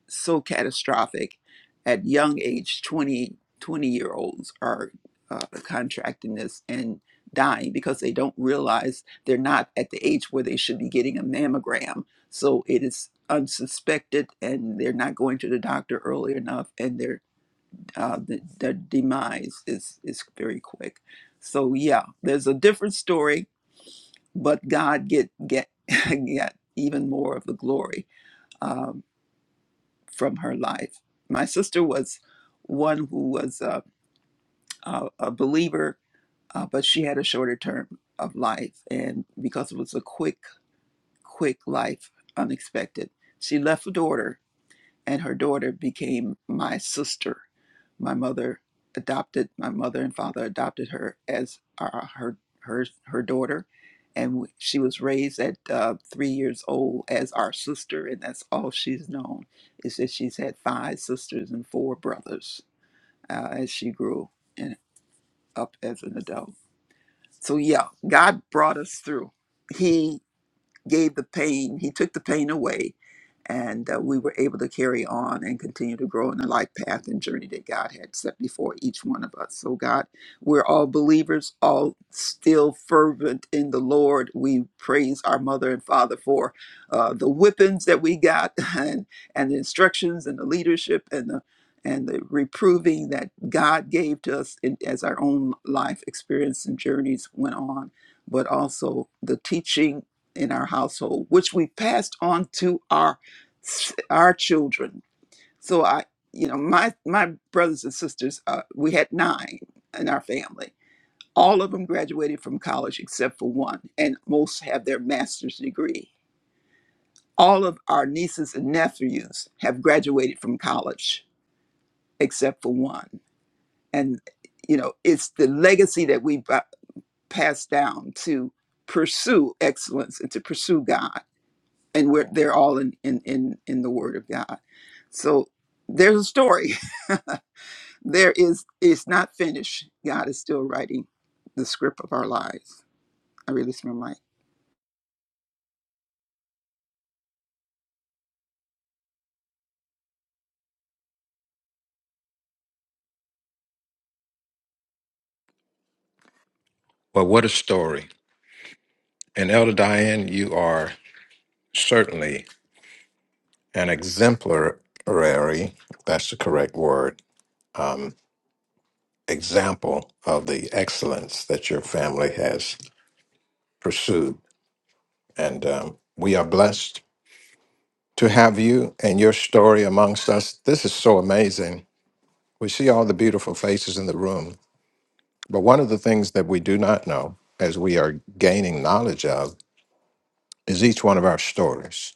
G: so catastrophic at young age 20 20 year olds are uh, contracting this and dying because they don't realize they're not at the age where they should be getting a mammogram so it is unsuspected and they're not going to the doctor early enough and their uh, the, their demise is is very quick so yeah there's a different story but god get get get even more of the glory uh, from her life. My sister was one who was a, a, a believer, uh, but she had a shorter term of life. And because it was a quick, quick life, unexpected, she left a daughter and her daughter became my sister. My mother adopted my mother and father adopted her as uh, her her her daughter, and she was raised at uh, three years old as our sister, and that's all she's known is that she's had five sisters and four brothers uh, as she grew and up as an adult. So yeah, God brought us through. He gave the pain, He took the pain away, and uh, we were able to carry on and continue to grow in the life path and journey that God had set before each one of us. So, God, we're all believers, all still fervent in the Lord. We praise our mother and father for uh, the whippings that we got, and and the instructions and the leadership and the and the reproving that God gave to us in, as our own life experience and journeys went on, but also the teaching in our household, which we passed on to our our children. So I, you know, my my brothers and sisters, uh, we had nine in our family. All of them graduated from college except for one, and most have their master's degree. All of our nieces and nephews have graduated from college except for one, and you know, it's the legacy that we bu- pass down to pursue excellence and to pursue God and we're, they're all in, in in in the word of god so there's a story there is it's not finished god is still writing the script of our lives i release my mic
A: Well, what a story. And Elder Diane, you are certainly an exemplary, that's the correct word, um, example of the excellence that your family has pursued. And um, we are blessed to have you and your story amongst us. This is so amazing. We see all the beautiful faces in the room. But one of the things that we do not know, as we are gaining knowledge of, is each one of our stories.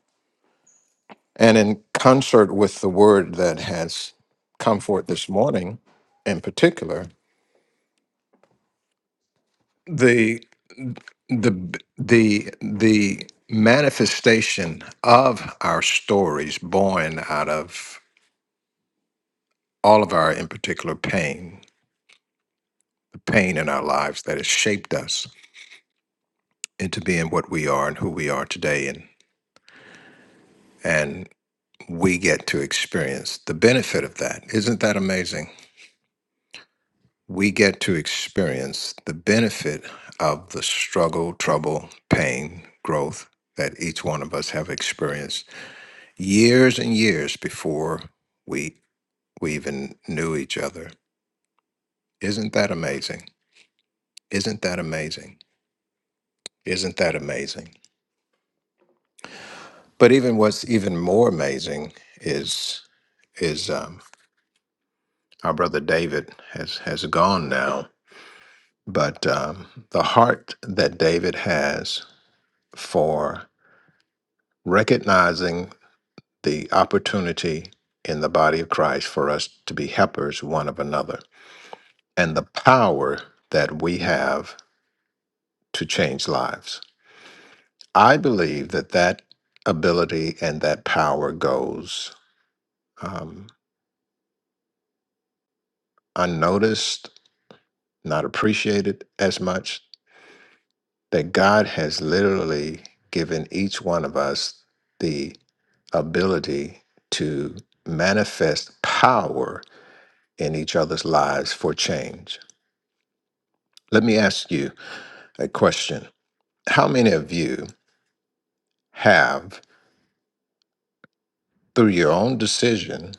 A: And in concert with the word that has come forth this morning, in particular, the the the the manifestation of our stories born out of all of our in particular pain the pain in our lives that has shaped us into being what we are and who we are today and and we get to experience the benefit of that isn't that amazing we get to experience the benefit of the struggle, trouble, pain, growth that each one of us have experienced years and years before we we even knew each other. Isn't that amazing? Isn't that amazing? Isn't that amazing? But even what's even more amazing is is um, our brother David has has gone now. But um, the heart that David has for recognizing the opportunity in the body of Christ for us to be helpers one of another and the power that we have to change lives. I believe that that ability and that power goes um, unnoticed, not appreciated as much, that God has literally given each one of us the ability to manifest power in each other's lives for change. Let me ask you A question How many of you have, through your own decision,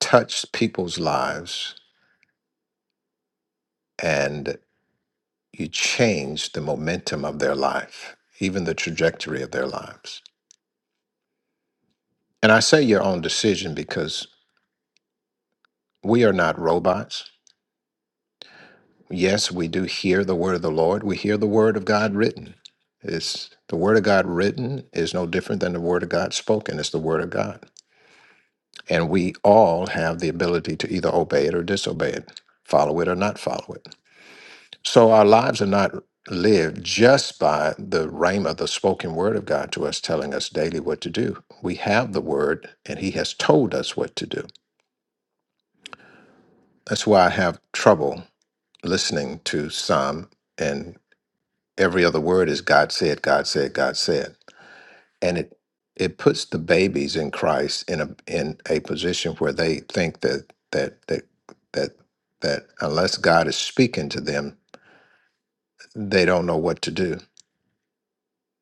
A: touched people's lives and you changed the momentum of their life, even the trajectory of their lives? And I say your own decision because we are not robots. Yes, we do hear the word of the Lord, we hear the word of God written. It's the word of God written is no different than the word of God spoken. It's the word of God. And we all have the ability to either obey it or disobey it, follow it or not follow it. So our lives are not lived just by the rhema, the spoken word of God to us, telling us daily what to do. We have the word and he has told us what to do. That's why I have trouble listening to some and every other word is God said, God said, God said and it it puts the babies in Christ in a in a position where they think that that that that that unless God is speaking to them, they don't know what to do.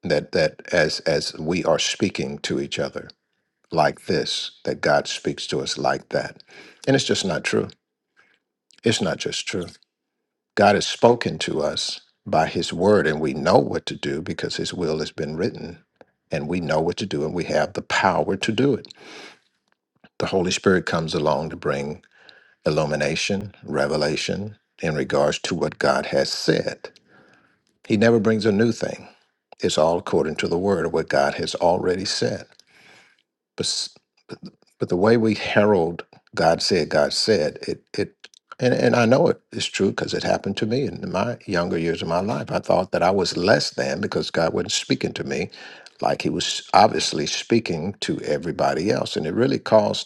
A: That that as as we are speaking to each other like this, that God speaks to us like that, and it's just not true. It's not just true. God has spoken to us by His word, and we know what to do because His will has been written, and we know what to do, and we have the power to do it The Holy Spirit comes along to bring illumination, revelation in regards to what God has said. He never brings a new thing. It's all according to the word of what God has already said. But, s- but the way we herald God said, God said, it, it and, and I know it is true because it happened to me in my younger years of my life. I thought that I was less than because God wasn't speaking to me like he was obviously speaking to everybody else. And it really caused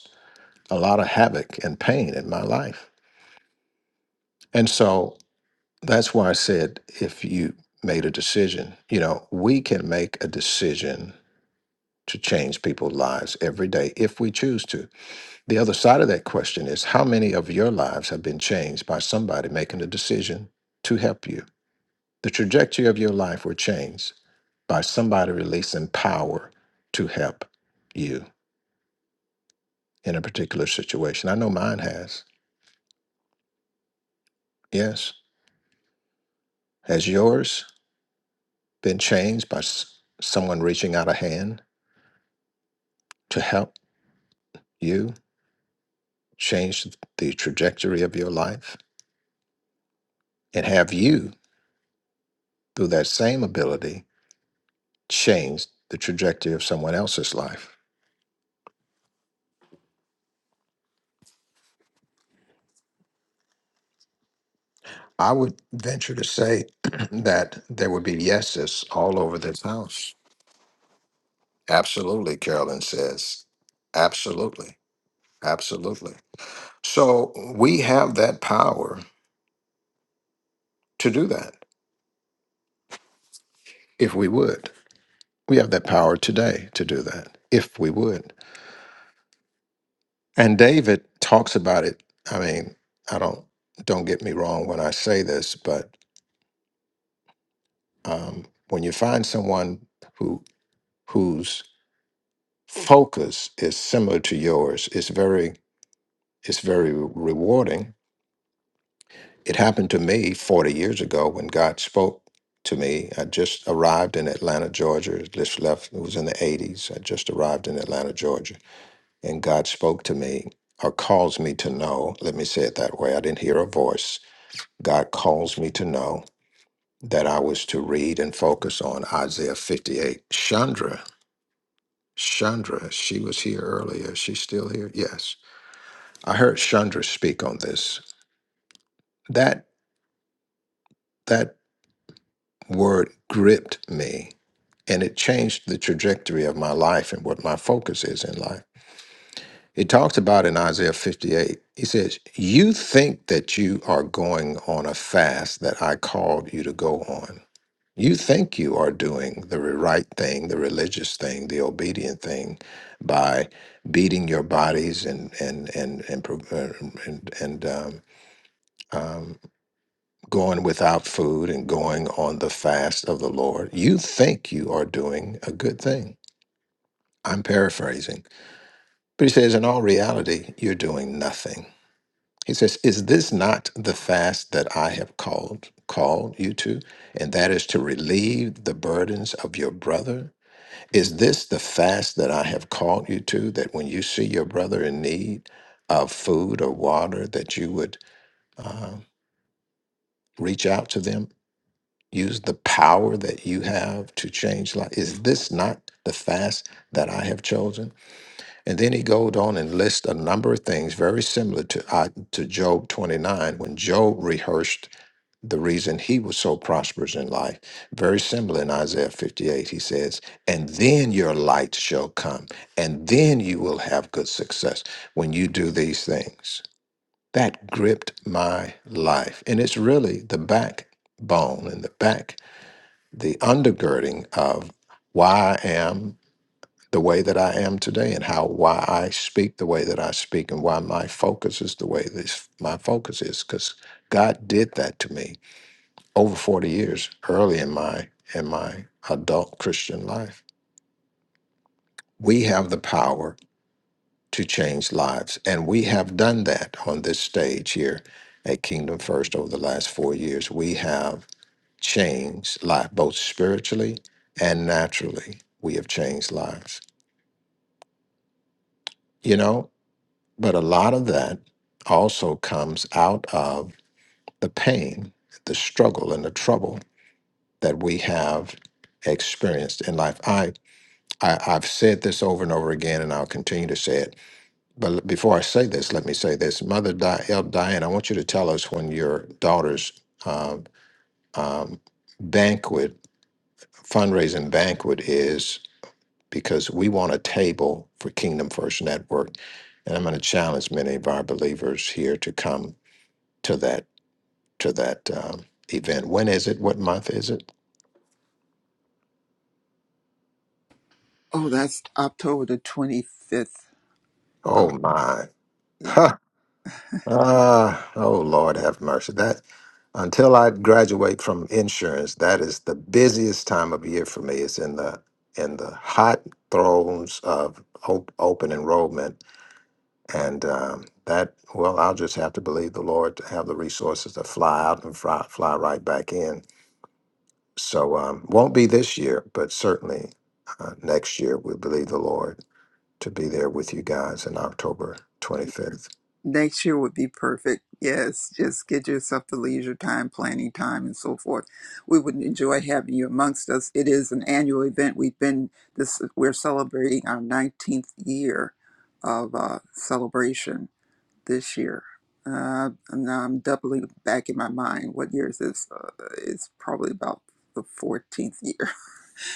A: a lot of havoc and pain in my life. And so that's why I said if you made a decision, you know, we can make a decision to change people's lives every day if we choose to. The other side of that question is how many of your lives have been changed by somebody making a decision to help you? The trajectory of your life were changed by somebody releasing power to help you in a particular situation. I know mine has. Yes. Has yours? been changed by s- someone reaching out a hand to help you change the trajectory of your life? And have you, through that same ability, changed the trajectory of someone else's life? I would venture to say that there would be yeses all over this house. Absolutely, Carolyn says. Absolutely. Absolutely. So we have that power to do that if we would. We have that power today to do that if we would. And David talks about it. I mean, I don't don't get me wrong when I say this, but um, when you find someone who whose focus is similar to yours, it's very it's very re- rewarding. It happened to me 40 years ago when God spoke to me. I just arrived in Atlanta, Georgia. Just left. It was in the 80s. I just arrived in Atlanta, Georgia, and God spoke to me or caused me to know. Let me say it that way. I didn't hear a voice God calls me to know that I was to read and focus on Isaiah 58. Chandra, Chandra, she was here earlier. She's still here. Yes. I heard Chandra speak on this. That that word gripped me and it changed the trajectory of my life and what my focus is in life. It talks about in Isaiah 58. He says, "You think that you are going on a fast that I called you to go on." You think you are doing the right thing, the religious thing, the obedient thing, by beating your bodies and and and and pro- uh, and, and um, um, going without food and going on the fast of the Lord. You think you are doing a good thing. I'm paraphrasing, but he says, in all reality, you're doing nothing. He says, "Is this not the fast that I have called called you to, and that is to relieve the burdens of your brother?" Is this the fast that I have called you to? That when you see your brother in need of food or water, that you would uh, reach out to them, use the power that you have to change life? Is this not the fast that I have chosen? And then he goes on and lists a number of things very similar to uh, to Job twenty nine when Job rehearsed the reason he was so prosperous in life. Very similar in Isaiah 58, he says, And then your light shall come, and then you will have good success when you do these things. That gripped my life. And it's really the backbone and the back, the undergirding of why I am the way that I am today and how why I speak the way that I speak and why my focus is the way this my focus is because God did that to me over 40 years early in my in my adult christian life we have the power to change lives and we have done that on this stage here at kingdom first over the last four years we have changed life both spiritually and naturally we have changed lives you know but a lot of that also comes out of the pain the struggle and the trouble that we have experienced in life I I, I've said this over and over again, and I'll continue to say it. But l- before I say this, let me say this. Mother Di- El Diane, I want you to tell us when your daughter's um, um, banquet, fundraising banquet is, because we want a table for Kingdom First Network. And I'm going to challenge many of our believers here to come to that to that um, event. When is it? What month is it?
G: oh that's october the 25th oh
A: Oh, my.
G: yeah
A: Ah, oh Lord, have mercy. That until I graduate from insurance, that is the busiest time of year for me. It's in the in the hot throes of op- open enrollment, and um, that well, I'll just have to believe the Lord to have the resources to fly out and fly, fly right back in. So um, won't be this year, but certainly uh, next year we believe the Lord to be there with you guys in October twenty fifth.
G: next year would be perfect yes just get yourself the leisure time planning time and so forth we would enjoy having you amongst us it is an annual event we've been this we're celebrating our 19th year of uh, celebration this year. Uh, now I'm doubling back in my mind. What year is this? Uh, it's probably about the 14th year,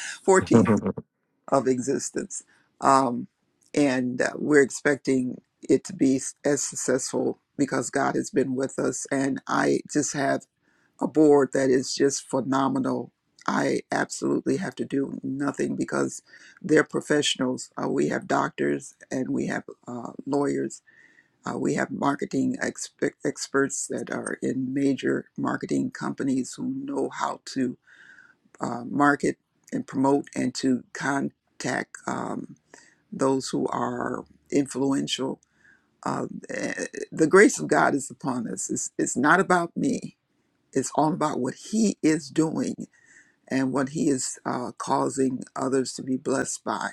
G: 14th of existence. Um, and uh, we're expecting it to be s- as successful because God has been with us. And I just have a board that is just phenomenal. I absolutely have to do nothing because they're professionals. Uh, we have doctors and we have uh, lawyers uh, we have marketing expe- experts that are in major marketing companies who know how to uh, market and promote and to contact um, those who are influential. Uh, eh, the grace of God is upon us. It's, it's not about me, it's all about what He is doing and what He is uh, causing others to be blessed by.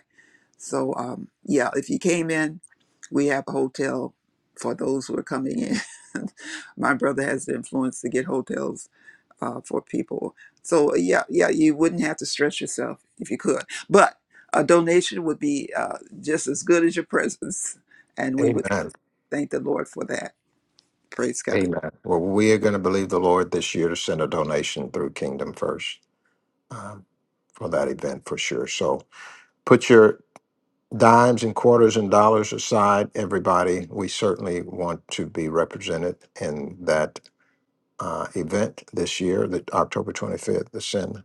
G: So um, yeah, if you came in, we have a hotel for those who are coming in. My brother has the influence to get hotels uh, for people. So yeah, yeah, you wouldn't have to stress yourself if you could. But a donation would be uh, just as good as your presence, and we would
A: Amen.
G: thank the Lord for that. Praise God.
A: Amen. Well, we are going to believe the Lord this year to send a donation through Kingdom First um, for that event for sure. So put your dimes and quarters and dollars aside, everybody. We certainly want to be represented in that uh, event this year, the October 25th, to send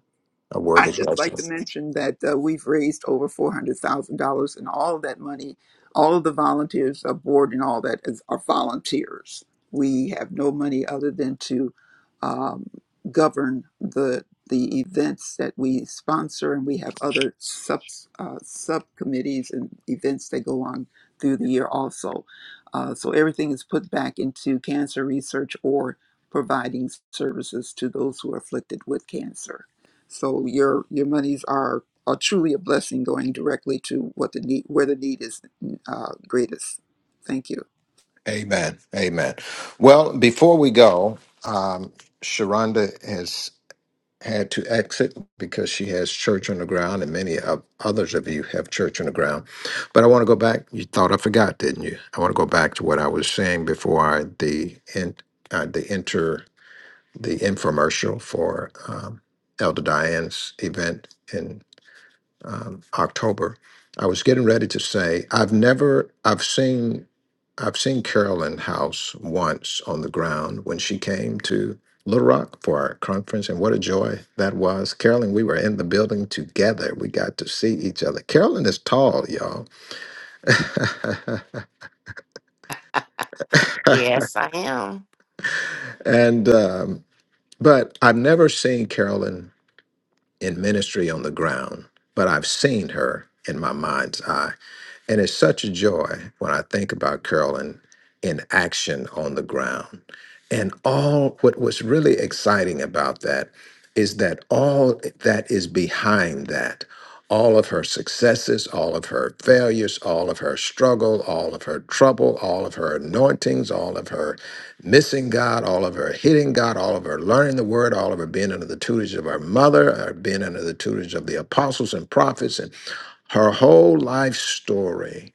A: a worthy
G: I'd just like
A: blessing.
G: to mention that uh, we've raised over $400,000, and all of that money, all of the volunteers are board and all that is, are volunteers. We have no money other than to um, govern the the events that we sponsor, and we have other sub uh, subcommittees and events that go on through the year also. Uh, so everything is put back into cancer research or providing services to those who are afflicted with cancer. So your your monies are are truly a blessing, going directly to what the need where the need is uh, greatest. Thank you.
A: Amen. Amen. Well, before we go, um, Sharonda has. had to exit because she has church on the ground, and many of others of you have church on the ground. But I want to go back. You thought I forgot, didn't you? I want to go back to what I was saying before I, the in, uh, the inter the infomercial for um, Elder Diane's event in um, October, I was getting ready to say I've never I've seen I've seen Carolyn House once on the ground when she came to Little Rock for our conference, and what a joy that was. Carolyn, we were in the building together. We got to see each other. Carolyn is tall, y'all,
D: Yes, I am.
A: and um, but I've never seen Carolyn in ministry on the ground, but I've seen her in my mind's eye. And it's such a joy when I think about Carolyn in action on the ground. And all what was really exciting about that is that all that is behind that, all of her successes, all of her failures, all of her struggle, all of her trouble, all of her anointings, all of her missing God, all of her hitting God, all of her learning the word, all of her being under the tutelage of her mother, her being under the tutelage of the apostles and prophets her whole life story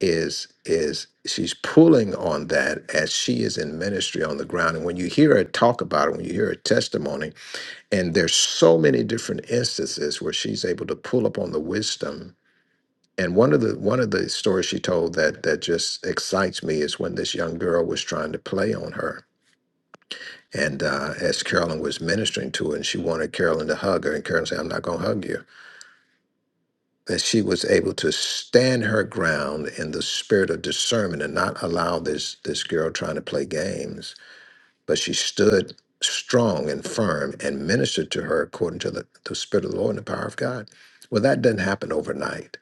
A: is is she's pulling on that as she is in ministry on the ground and when you hear her talk about it when you hear her testimony and there's so many different instances where she's able to pull up on the wisdom and one of the one of the stories she told that that just excites me is when this young girl was trying to play on her and uh, as Carolyn was ministering to her and she wanted Carolyn to hug her and Carolyn said I'm not going to hug you that she was able to stand her ground in the spirit of discernment and not allow this this girl trying to play games but she stood strong and firm and ministered to her according to the, the spirit of the lord and the power of god well that doesn't happen overnight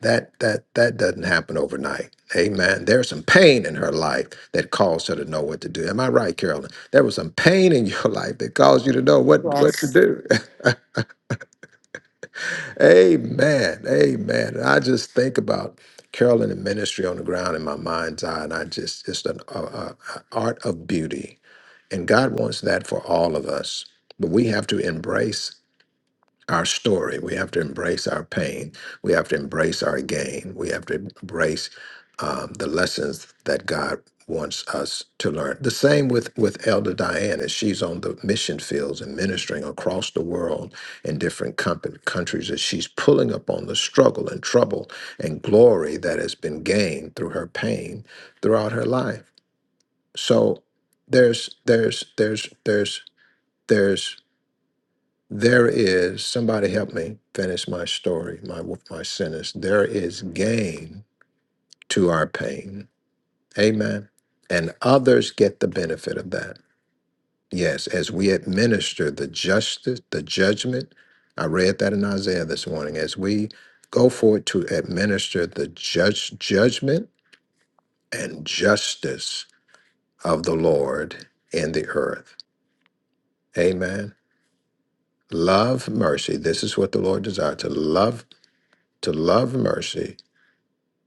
A: that that that doesn't happen overnight amen there's some pain in her life that caused her to know what to do am i right carolyn there was some pain in your life that caused you to know what what to
D: Yes.
A: do Amen. Amen. I just think about Carolyn and ministry on the ground in my mind's eye, and I just, it's an uh, uh, uh, art of beauty. And God wants that for all of us. But we have to embrace our story. We have to embrace our pain. We have to embrace our gain. We have to embrace um, the lessons that God wants us to learn. The same with with Elder Diane as she's on the mission fields and ministering across the world in different compa- countries as she's pulling up on the struggle and trouble and glory that has been gained through her pain throughout her life. So there's there's there's there's there's there is somebody help me finish my story, my my sentence. There is gain to our pain. Amen. And others get the benefit of that. Yes, as we administer the justice, the judgment. I read that in Isaiah this morning. As we go forward to administer the judge, judgment and justice of the Lord in the earth. Amen. Love mercy. This is what the Lord desires to love, to love mercy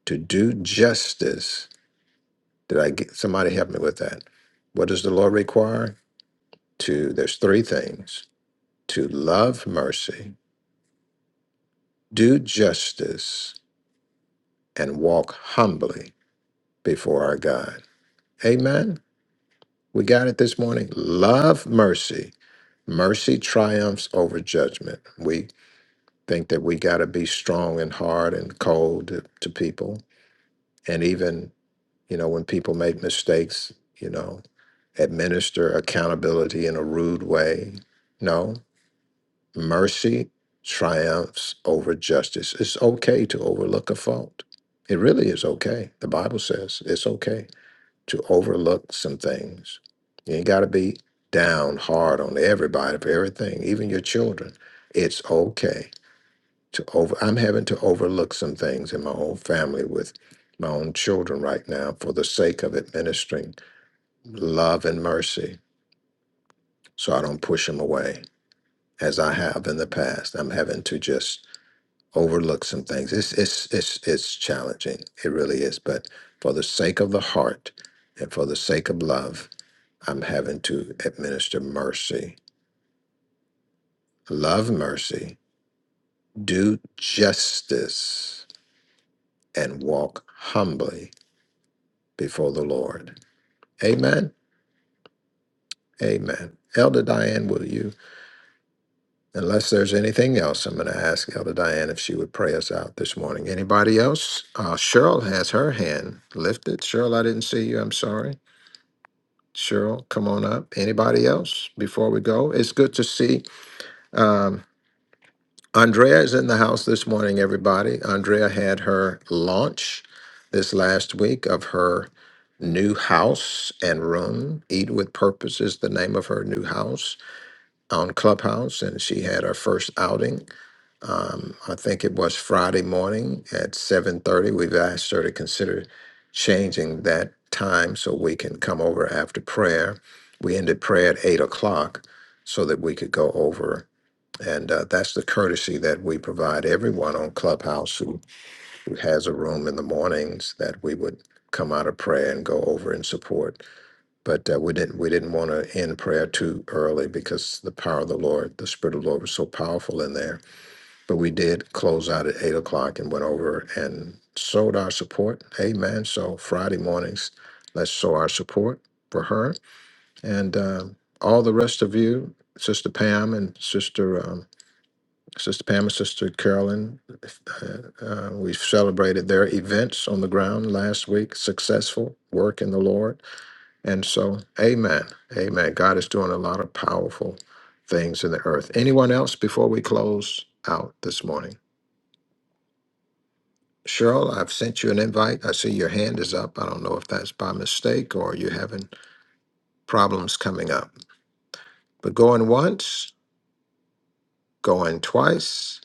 A: to do justice. Did I get somebody help me with that? What does the Lord require? To there's three things: to love mercy, do justice, and walk humbly before our God. Amen. We got it this morning. Love mercy. Mercy triumphs over judgment. We think that we got to be strong and hard and cold to, to people, and even You know, when people make mistakes, you know, administer accountability in a rude way. No, mercy triumphs over justice. It's okay to overlook a fault. It really is okay. The Bible says it's okay to overlook some things. You ain't got to be down hard on everybody for everything, even your children. It's okay to over I'm having to overlook some things in my own family with my own children right now for the sake of administering love and mercy so I don't push them away as I have in the past. I'm having to just overlook some things. It's it's it's it's challenging. It really is, but for the sake of the heart and for the sake of love, I'm having to administer mercy, love mercy, do justice and walk humbly before the Lord Amen. Amen. Elder Diane, will you, unless there's anything else, I'm going to ask Elder Diane if she would pray us out this morning. Anybody else? Uh, Cheryl has her hand lifted. Cheryl, I didn't see you. I'm sorry. Cheryl, come on up. Anybody else before we go? It's good to see. Um, Andrea is in the house this morning, everybody. Andrea had her launch this last week of her new house and room. Eat with Purpose is the name of her new house on Clubhouse, and she had her first outing. Um, I think it was Friday morning at seven thirty. We've asked her to consider changing that time so we can come over after prayer. We ended prayer at eight o'clock so that we could go over, and uh, that's the courtesy that we provide everyone on Clubhouse who, who has a room in the mornings that we would come out of prayer and go over and support but uh, we didn't we didn't want to end prayer too early because the power of the Lord, the Spirit of the Lord was so powerful in there. But we did close out at eight o'clock and went over and sowed our support. Amen. So Friday mornings, let's sow our support for her and um all the rest of you, Sister Pam and Sister. Um, Sister Pam and Sister Carolyn, uh, uh, we celebrated their events on the ground last week, successful work in the Lord and so, amen. Amen. God is doing a lot of powerful things in the earth. Anyone else before we close out this morning? Cheryl, I've sent you an invite. I see your hand is up. I don't know if that's by mistake or you're having problems coming up. But going once, going twice.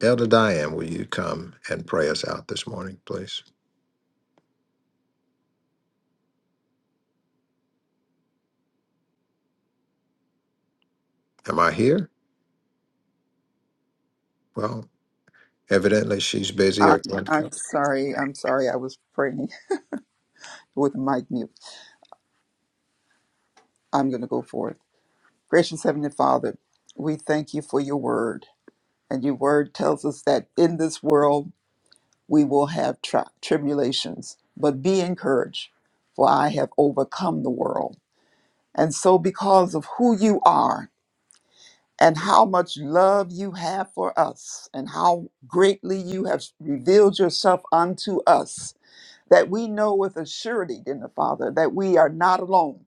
A: Elder Diane, will you come and pray us out this morning, please? Am I here? Well, evidently she's busy
G: I'm,
A: or can't
G: I'm
A: come.
G: sorry. I'm sorry. I was praying with the mic mute. I'm going to go forth. Gracious Heavenly Father, we thank you for your word, and your word tells us that in this world we will have tri- tribulations, but be encouraged, for I have overcome the world. And so, because of who you are and how much love you have for us, and how greatly you have revealed yourself unto us, that we know with a surety, dear Father, that we are not alone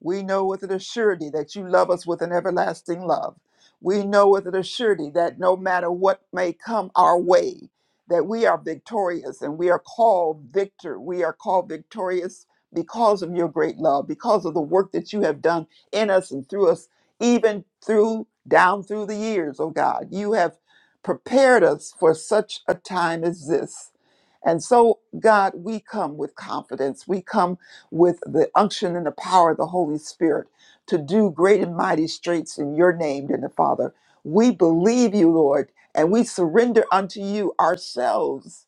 G: we know with it a surety that you love us with an everlasting love. We know with it a surety that no matter what may come our way, that we are victorious and we are called victor. We are called victorious because of your great love, because of the work that you have done in us and through us, even through down through the years, oh God. You have prepared us for such a time as this. And so, God, we come with confidence. We come with the unction and the power of the Holy Spirit to do great and mighty straits in your name, dear Father. We believe you, Lord, and we surrender unto you ourselves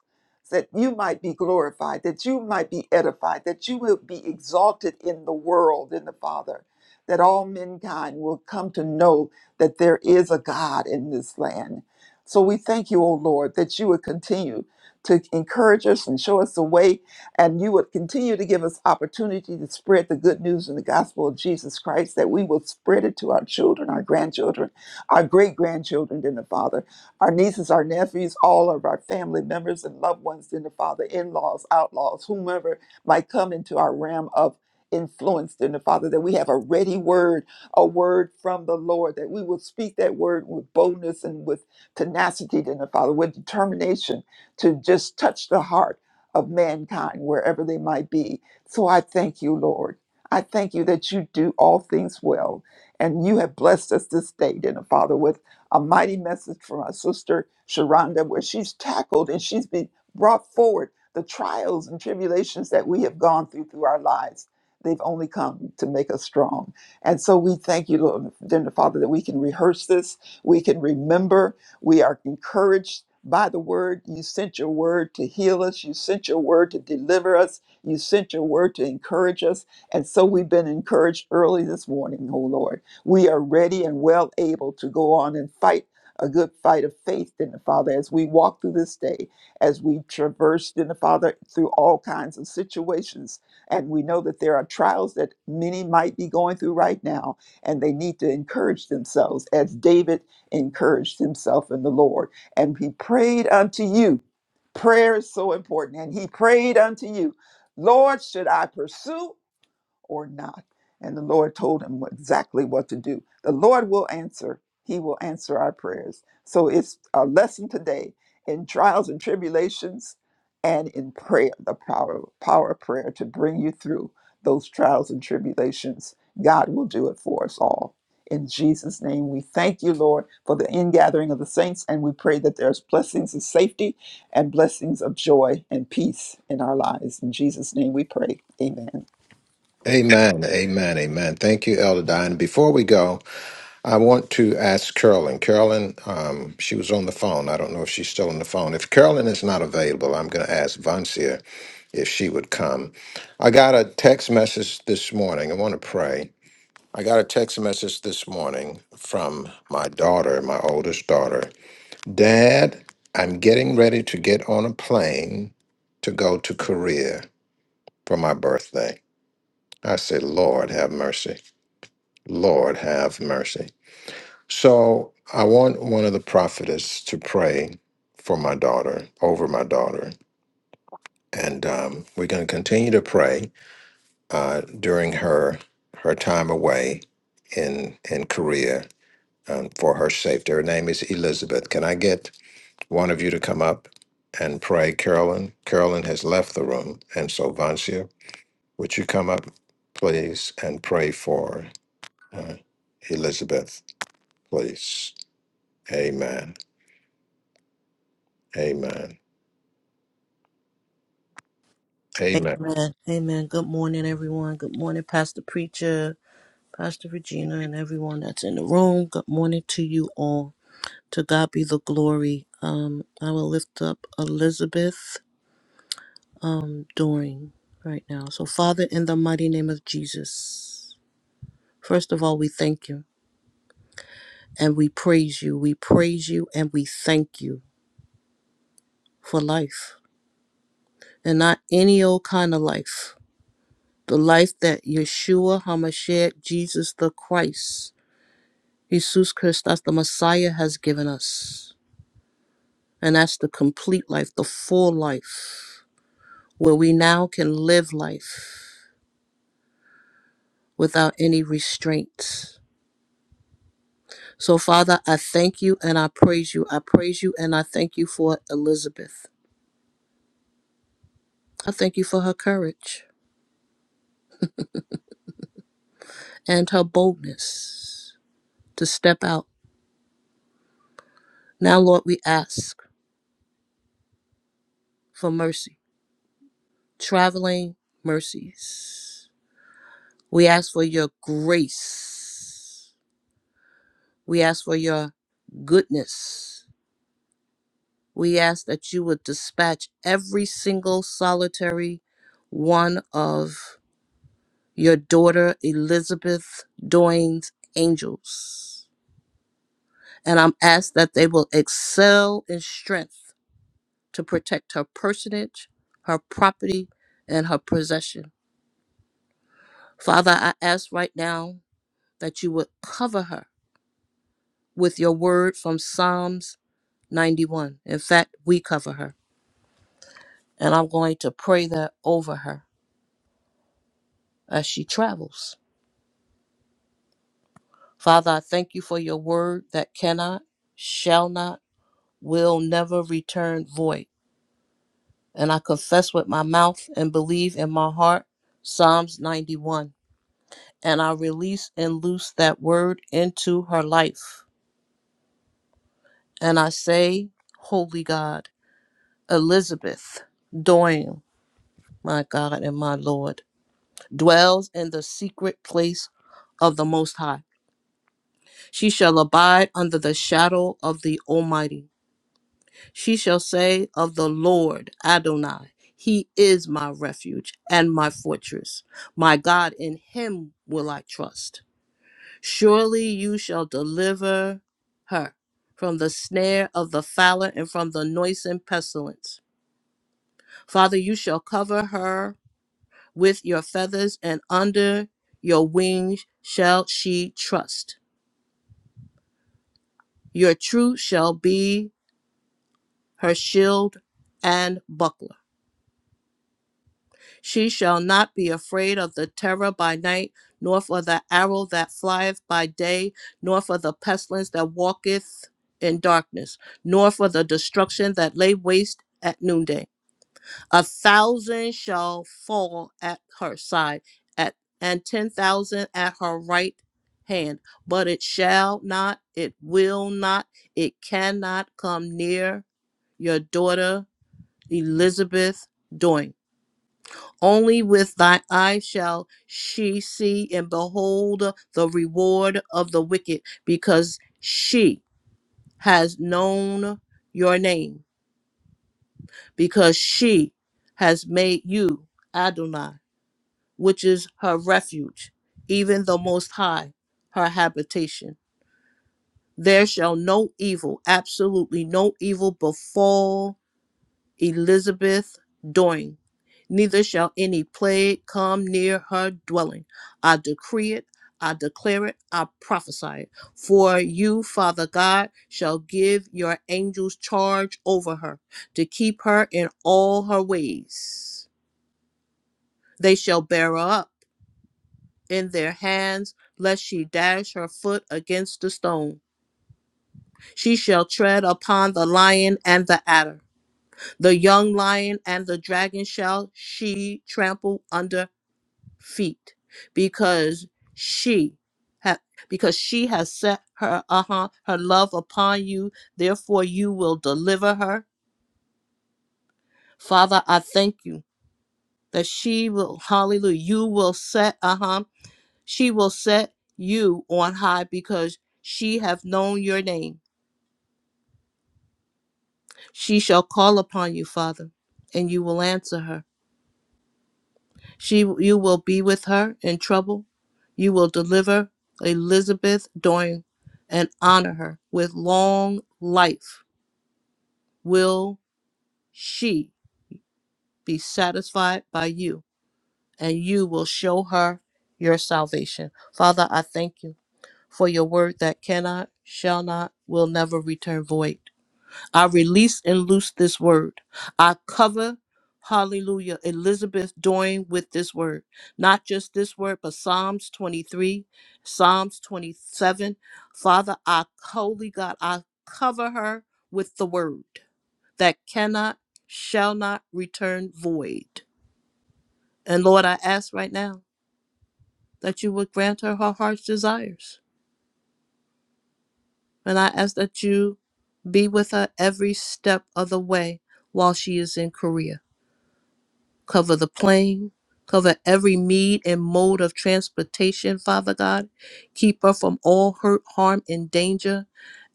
G: that you might be glorified, that you might be edified, that you will be exalted in the world, in the Father, that all mankind will come to know that there is a God in this land. So we thank you, O Lord, that you would continue to encourage us and show us the way and you would continue to give us opportunity to spread the good news and the gospel of Jesus Christ, that we will spread it to our children, our grandchildren, our great grandchildren in the Father, our nieces, our nephews, all of our family members and loved ones in the Father, in laws, outlaws, whomever might come into our realm of influence in the Father, that we have a ready word, a word from the Lord, that we will speak that word with boldness and with tenacity in the Father, with determination to just touch the heart of mankind, wherever they might be. So I thank you, Lord. I thank you that you do all things well. And you have blessed us this day, dear Father, with a mighty message from our sister Sharonda, where she's tackled and she's been brought forward the trials and tribulations that we have gone through through our lives. They've only come to make us strong. And so we thank you, Lord, dear Father, that we can rehearse this, we can remember, we are encouraged by the word. You sent your word to heal us. You sent your word to deliver us. You sent your word to encourage us. And so we've been encouraged early this morning, O Lord. We are ready and well able to go on and fight a good fight of faith in the Father as we walk through this day, as we traversed in the Father through all kinds of situations. And we know that there are trials that many might be going through right now, and they need to encourage themselves as David encouraged himself in the Lord. And he prayed unto you. Prayer is so important. And he prayed unto you, Lord, should I pursue or not. And the Lord told him what- exactly what to do. The Lord will answer. He will answer our prayers. So it's a lesson today in trials and tribulations and in prayer, the power, power of prayer to bring you through those trials and tribulations. God will do it for us all. In Jesus' name, we thank you, Lord, for the ingathering of the saints, and we pray that there's blessings of safety and blessings of joy and peace in our lives. In Jesus' name we pray. Amen.
A: Amen. Amen. Amen. Thank you, Elder Diane. Before we go, I want to ask Carolyn. Carolyn, um, she was on the phone. I don't know if she's still on the phone. If Carolyn is not available, I'm going to ask Vancia if she would come. I got a text message this morning. I want to pray. I got a text message this morning from my daughter, my oldest daughter. Dad, I'm getting ready to get on a plane to go to Korea for my birthday. I said, Lord, have mercy. Lord, have mercy. So I want one of the prophetess to pray for my daughter, over my daughter, and um, we're going to continue to pray uh, during her her time away in in Korea um, for her safety. Her name is Elizabeth. Can I get one of you to come up and pray, Carolyn? Carolyn has left the room, and so Vancia, would you come up, please, and pray for uh, Elizabeth, please? Amen. Amen. Amen.
H: Amen. Amen. Good morning, everyone. Good morning, Pastor Preacher, Pastor Regina, and everyone that's in the room. Good morning to you all. To God be the glory. Um, I will lift up Elizabeth um during right now. So, Father, in the mighty name of Jesus, first of all, we thank you and we praise you. We praise you and we thank you for life. And not any old kind of life. The life that Yeshua HaMashiach, Jesus the Christ Jesus Christ, Christus, the Messiah, has given us. And that's the complete life, the full life, where we now can live life without any restraints. So, Father, I thank you and I praise you. I praise you and I thank you for Elizabeth. I thank you for her courage and her boldness to step out. Now, Lord, we ask for mercy, traveling mercies. We ask for your grace We ask for your goodness. We ask that you would dispatch every single solitary one of your daughter Elizabeth Doyne's angels. And I'm asked that they will excel in strength to protect her personage, her property, and her possession. Father, I ask right now that you would cover her with your word from Psalms 91. In fact, we cover her. And I'm going to pray that over her as she travels. Father, I thank you for your word that cannot, shall not, will never return void. And I confess with my mouth and believe in my heart Psalms 91. And I release and loose that word into her life. And I say, Holy God, Elizabeth Doyle, my God and my Lord, dwells in the secret place of the Most High She shall abide under the shadow of the Almighty. She shall say of the Lord Adonai, He is my refuge and my fortress. My God, in Him will I trust. Surely you shall deliver her from the snare of the fowler and from the noisome pestilence. Father, you shall cover her with your feathers, and under your wings shall she trust. Your truth shall be her shield and buckler. She shall not be afraid of the terror by night, nor for the arrow that flieth by day, nor for the pestilence that walketh in darkness, nor for the destruction that lay waste at noonday. A thousand shall fall at her side, at and ten thousand at her right hand, but it shall not, it will not, it cannot come near your daughter Elizabeth doing. Only with thy eye shall she see and behold the reward of the wicked, because she has known your name, because she has made you Adonai, which is her refuge, even the Most High, her habitation. There shall no evil, absolutely no evil, befall Elizabeth Doing. Neither shall any plague come near her dwelling. I decree it, I declare it, I prophesy it. For you, Father God, shall give your angels charge over her to keep her in all her ways. They shall bear her up in their hands, lest she dash her foot against a stone. She shall tread upon the lion and the adder. The young lion and the dragon shall she trample under feet, because she ha- because she has set her uh-huh, her love upon you. Therefore, you will deliver her. Father, I thank you that she will hallelujah. You will set uh-huh, she will set you on high because she have known your name. She shall call upon you, Father, and you will answer her. She, you will be with her in trouble. You will deliver Elizabeth during and honor her with long life. Will she be satisfied by you? And you will show her your salvation. Father, I thank you for your word that cannot, shall not, will never return void. I release and loose this word. I cover, hallelujah, Elizabeth doing with this word. Not just this word, but Psalms 23, Psalms 27. Father, I, holy God, I cover her with the word that cannot, shall not return void. And Lord, I ask right now that you would grant her her heart's desires. And I ask that you be with her every step of the way while she is in Korea. cover the plane, cover every mead and mode of transportation, Father God. Keep her from all hurt, harm, and danger.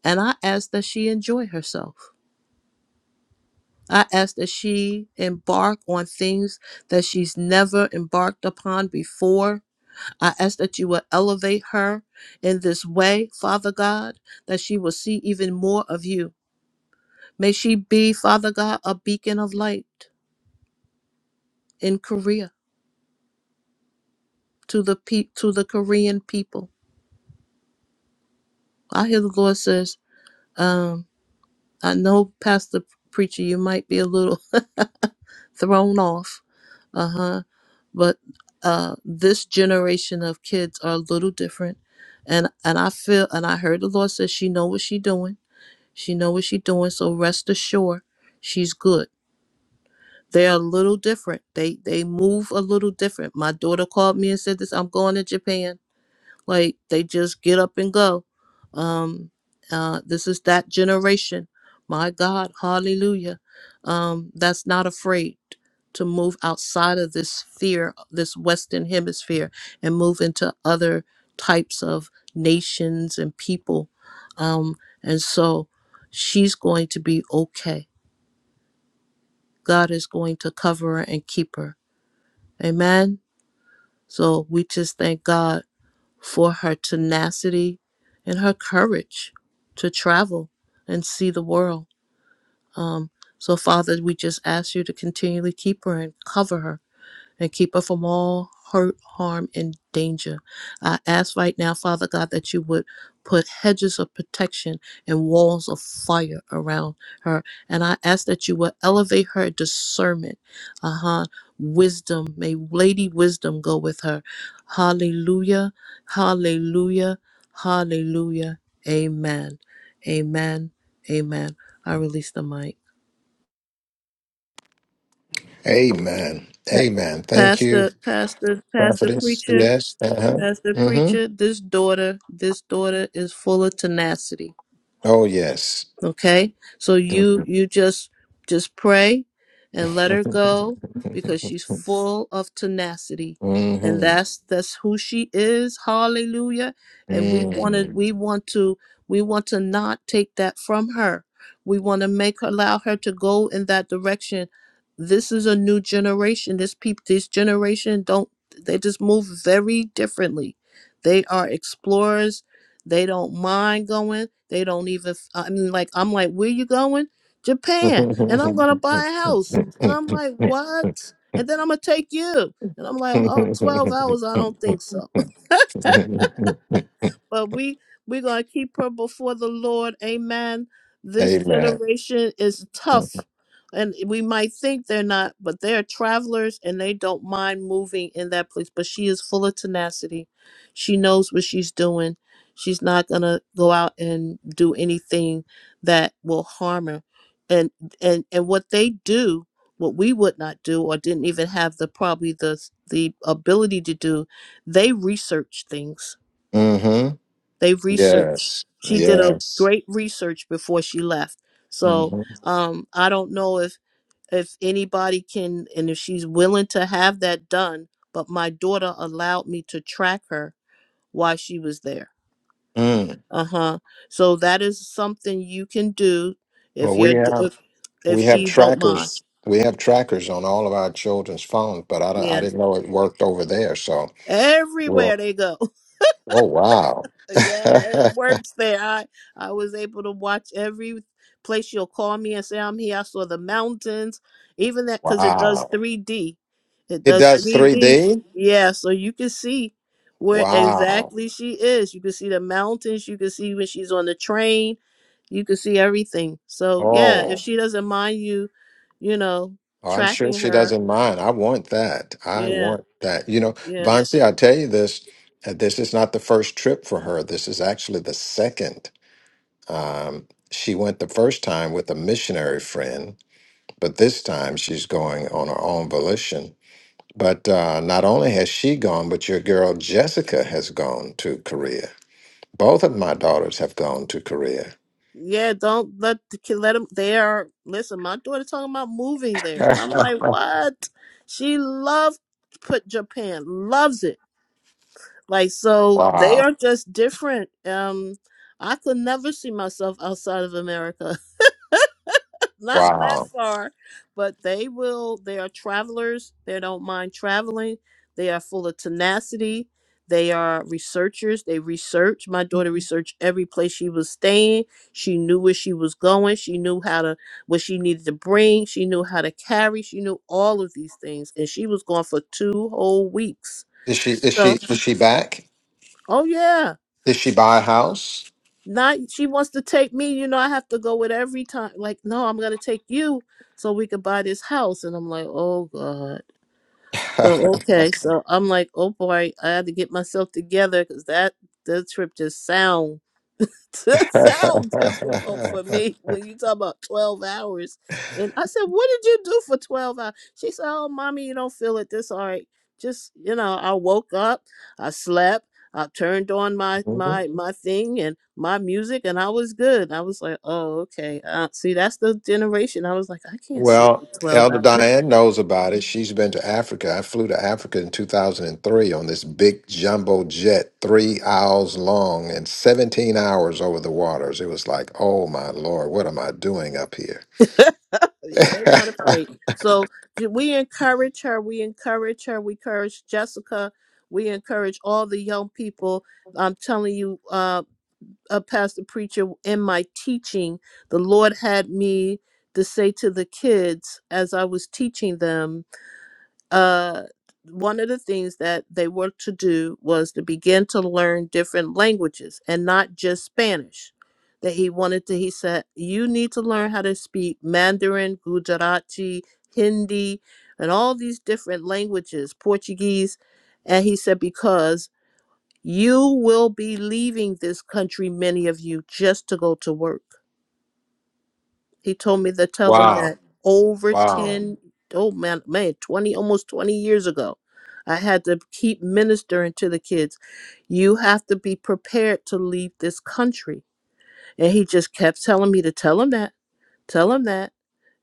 H: And I ask that she enjoy herself. I ask that she embark on things that she's never embarked upon before. I ask that you will elevate her in this way, Father God, that she will see even more of you. May she be, Father God, a beacon of light in Korea to the pe- to the Korean people. I hear the Lord says, um, I know, Pastor Preacher, you might be a little thrown off, uh huh, but uh, this generation of kids are a little different, and and I feel and I heard the Lord says she know what she doing, she know what she doing, so rest assured, she's good. They're a little different. They they move a little different. My daughter called me and said this. I'm going to Japan. Like they just get up and go. Um, uh, this is that generation. My God, hallelujah. Um, that's not afraid to move outside of this sphere, this Western hemisphere, and move into other types of nations and people. Um, and so she's going to be okay. God is going to cover her and keep her. Amen. So we just thank God for her tenacity and her courage to travel and see the world. Um, so, Father, we just ask you to continually keep her and cover her and keep her from all hurt, harm, and danger. I ask right now, Father God, that you would put hedges of protection and walls of fire around her. And I ask that you will elevate her discernment, uh huh, wisdom. May Lady Wisdom go with her. Hallelujah, hallelujah, hallelujah. Amen, amen, amen. I release the mic.
A: Amen. Amen. Thank you,
H: Pastor, pastor, pastor,
A: prophetess.
H: preacher.
A: Yes. Uh huh.
H: Pastor
A: Mm hmm.
H: Preacher, this daughter, this daughter is full of tenacity
A: Oh, yes.
H: okay so
A: Mm
H: you you just just pray and let her go because she's full of tenacity and
A: hmm.
H: that's that's who she is hallelujah and we want to
A: Mm hmm.
H: we want to we want to not take that from her we want to make her allow her to go in that direction this is a new generation this people this generation don't they just move very differently they are explorers they don't mind going. They don't even. I mean, like I'm like, where you going? Japan, and I'm gonna buy a house, and I'm like, what? And then I'm gonna take you, and I'm like, oh, 12 hours? I don't think so. But we we're gonna keep her before the Lord. Amen. This
A: Amen.
H: generation is tough. And we might think they're not, but they're travelers and they don't mind moving in that place. But she is full of tenacity. She knows what she's doing. She's not gonna go out and do anything that will harm her. And and and what they do, what we would not do or didn't even have the probably the the ability to do, they research things
A: Mm-hmm.
H: they researched.
A: Yes.
H: She did a
A: Yes.
H: great research before she left. So
A: Mm-hmm.
H: um, I don't know if if anybody can and if she's willing to have that done. But my daughter allowed me to track her while she was there.
A: Mm.
H: Uh huh. So that is something you can do if
A: Well, we
H: you're d-
A: have
H: if if
A: we have
H: she don't mind.
A: trackers. We have trackers on all of our children's phones, but I don't, I
H: Yeah.
A: didn't know it worked over there. So we're
H: Everywhere they go.
A: oh wow,
H: Yeah, it works there. I I was able to watch every place you'll call me and say I'm here. I saw the mountains, even that because it
A: wow.
H: does 3D. It
A: It
H: does
A: does
H: 3D.
A: 3D?
H: Yeah, so you can see where
A: Wow.
H: exactly she is. You can see the mountains. You can see when she's on the train. You can see everything. So yeah, if
A: Oh,
H: she doesn't mind you, you know,
A: oh, I'm sure
H: tracking
A: she
H: her.
A: doesn't mind. I want that. I
H: Yeah,
A: want that. You know,
H: yeah.
A: Vansi, i tell you this. uh, This is not the first trip for her. This is actually the second. Um, she went the first time with a missionary friend, but this time she's going on her own volition. But uh, not only has she gone, but your girl Jessica has gone to Korea. Both of my daughters have gone to Korea.
H: Yeah, don't let the kid let them. They are listen. My daughter talking about moving there, and I'm like, what? She loved put Japan, loves it. Like so, they
A: wow.
H: are just different. Um, I could never see myself outside of America not
A: Wow.
H: that far, but they will. They are travelers. They don't mind traveling. They are full of tenacity. They are researchers. They research. My daughter researched every place she was staying. She knew where she was going. She knew how to what she needed to bring. She knew how to carry. She knew all of these things, and she was gone for two whole weeks.
A: Is she is she
H: So,
A: is she back?
H: oh yeah.
A: Did she buy a house?
H: Not she wants to take me, you know, I have to go with every time. Like, no, I'm gonna take you so we could buy this house. And I'm like, oh God. So okay, so I'm like, oh boy, I had to get myself together because that the trip just sound. That sound difficult for me when you talk about 12 hours. And I said, What did you do for 12 hours? She said, Oh, mommy, you don't feel it this all right. Just, you know, I woke up, I slept, I turned on my
A: Mhm.
H: my hmm my thing and my music and I was good. I was like, Oh, okay. Uh, see, that's the generation. I was like, I can't sit
A: well,
H: for 12
A: Elder
H: hours.
A: Diane knows about it. She's been to Africa. I flew to Africa in 2003 on this big jumbo jet, three hours long and 17 hours over the waters. It was like, oh my lord, what am I doing up here?
H: Yeah, they're not afraid. So j- we encourage her. We encourage her. We encourage Jessica. We encourage all the young people. I'm telling you, uh, a pastor preacher in my teaching, the Lord had me to say to the kids as I was teaching them uh, one of the things that they were to do was to begin to learn different languages and not just Spanish. That he wanted to, he said, you need to learn how to speak Mandarin, Gujarati, Hindi, and all these different languages, Portuguese. And he said, because you will be leaving this country, many of you, just to go to work. He told me to tell them
A: Wow.
H: that over
A: Wow.
H: 10 oh man, man, 20, almost 20 years ago, I had to keep ministering to the kids. You have to be prepared to leave this country. And he just kept telling me to tell them that, tell them that.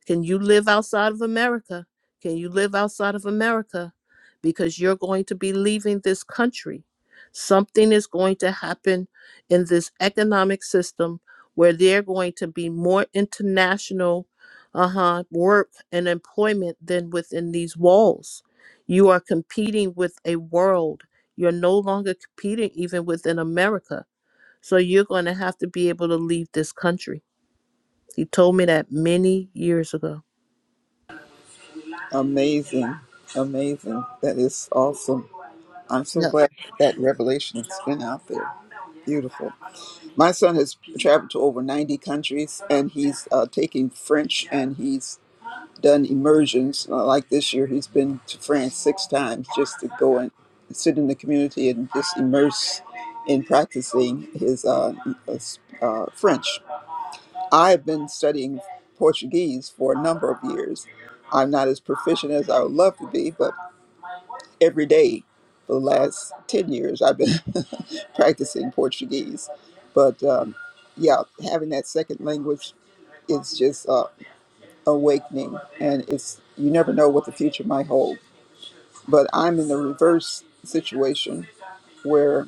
H: Can you live outside of America? Can you live outside of America? Because you're going to be leaving this country. Something is going to happen in this economic system where they're going to be more international uh-huh, work and employment than within these walls. You are competing with a world. You're no longer competing even within America. So you're going to have to be able to leave this country. He told me that many years ago.
G: Amazing. Amazing. That is awesome. I'm so
H: Yeah.
G: glad that revelation has been out there. Beautiful. My son has traveled to over 90 countries and he's uh, taking French and he's done immersions. Uh, like this year, he's been to France six times just to go and sit in the community and just immerse in practicing his uh, uh, s- uh, French. I've been studying Portuguese for a number of years. I'm not as proficient as I would love to be, but every day for the last 10 years, I've been practicing Portuguese. But um, yeah, having that second language is just uh, awakening, and it's you never know what the future might hold. But I'm in the reverse situation where.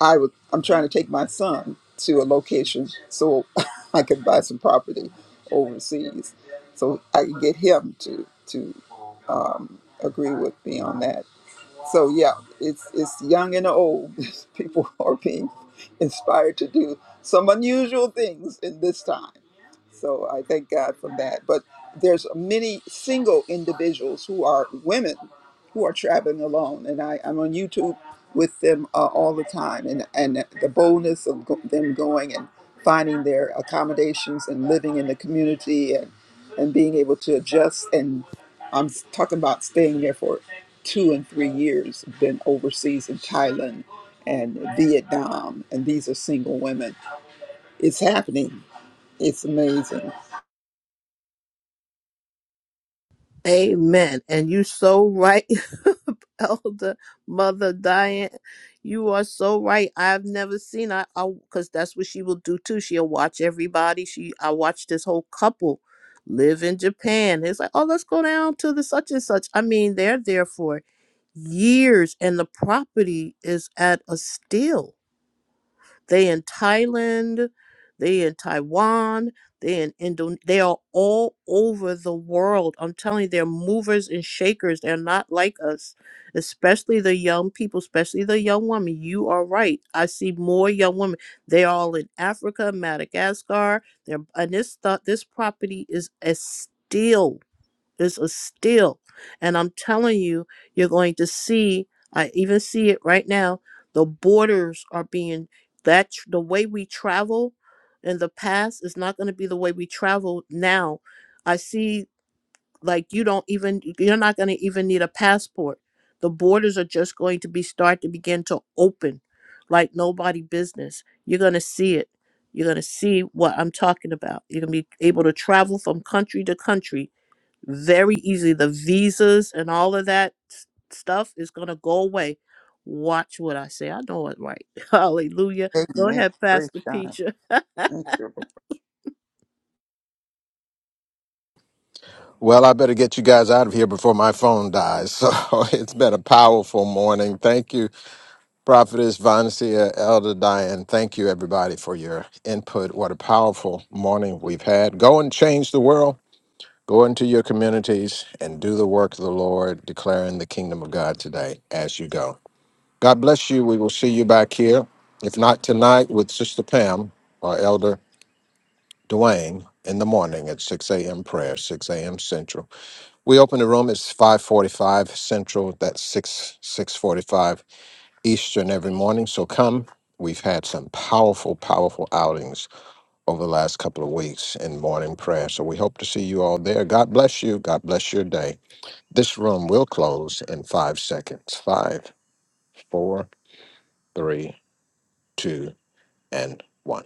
G: I would, I'm trying to take my son to a location so I could buy some property overseas, so I could get him to to agree with me on that. So yeah, it's it's young and old. People are being inspired to do some unusual things in this time. So I thank God for that. But there's many single individuals who are women who are traveling alone, and I, I'm on YouTube with them uh, all the time, and and the boldness of go- them going and finding their accommodations and living in the community and and being able to adjust and I'm s- talking about staying there for two and three years. Been overseas in Thailand and Vietnam, and these are single women. It's happening. It's amazing.
H: Amen. And you so right, Elder Mother Diane. You are so right. I've never seen I because that's what she will do too. She'll watch everybody. She I watched this whole couple live in Japan. It's like, oh, let's go down to the such and such. I mean, they're there for years and the property is at a steal they in Thailand, they in Taiwan, they in Indonesia. They are all over the world. I'm telling you, they're movers and shakers. They're not like us, especially the young people, especially the young women. You are right. I see more young women. They are all in Africa, Madagascar. They're and this th- this property is a steal it's a still. And I'm telling you, you're going to see, I even see it right now, the borders are being that tr- the way we travel in the past is not going to be the way we travel now. I see like you don't even you're not going to even need a passport. The borders are just going to be start to begin to open like nobody business. You're going to see it. You're going to see what I'm talking about. You're going to be able to travel from country to country very easily. The visas and all of that s- stuff is going to go away. Watch what I say. I know it right. Hallelujah. Go
G: Amen.
H: ahead,
G: Praise
H: Pastor
G: God.
H: Peacher.
G: Thank you, Lord.
A: Well, I better get you guys out of here before my phone dies. So it's been a powerful morning. Thank you, Prophetess Vansia, Elder Diane. Thank you, everybody, for your input. What a powerful morning we've had. Go and change the world. Go into your communities and do the work of the Lord, declaring the kingdom of God today as you go. God bless you. We will see you back here, if not tonight, with Sister Pam or Elder Dwayne in the morning at 6 a.m. prayer, 6 a.m. Central. We open the room. It's 5:45 Central. That's 6 6:45 Eastern every morning. So come. We've had some powerful, powerful outings over the last couple of weeks in morning prayer. So we hope to see you all there. God bless you. God bless your day. This room will close in five seconds. Five, four, three, two and one.